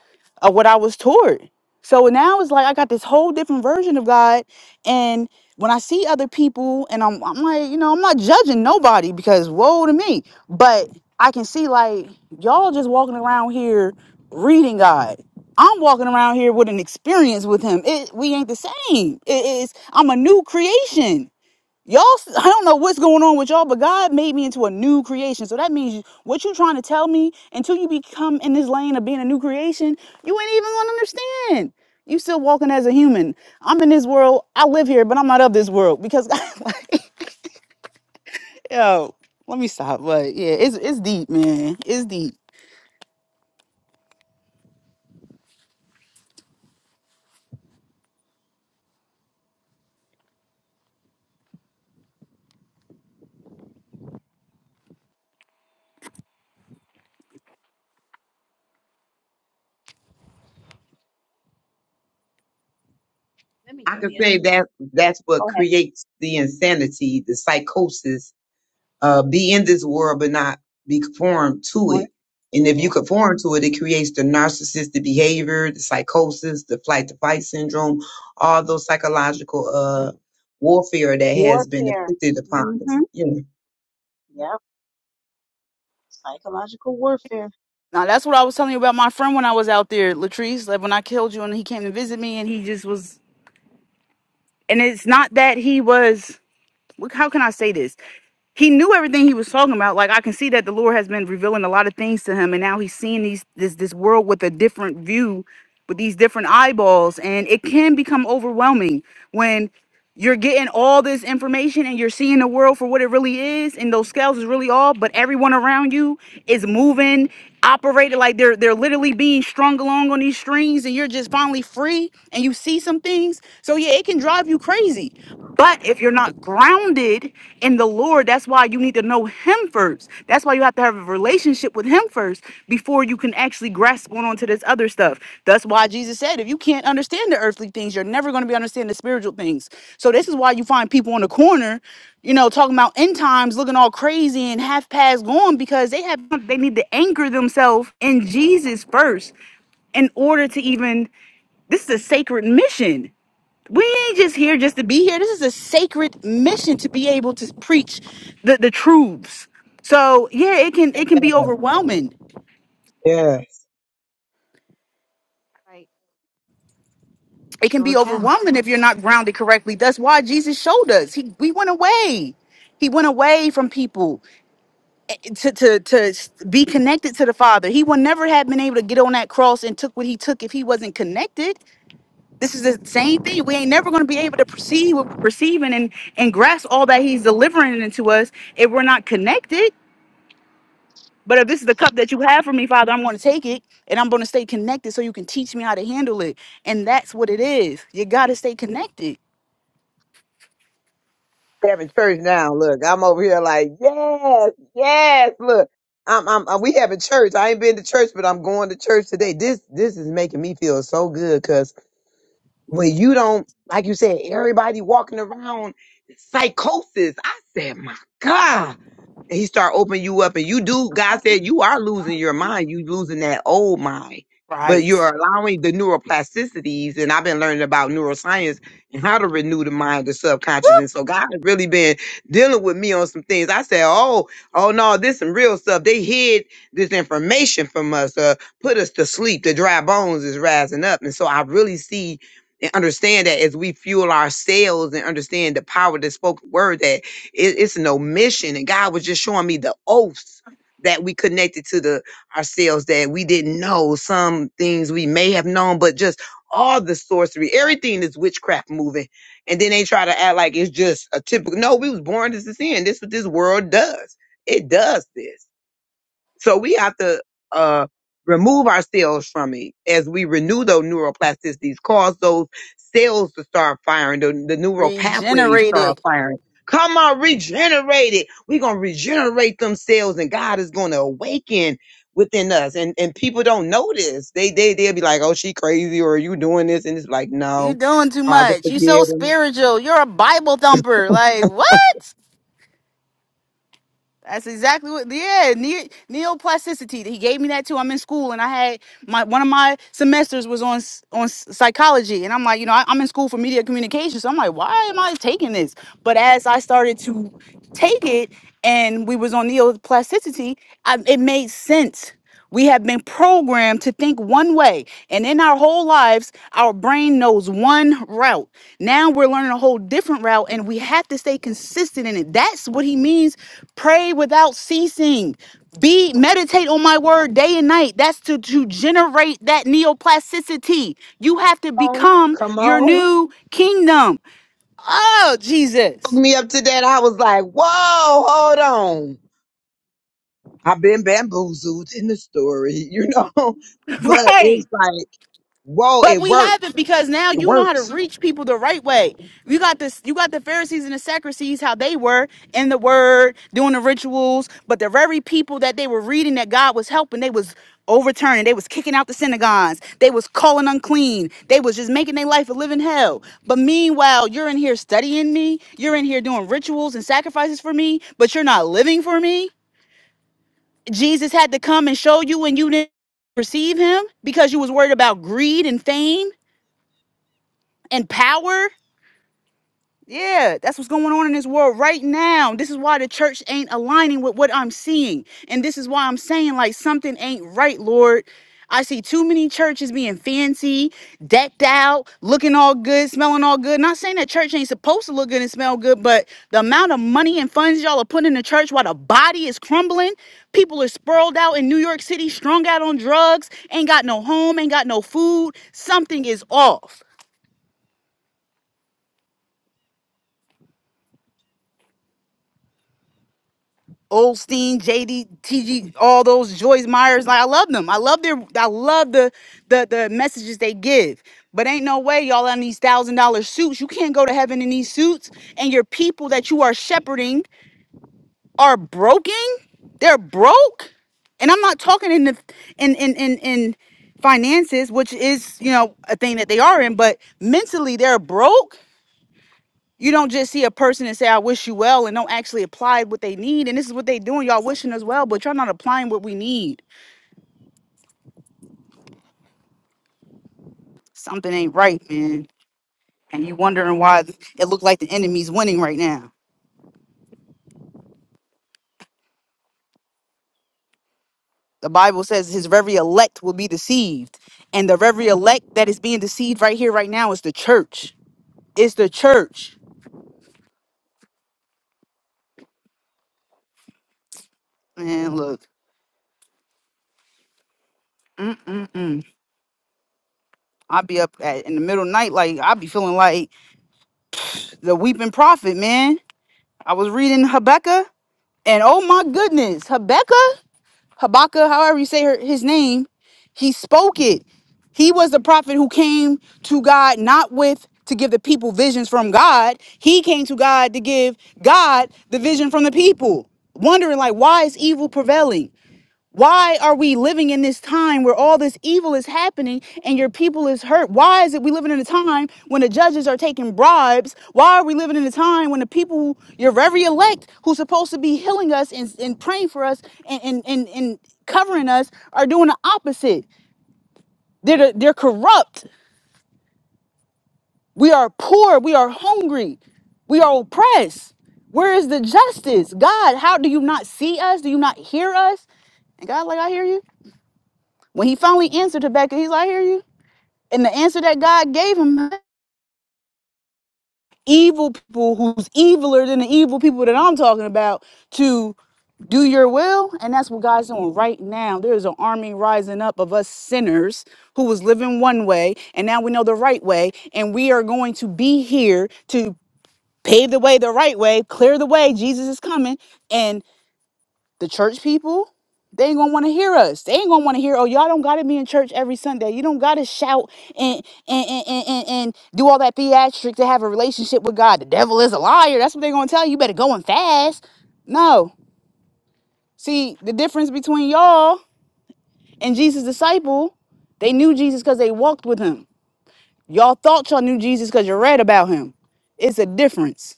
Speaker 3: of what I was taught. So now it's like I got this whole different version of God, and when I see other people, and I'm, I'm like, you know, I'm not judging nobody because woe to me, but I can see like y'all just walking around here reading God. I'm walking around here with an experience with Him. It we ain't the same. It is I'm a new creation. Y'all, s- I don't know what's going on with y'all, but God made me into a new creation. So that means you- what you're trying to tell me until you become in this lane of being a new creation, you ain't even gonna understand. You still walking as a human. I'm in this world. I live here, but I'm not of this world because, like, yo, let me stop. But yeah, it's it's deep, man. It's deep.
Speaker 2: Let me
Speaker 4: I
Speaker 2: go
Speaker 4: could
Speaker 2: here.
Speaker 4: say that that's what
Speaker 2: Go ahead.
Speaker 4: creates the insanity, the psychosis uh, be in this world but not be conformed to
Speaker 2: War-
Speaker 4: it. And if you
Speaker 2: yeah.
Speaker 4: conform to it, it creates the narcissistic behavior, the psychosis, the flight to fight syndrome, all those psychological uh, warfare that has been
Speaker 2: Warfare.
Speaker 4: inflicted upon
Speaker 2: Mm-hmm.
Speaker 4: us. You know.
Speaker 2: Yep. Psychological warfare.
Speaker 3: Now that's what I was telling you about my friend when I was out there, Latrice. Like when I killed you, and he came to visit me, and he just was. And it's not that he was. How can I say this? he knew everything he was talking about. Like I can see that the Lord has been revealing a lot of things to him, and now he's seeing these this this world with a different view, with these different eyeballs, and it can become overwhelming when you're getting all this information and you're seeing the world for what it really is, and those scales is really all, but everyone around you is moving operated like they're they're literally being strung along on these strings and you're just finally free and you see some things so yeah it can drive you crazy but if you're not grounded in the lord that's why you need to know him first that's why you have to have a relationship with him first before you can actually grasp on onto this other stuff that's why jesus said if you can't understand the earthly things you're never going to be understanding the spiritual things so this is why you find people on the corner you know, talking about end times looking all crazy and half past gone because they have they need to anchor themselves in Jesus first in order to even this is a sacred mission. We ain't just here just to be here. This is a sacred mission to be able to preach the, the truths. So yeah, it can it can be overwhelming.
Speaker 4: Yeah.
Speaker 2: Right. You
Speaker 3: It can
Speaker 2: sure
Speaker 3: be
Speaker 2: can.
Speaker 3: overwhelming if you're not grounded correctly. That's why Jesus showed us. He we went away. He went away from people. to to to be connected to the father he would never have been able to get on that cross and took what he took if he wasn't connected this is the same thing we ain't never going to be able to perceive what we're perceiving and and grasp all that he's delivering into us if we're not connected but if this is the cup that you have for me father i'm going to take it and i'm going to stay connected so you can teach me how to handle it and that's what it is you got to stay connected
Speaker 4: Having church now. Look, I'm over here like, yes, yes. Look, I'm, I'm, uh, we having church. I ain't been to church, but I'm going to church today. This, this is making me feel so good 'cause where you don't, like you said, everybody walking around psychosis. I said, my God. And he start opening you up and you do god said you are losing your mind you losing that old mind but
Speaker 3: right
Speaker 4: you're allowing the neuroplasticities and i've been learning about neuroscience and how to renew the mind the subconscious
Speaker 3: Woo!
Speaker 4: and so god has really been dealing with me on some things i said oh oh no this some real stuff they hid this information from us uh put us to sleep the dry bones is rising up and so i really see and understand that as we fuel our sales and understand the power of the spoken word that it, it's an omission. And God was just showing me the oaths that we connected to the ourselves that we didn't know. Some things we may have known, but just all the sorcery, everything is witchcraft moving. And then they try to act like it's just a typical no, we was born to sin. This is what this world does. It does this. So we have to uh, remove our cells from it as we renew those neuroplasticities, cause those cells to start firing, the, the neural pathways start
Speaker 3: regenerated
Speaker 4: firing. Come on, regenerate it. We're going to regenerate them cells and God is going to awaken within us. And and people don't notice. They, they, they'll be like, oh, she crazy or you doing this? And it's like,
Speaker 3: You
Speaker 4: no,
Speaker 3: doing too
Speaker 4: Father,
Speaker 3: much. You so
Speaker 4: forgive them
Speaker 3: spiritual. You're a Bible thumper. Like what? That's exactly what. Yeah, ne- neoplasticity. He gave me that too. I'm in school and I had my one of my semesters was on s- on s- psychology, and I'm like, you know, I, I'm in school for media communication, so I'm like, why am I taking this? But as I started to take it, and we was on neoplasticity, I, it made sense. We have been programmed to think one way. And in our whole lives, our brain knows one route. Now we're learning a whole different route and we have to stay consistent in it. That's what he means. Pray without ceasing. Be meditate on my word day and night. That's to, to generate that neoplasticity. You have to
Speaker 4: Oh,
Speaker 3: become
Speaker 4: come
Speaker 3: your
Speaker 4: on.
Speaker 3: new kingdom. Oh,
Speaker 4: Hook
Speaker 3: Jesus.
Speaker 4: me up to that. I was like, whoa, hold on. I've been bamboozled in the story, you know, but
Speaker 3: Right.
Speaker 4: it's like, whoa,
Speaker 3: But
Speaker 4: it
Speaker 3: we
Speaker 4: works.
Speaker 3: haven't because now
Speaker 4: It
Speaker 3: you know how to
Speaker 4: works.
Speaker 3: reach people the right way. You got this. You got the Pharisees and the Sadducees how they were in the Word, doing the rituals. But the very people that they were reading that God was helping, they was overturning. They was kicking out the synagogues. They was calling unclean. They was just making their life a living hell. But meanwhile, you're in here studying me. You're in here doing rituals and sacrifices for me. But you're not living for me. Jesus had to come and show you, and you didn't receive him because you was worried about greed and fame and power. Yeah, that's what's going on in this world right now. This is why the church ain't aligning with what I'm seeing. And this is why I'm saying, like, something ain't right, Lord. I see too many churches being fancy, decked out, looking all good, smelling all good. Not saying that church ain't supposed to look good and smell good, but the amount of money and funds y'all are putting in the church while the body is crumbling, people are sprawled out in New York City, strung out on drugs, ain't got no home, ain't got no food. Something is off. Olstein, JD, TG, all those Joyce Myers. Like I love them. I love their I love the the the messages they give. But ain't no way y'all in these thousand dollar suits. You can't go to heaven in these suits. And your people that you are shepherding are broken. They're broke. And I'm not talking in the in in in in finances, which is, you know, a thing that they are in, but mentally they're broke you don't just see a person and say, I wish you well, and don't actually apply what they need. And this is what they doing. Y'all wishing us well, but y'all not applying what we need. Something ain't right, man. And you wondering why th- it look like the enemy's winning right now. The Bible says his very elect will be deceived. And the very elect that is being deceived right here, right now, is the church. It's the church. Man, look. Mm-mm-mm. I'll be up at, in the middle of the night, like I'll be feeling like the weeping prophet, man. I was reading Habakkuk, and oh my goodness, Habakkuk. Habakkuk, however you say her, his name, he spoke it. He was the prophet who came to God not with to give the people visions from God. He came to God to give God the vision from the people, wondering like why is evil prevailing? Why are we living in this time where all this evil is happening and your people is hurt? Why is it we living in a time when the judges are taking bribes? Why are we living in a time when the people, who, your very elect, who's supposed to be healing us and, and praying for us and, and, and, and covering us, are doing the opposite? They're, the- they're corrupt. We are poor. We are hungry. We are oppressed. Where is the justice? God, how do you not see us? Do you not hear us? And God, like, I hear you. When he finally answered to Becca, he's like, I hear you. And the answer that God gave him, evil people who's eviler than the evil people that I'm talking about, to do your will. And that's what God's doing right now. There is an army rising up of us sinners who was living one way, and now we know the right way. And we are going to be here to pave the way the right way, clear the way. Jesus is coming. and. The church people, they ain't gonna wanna hear us. They ain't gonna wanna hear, oh, y'all don't gotta be in church every Sunday. You don't gotta shout and and and and, and, and do all that theatrics to have a relationship with God. The devil is a liar. That's what they're gonna tell you. You better go and fast. No. See, the difference between y'all and Jesus' disciple, they knew Jesus because they walked with him. Y'all thought y'all knew Jesus because you read about him. It's a difference.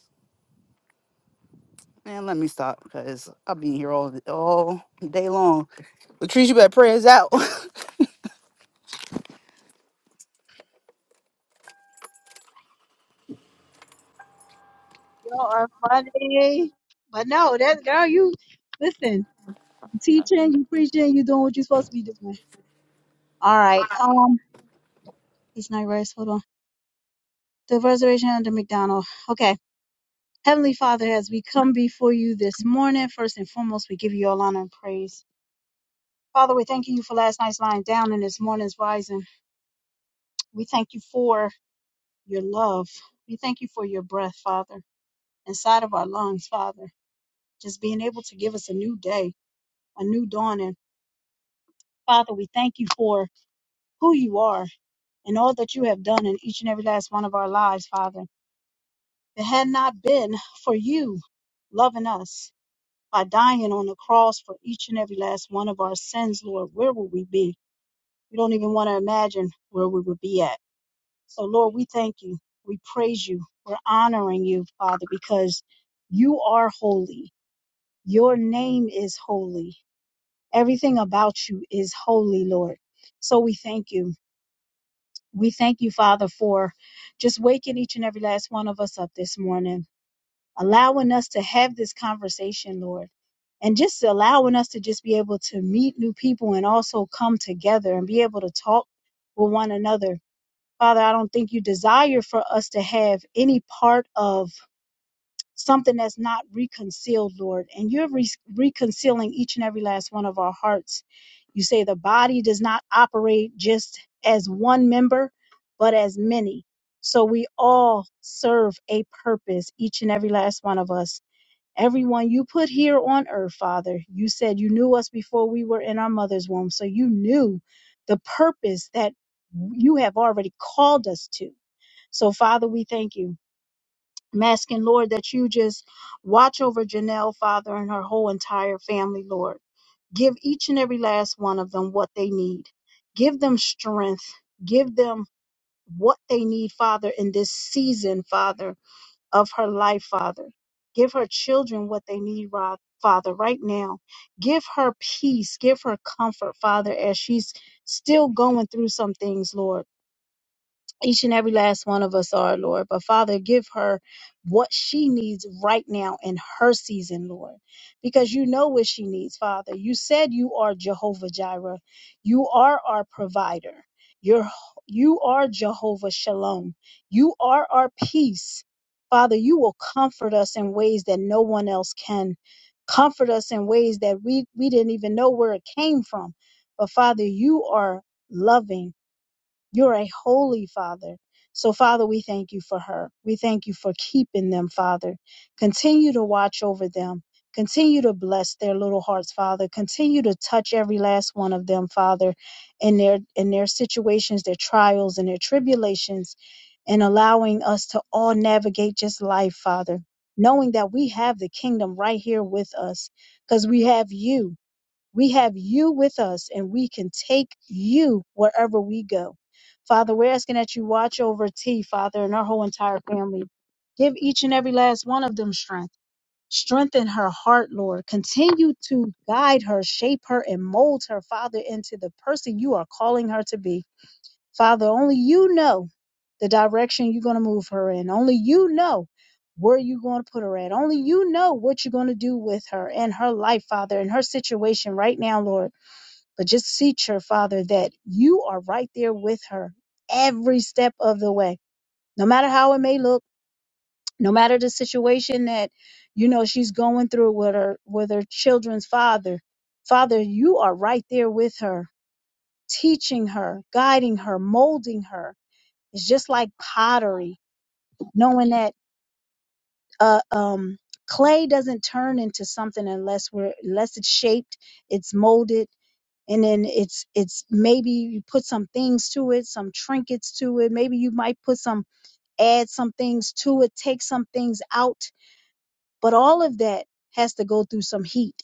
Speaker 3: Man, let me stop because I've been here all all day long. Latrice, you better pray us out.
Speaker 2: You are funny. But no, that girl, you listen. You Teaching, you preaching, you doing what you're supposed to be doing. All right. Um, it's not rest. Hold on. The reservation under McDonald. Okay. Heavenly Father, as we come before you this morning, first and foremost, we give you all honor and praise. Father, we're thanking you for last night's lying down and this morning's rising. We thank you for your love. We thank you for your breath, Father, inside of our lungs, Father, just being able to give us a new day, a new dawning. Father, we thank you for who you are and all that you have done in each and every last one of our lives, Father. It had not been for you loving us. by dying on the cross for each and every last one of our sins, Lord, where would we be? We don't even want to imagine where we would be at. So, Lord, we thank you. We praise you. We're honoring you, Father, because you are holy. Your name is holy. Everything about you is holy, Lord. So we thank you. We thank you, Father, for just waking each and every last one of us up this morning allowing us to have this conversation, Lord, and just allowing us to just be able to meet new people and also come together and be able to talk with one another. Father, I don't think you desire for us to have any part of something that's not reconciled, Lord. And you're re- reconciling each and every last one of our hearts. You say the body does not operate just as one member, but as many. So we all serve a purpose, each and every last one of us. Everyone you put here on earth, Father, you said you knew us before we were in our mother's womb. So you knew the purpose that you have already called us to. So, Father, we thank you. I'm asking, Lord, that you just watch over Janelle, Father, and her whole entire family, Lord. Give each and every last one of them what they need. Give them strength. Give them what they need, Father, in this season, Father of her life, Father. Give her children what they need, Ro- Father, right now. Give her peace. Give her comfort, Father, as she's still going through some things, Lord each and every last one of us are, Lord. But Father, give her what she needs right now in her season, Lord, because you know what she needs, Father. You said you are Jehovah Jireh, you are our provider. You're, you are Jehovah Shalom. You are our peace. Father, you will comfort us in ways that no one else can. Comfort us in ways that we, we didn't even know where it came from. But Father, you are loving you're a holy father. So, Father, we thank you for her. We thank you for keeping them, Father. Continue to watch over them. Continue to bless their little hearts, Father. Continue to touch every last one of them, Father, in their in their situations, their trials and their tribulations, and allowing us to all navigate just life, Father, knowing that we have the kingdom right here with us because we have you. We have you with us and we can take you wherever we go. Father, we're asking that you watch over T, Father, and our whole entire family. Give each and every last one of them strength. Strengthen her heart, Lord. Continue to guide her, shape her, and mold her, Father, into the person you are calling her to be. Father, only you know the direction you're going to move her in. Only you know where you're going to put her at. Only you know what you're going to do with her and her life, Father, and her situation right now, Lord. But just teach her, Father, that you are right there with her every step of the way, no matter how it may look, no matter the situation that you know she's going through with her with her children's father. Father, you are right there with her, teaching her, guiding her, molding her. It's just like pottery, knowing that uh, um, clay doesn't turn into something unless we're unless it's shaped, it's molded, and then it's it's maybe you put some things to it some trinkets to it maybe you might put some add some things to it take some things out but all of that has to go through some heat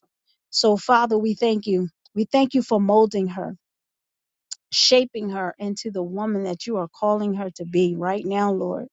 Speaker 2: so father we thank you we thank you for molding her shaping her into the woman that you are calling her to be right now lord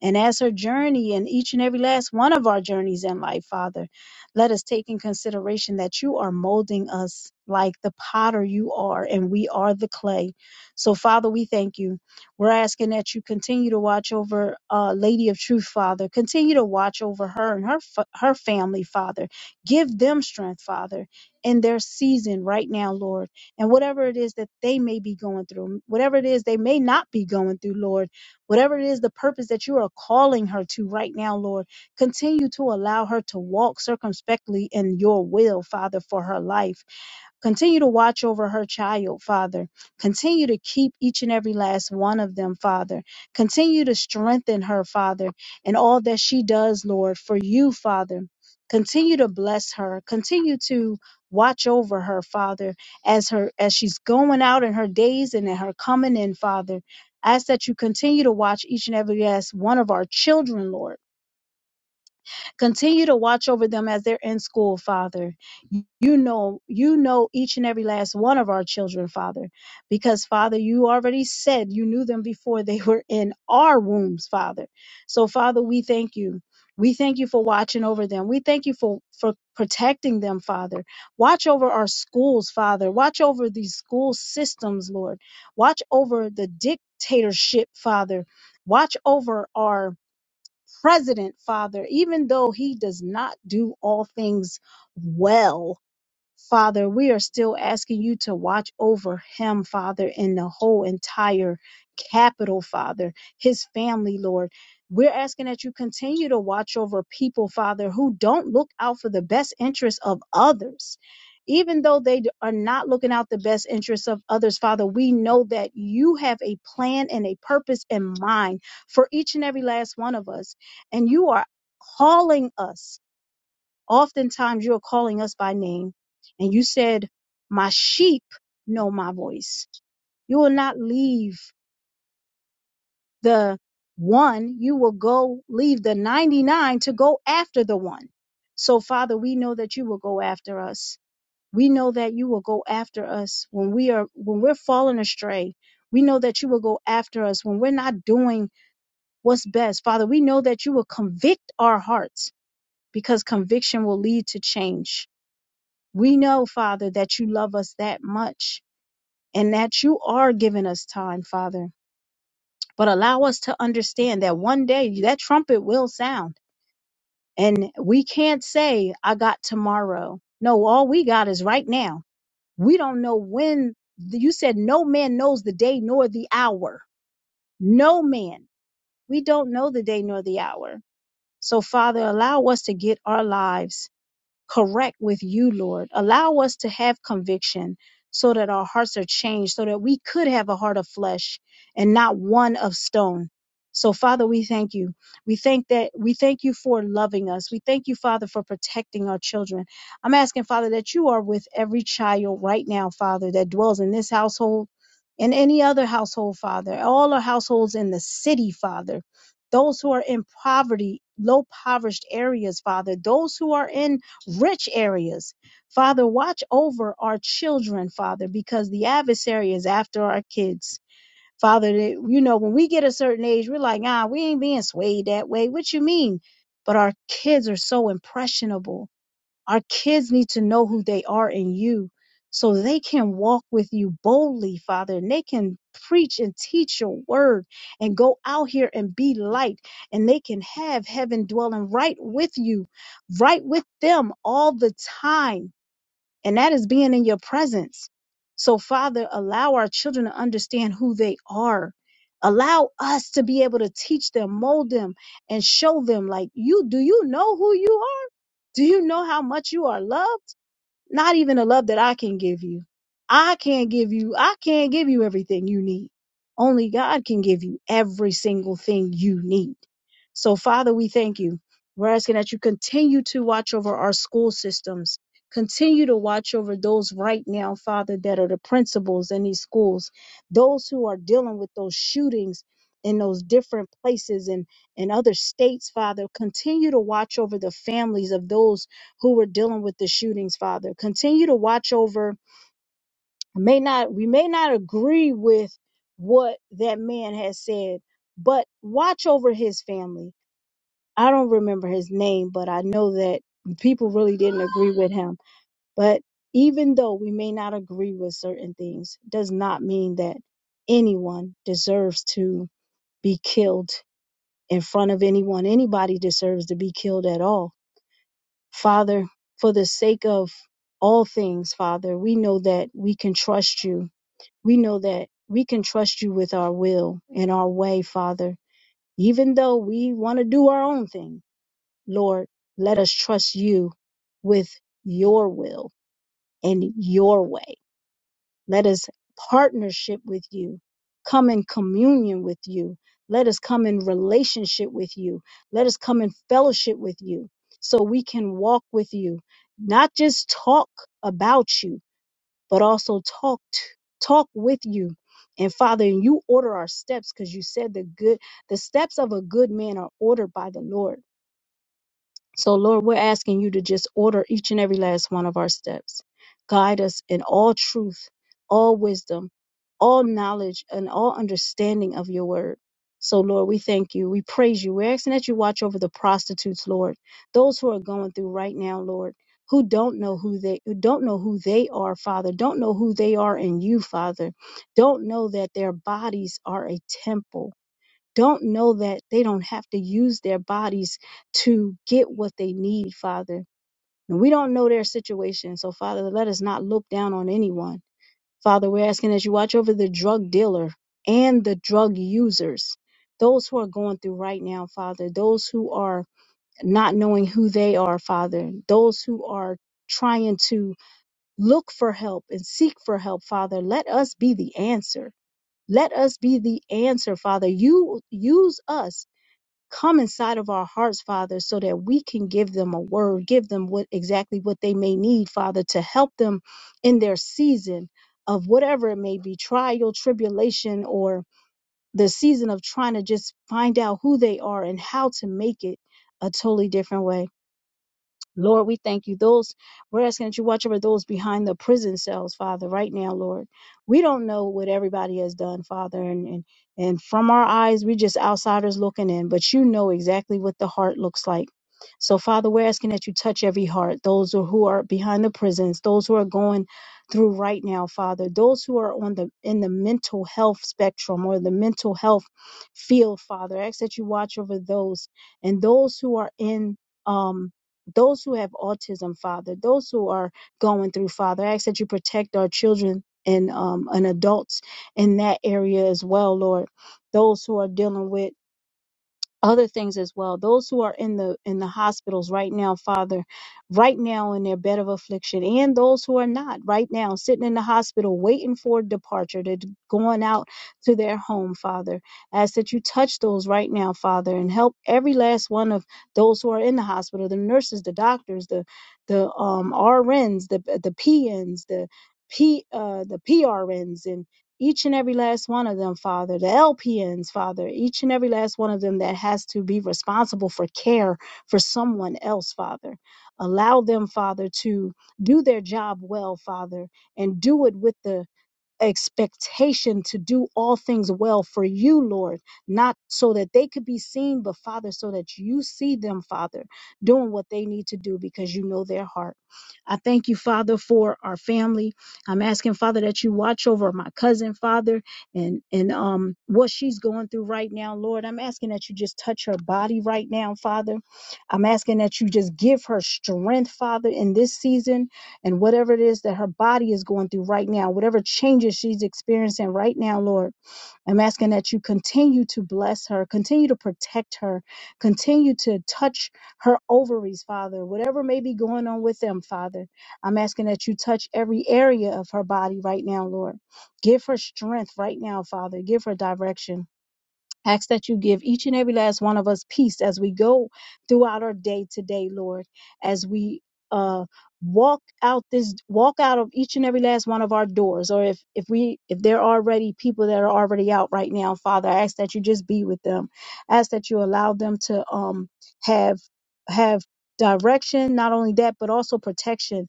Speaker 2: and as her journey and each and every last one of our journeys in life, Father, let us take in consideration that you are molding us like the potter you are, and we are the clay. So, Father, we thank you. We're asking that you continue to watch over uh, Lady of Truth, Father. Continue to watch over her and her fa- her family, Father. Give them strength, Father, in their season right now, Lord. And whatever it is that they may be going through, whatever it is they may not be going through, Lord. Whatever it is, the purpose that you are calling her to right now, Lord, continue to allow her to walk circumspectly in your will, Father, for her life. Continue to watch over her child, Father. Continue to keep each and every last one of them, Father. Continue to strengthen her, Father, in all that she does, Lord, for you, Father. Continue to bless her. Continue to watch over her, Father, as her as she's going out in her days and in her coming in, Father. I ask that you continue to watch each and every last one of our children, Lord. Continue to watch over them as they're in school, Father. You know, you know each and every last one of our children, Father, because Father, you already said you knew them before they were in our wombs, Father. So, Father, we thank you. We thank you for watching over them. We thank you for, for protecting them, Father. Watch over our schools, Father. Watch over these school systems, Lord. Watch over the dictatorship, Father. Watch over our president, Father, even though he does not do all things well, Father, we are still asking you to watch over him, Father, and the whole entire capital, Father, his family, Lord. We're asking that you continue to watch over people, Father, who don't look out for the best interests of others. Even though they d- are not looking out the best interests of others, Father, we know that you have a plan and a purpose in mind for each and every last one of us. And you are calling us Oftentimes you're calling us by name and you said, my sheep know my voice. You will not leave the one. You will go leave the 99 to go after the one. So, Father, we know that you will go after us. We know that you will go after us when we are when we're falling astray. We know that you will go after us when we're not doing what's best. Father, we know that you will convict our hearts because conviction will lead to change We know, Father, that you love us that much and that you are giving us time, Father. But allow us to understand that one day that trumpet will sound. And we can't say, I got tomorrow. No, all we got is right now. We don't know when. You said, No man knows the day nor the hour. No man. We don't know the day nor the hour. So, Father, allow us to get our lives correct with you, Lord. Allow us to have conviction so that our hearts are changed, so that we could have a heart of flesh and not one of stone. So Father, we thank you. We thank that we thank you for loving us. We thank you, Father, for protecting our children. I'm asking, Father, that you are with every child right now, Father, that dwells in this household and any other household, Father. All our households in the city, Father. Those who are in poverty, low poverty areas, Father. Those who are in rich areas. Father, watch over our children, Father, because the adversary is after our kids. Father, that- you know, when we get a certain age, we're like, ah, we ain't being swayed that way. What you mean? But our kids are so impressionable our kids need to know who they are in you so they can walk with you boldly, Father, and they can preach and teach your word and go out here and be light and they can have heaven dwelling right with you, right with them all the time. And that is being in your presence. So, Father, allow our children to understand who they are. Allow us to be able to teach them, mold them, and show them like you do you know who you are? Do you know how much you are loved? Not even a love that I can give you. I can't give you, I can't give you everything you need. Only God can give you every single thing you need. So, Father, we thank you. We're asking that you continue to watch over our school systems. Continue to watch over those right now, Father, that are the principals in these schools, those who are dealing with those shootings in those different places and, in other states, Father. Continue to watch over the families of those who were dealing with the shootings, Father. Continue to watch over. May not we may not agree with what that man has said, but watch over his family. I don't remember his name, but I know that people really didn't agree with him. But even though we may not agree with certain things, does not mean that anyone deserves to be killed in front of anyone. Anybody deserves to be killed at all Father, for the sake of all things, Father, we know that we can trust you. We know that we can trust you with our will and our way, Father. Even though we want to do our own thing, Lord, let us trust you with your will and your way. Let us partnership with you, come in communion with you. Let us come in relationship with you. Let us come in fellowship with you so we can walk with you, not just talk about you, but also talk to, talk with you. And Father, you order our steps because you said the good the steps of a good man are ordered by the Lord. So, Lord, we're asking you to just order each and every last one of our steps. Guide us in all truth, all wisdom, all knowledge, and all understanding of your word. So, Lord, we thank you. We praise you. We're asking that you watch over the prostitutes, Lord, those who are going through right now, Lord, who don't know who they who don't know who they are, Father, don't know who they are in you, Father, don't know that their bodies are a temple don't know that they don't have to use their bodies to get what they need, Father. And we don't know their situation. So, Father, let us not look down on anyone. Father, we're asking that you watch over the drug dealer and the drug users, those who are going through right now, Father, those who are not knowing who they are, Father, those who are trying to look for help and seek for help, Father. Let us be the answer. Let us be the answer, Father. You use us come inside of our hearts, Father, so that we can give them a word, give them what exactly what they may need, Father, to help them in their season of whatever it may be, trial, tribulation, or the season of trying to just find out who they are and how to make it a totally different way. Lord, we thank you. Those, we're asking that you watch over those behind the prison cells, Father, right now, Lord. We don't know what everybody has done, Father, and, and, and from our eyes, we are just outsiders looking in, but you know exactly what the heart looks like. So, Father, we're asking that you touch every heart, those who who are behind the prisons, those who are going through right now, Father, those who are on the in the mental health spectrum or the mental health field, Father. I ask that you watch over those and those who are in. Um, those who have autism, Father, those who are going through, Father. I ask that you protect our children and um, and adults in that area as well, Lord. Those who are dealing with other things as well those who are in the in the hospitals right now father right now in their bed of affliction and those who are not right now sitting in the hospital waiting for departure to going out to their home father ask that you touch those right now father and help every last one of those who are in the hospital the nurses the doctors the the um rns the the pns the p uh the prns each and every last one of them, Father, the LPNs, Father, each and every last one of them that has to be responsible for care for someone else, Father. Allow them, Father, to do their job well, Father, and do it with the expectation to do all things well for you, Lord, not so that they could be seen, but Father, so that you see them, Father, doing what they need to do because you know their heart. I thank you, Father, for our family. I'm asking, Father, that you watch over my cousin, Father, and and um what she's going through right now, Lord. I'm asking that you just touch her body right now, Father. I'm asking that you just give her strength, Father, in this season and whatever it is that her body is going through right now, whatever changes she's experiencing right now, Lord, I'm asking that you continue to bless her, continue to protect her, continue to touch her ovaries, Father, whatever may be going on with them, Father. I'm asking that you touch every area of her body right now, Lord. Give her strength right now, Father. Give her direction. Ask that you give each and every last one of us peace as we go throughout our day today, Lord, as we uh walk out this walk out of each and every last one of our doors or if if we if there are already people that are already out right now father I ask that you just be with them ask that you allow them to um have have direction not only that but also protection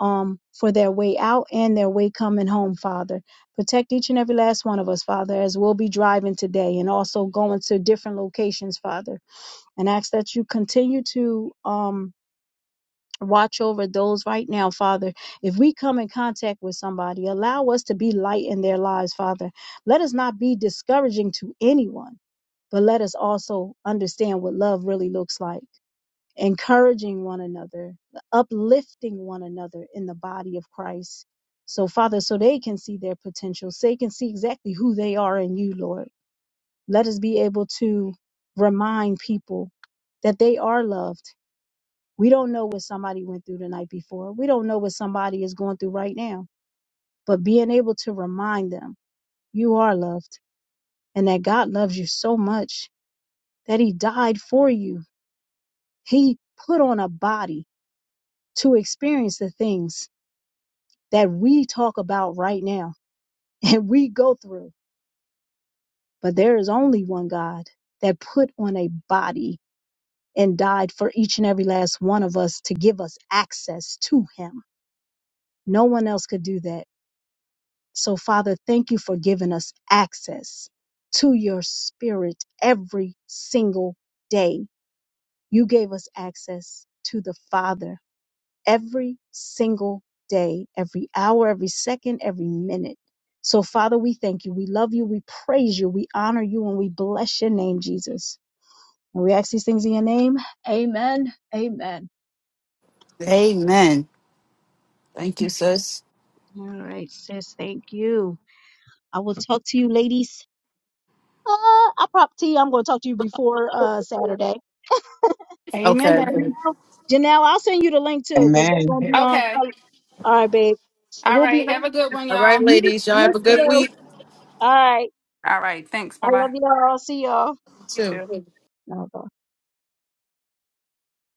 Speaker 2: um, for their way out and their way coming home, Father. Protect each and every last one of us, Father, as we'll be driving today and also going to different locations, Father. And ask that you continue to um, watch over those right now, Father. If we come in contact with somebody, allow us to be light in their lives, Father. Let us not be discouraging to anyone. But let us also understand what love really looks like encouraging one another, uplifting one another in the body of Christ. So, Father, so they can see their potential, so they can see exactly who they are in you, Lord. Let us be able to remind people that they are loved. We don't know what somebody went through the night before, we don't know what somebody is going through right now, but being able to remind them you are loved and that God loves you so much that He died for you. He put on a body to experience the things that we talk about right now and we go through. But there is only one God that put on a body and died for each and every last one of us to give us access to Him. No one else could do that. So, Father, thank you for giving us access to your spirit every single day. You gave us access to the Father every single day, every hour, every second, every minute. So, Father, we thank you. We love you. We praise you. We honor you and we bless your name, Jesus. And we ask these things in your name. Amen. Amen.
Speaker 3: Amen. Thank you, sis.
Speaker 2: All right, sis. Thank you. I will talk to you, ladies. Uh, I prop i I'm going to talk to you before uh, Saturday. And
Speaker 3: Okay.
Speaker 1: Amen.
Speaker 2: Janelle, Janelle, I'll send you the link too because
Speaker 4: Amen.
Speaker 2: we're going to be on.
Speaker 1: Okay.
Speaker 2: um, All right, babe.
Speaker 1: All
Speaker 2: We'll be
Speaker 1: right.
Speaker 2: on.
Speaker 1: Have a good one,
Speaker 3: All right,
Speaker 1: y'all.
Speaker 2: You,
Speaker 3: ladies. Y'all
Speaker 2: you
Speaker 3: have a
Speaker 1: Last
Speaker 3: good
Speaker 1: week.
Speaker 2: too.
Speaker 3: week
Speaker 2: All right.
Speaker 1: All right. Thanks. Bye
Speaker 2: I
Speaker 1: bye.
Speaker 2: love y'all. See y'all.
Speaker 1: You
Speaker 3: too.
Speaker 1: too.
Speaker 2: No,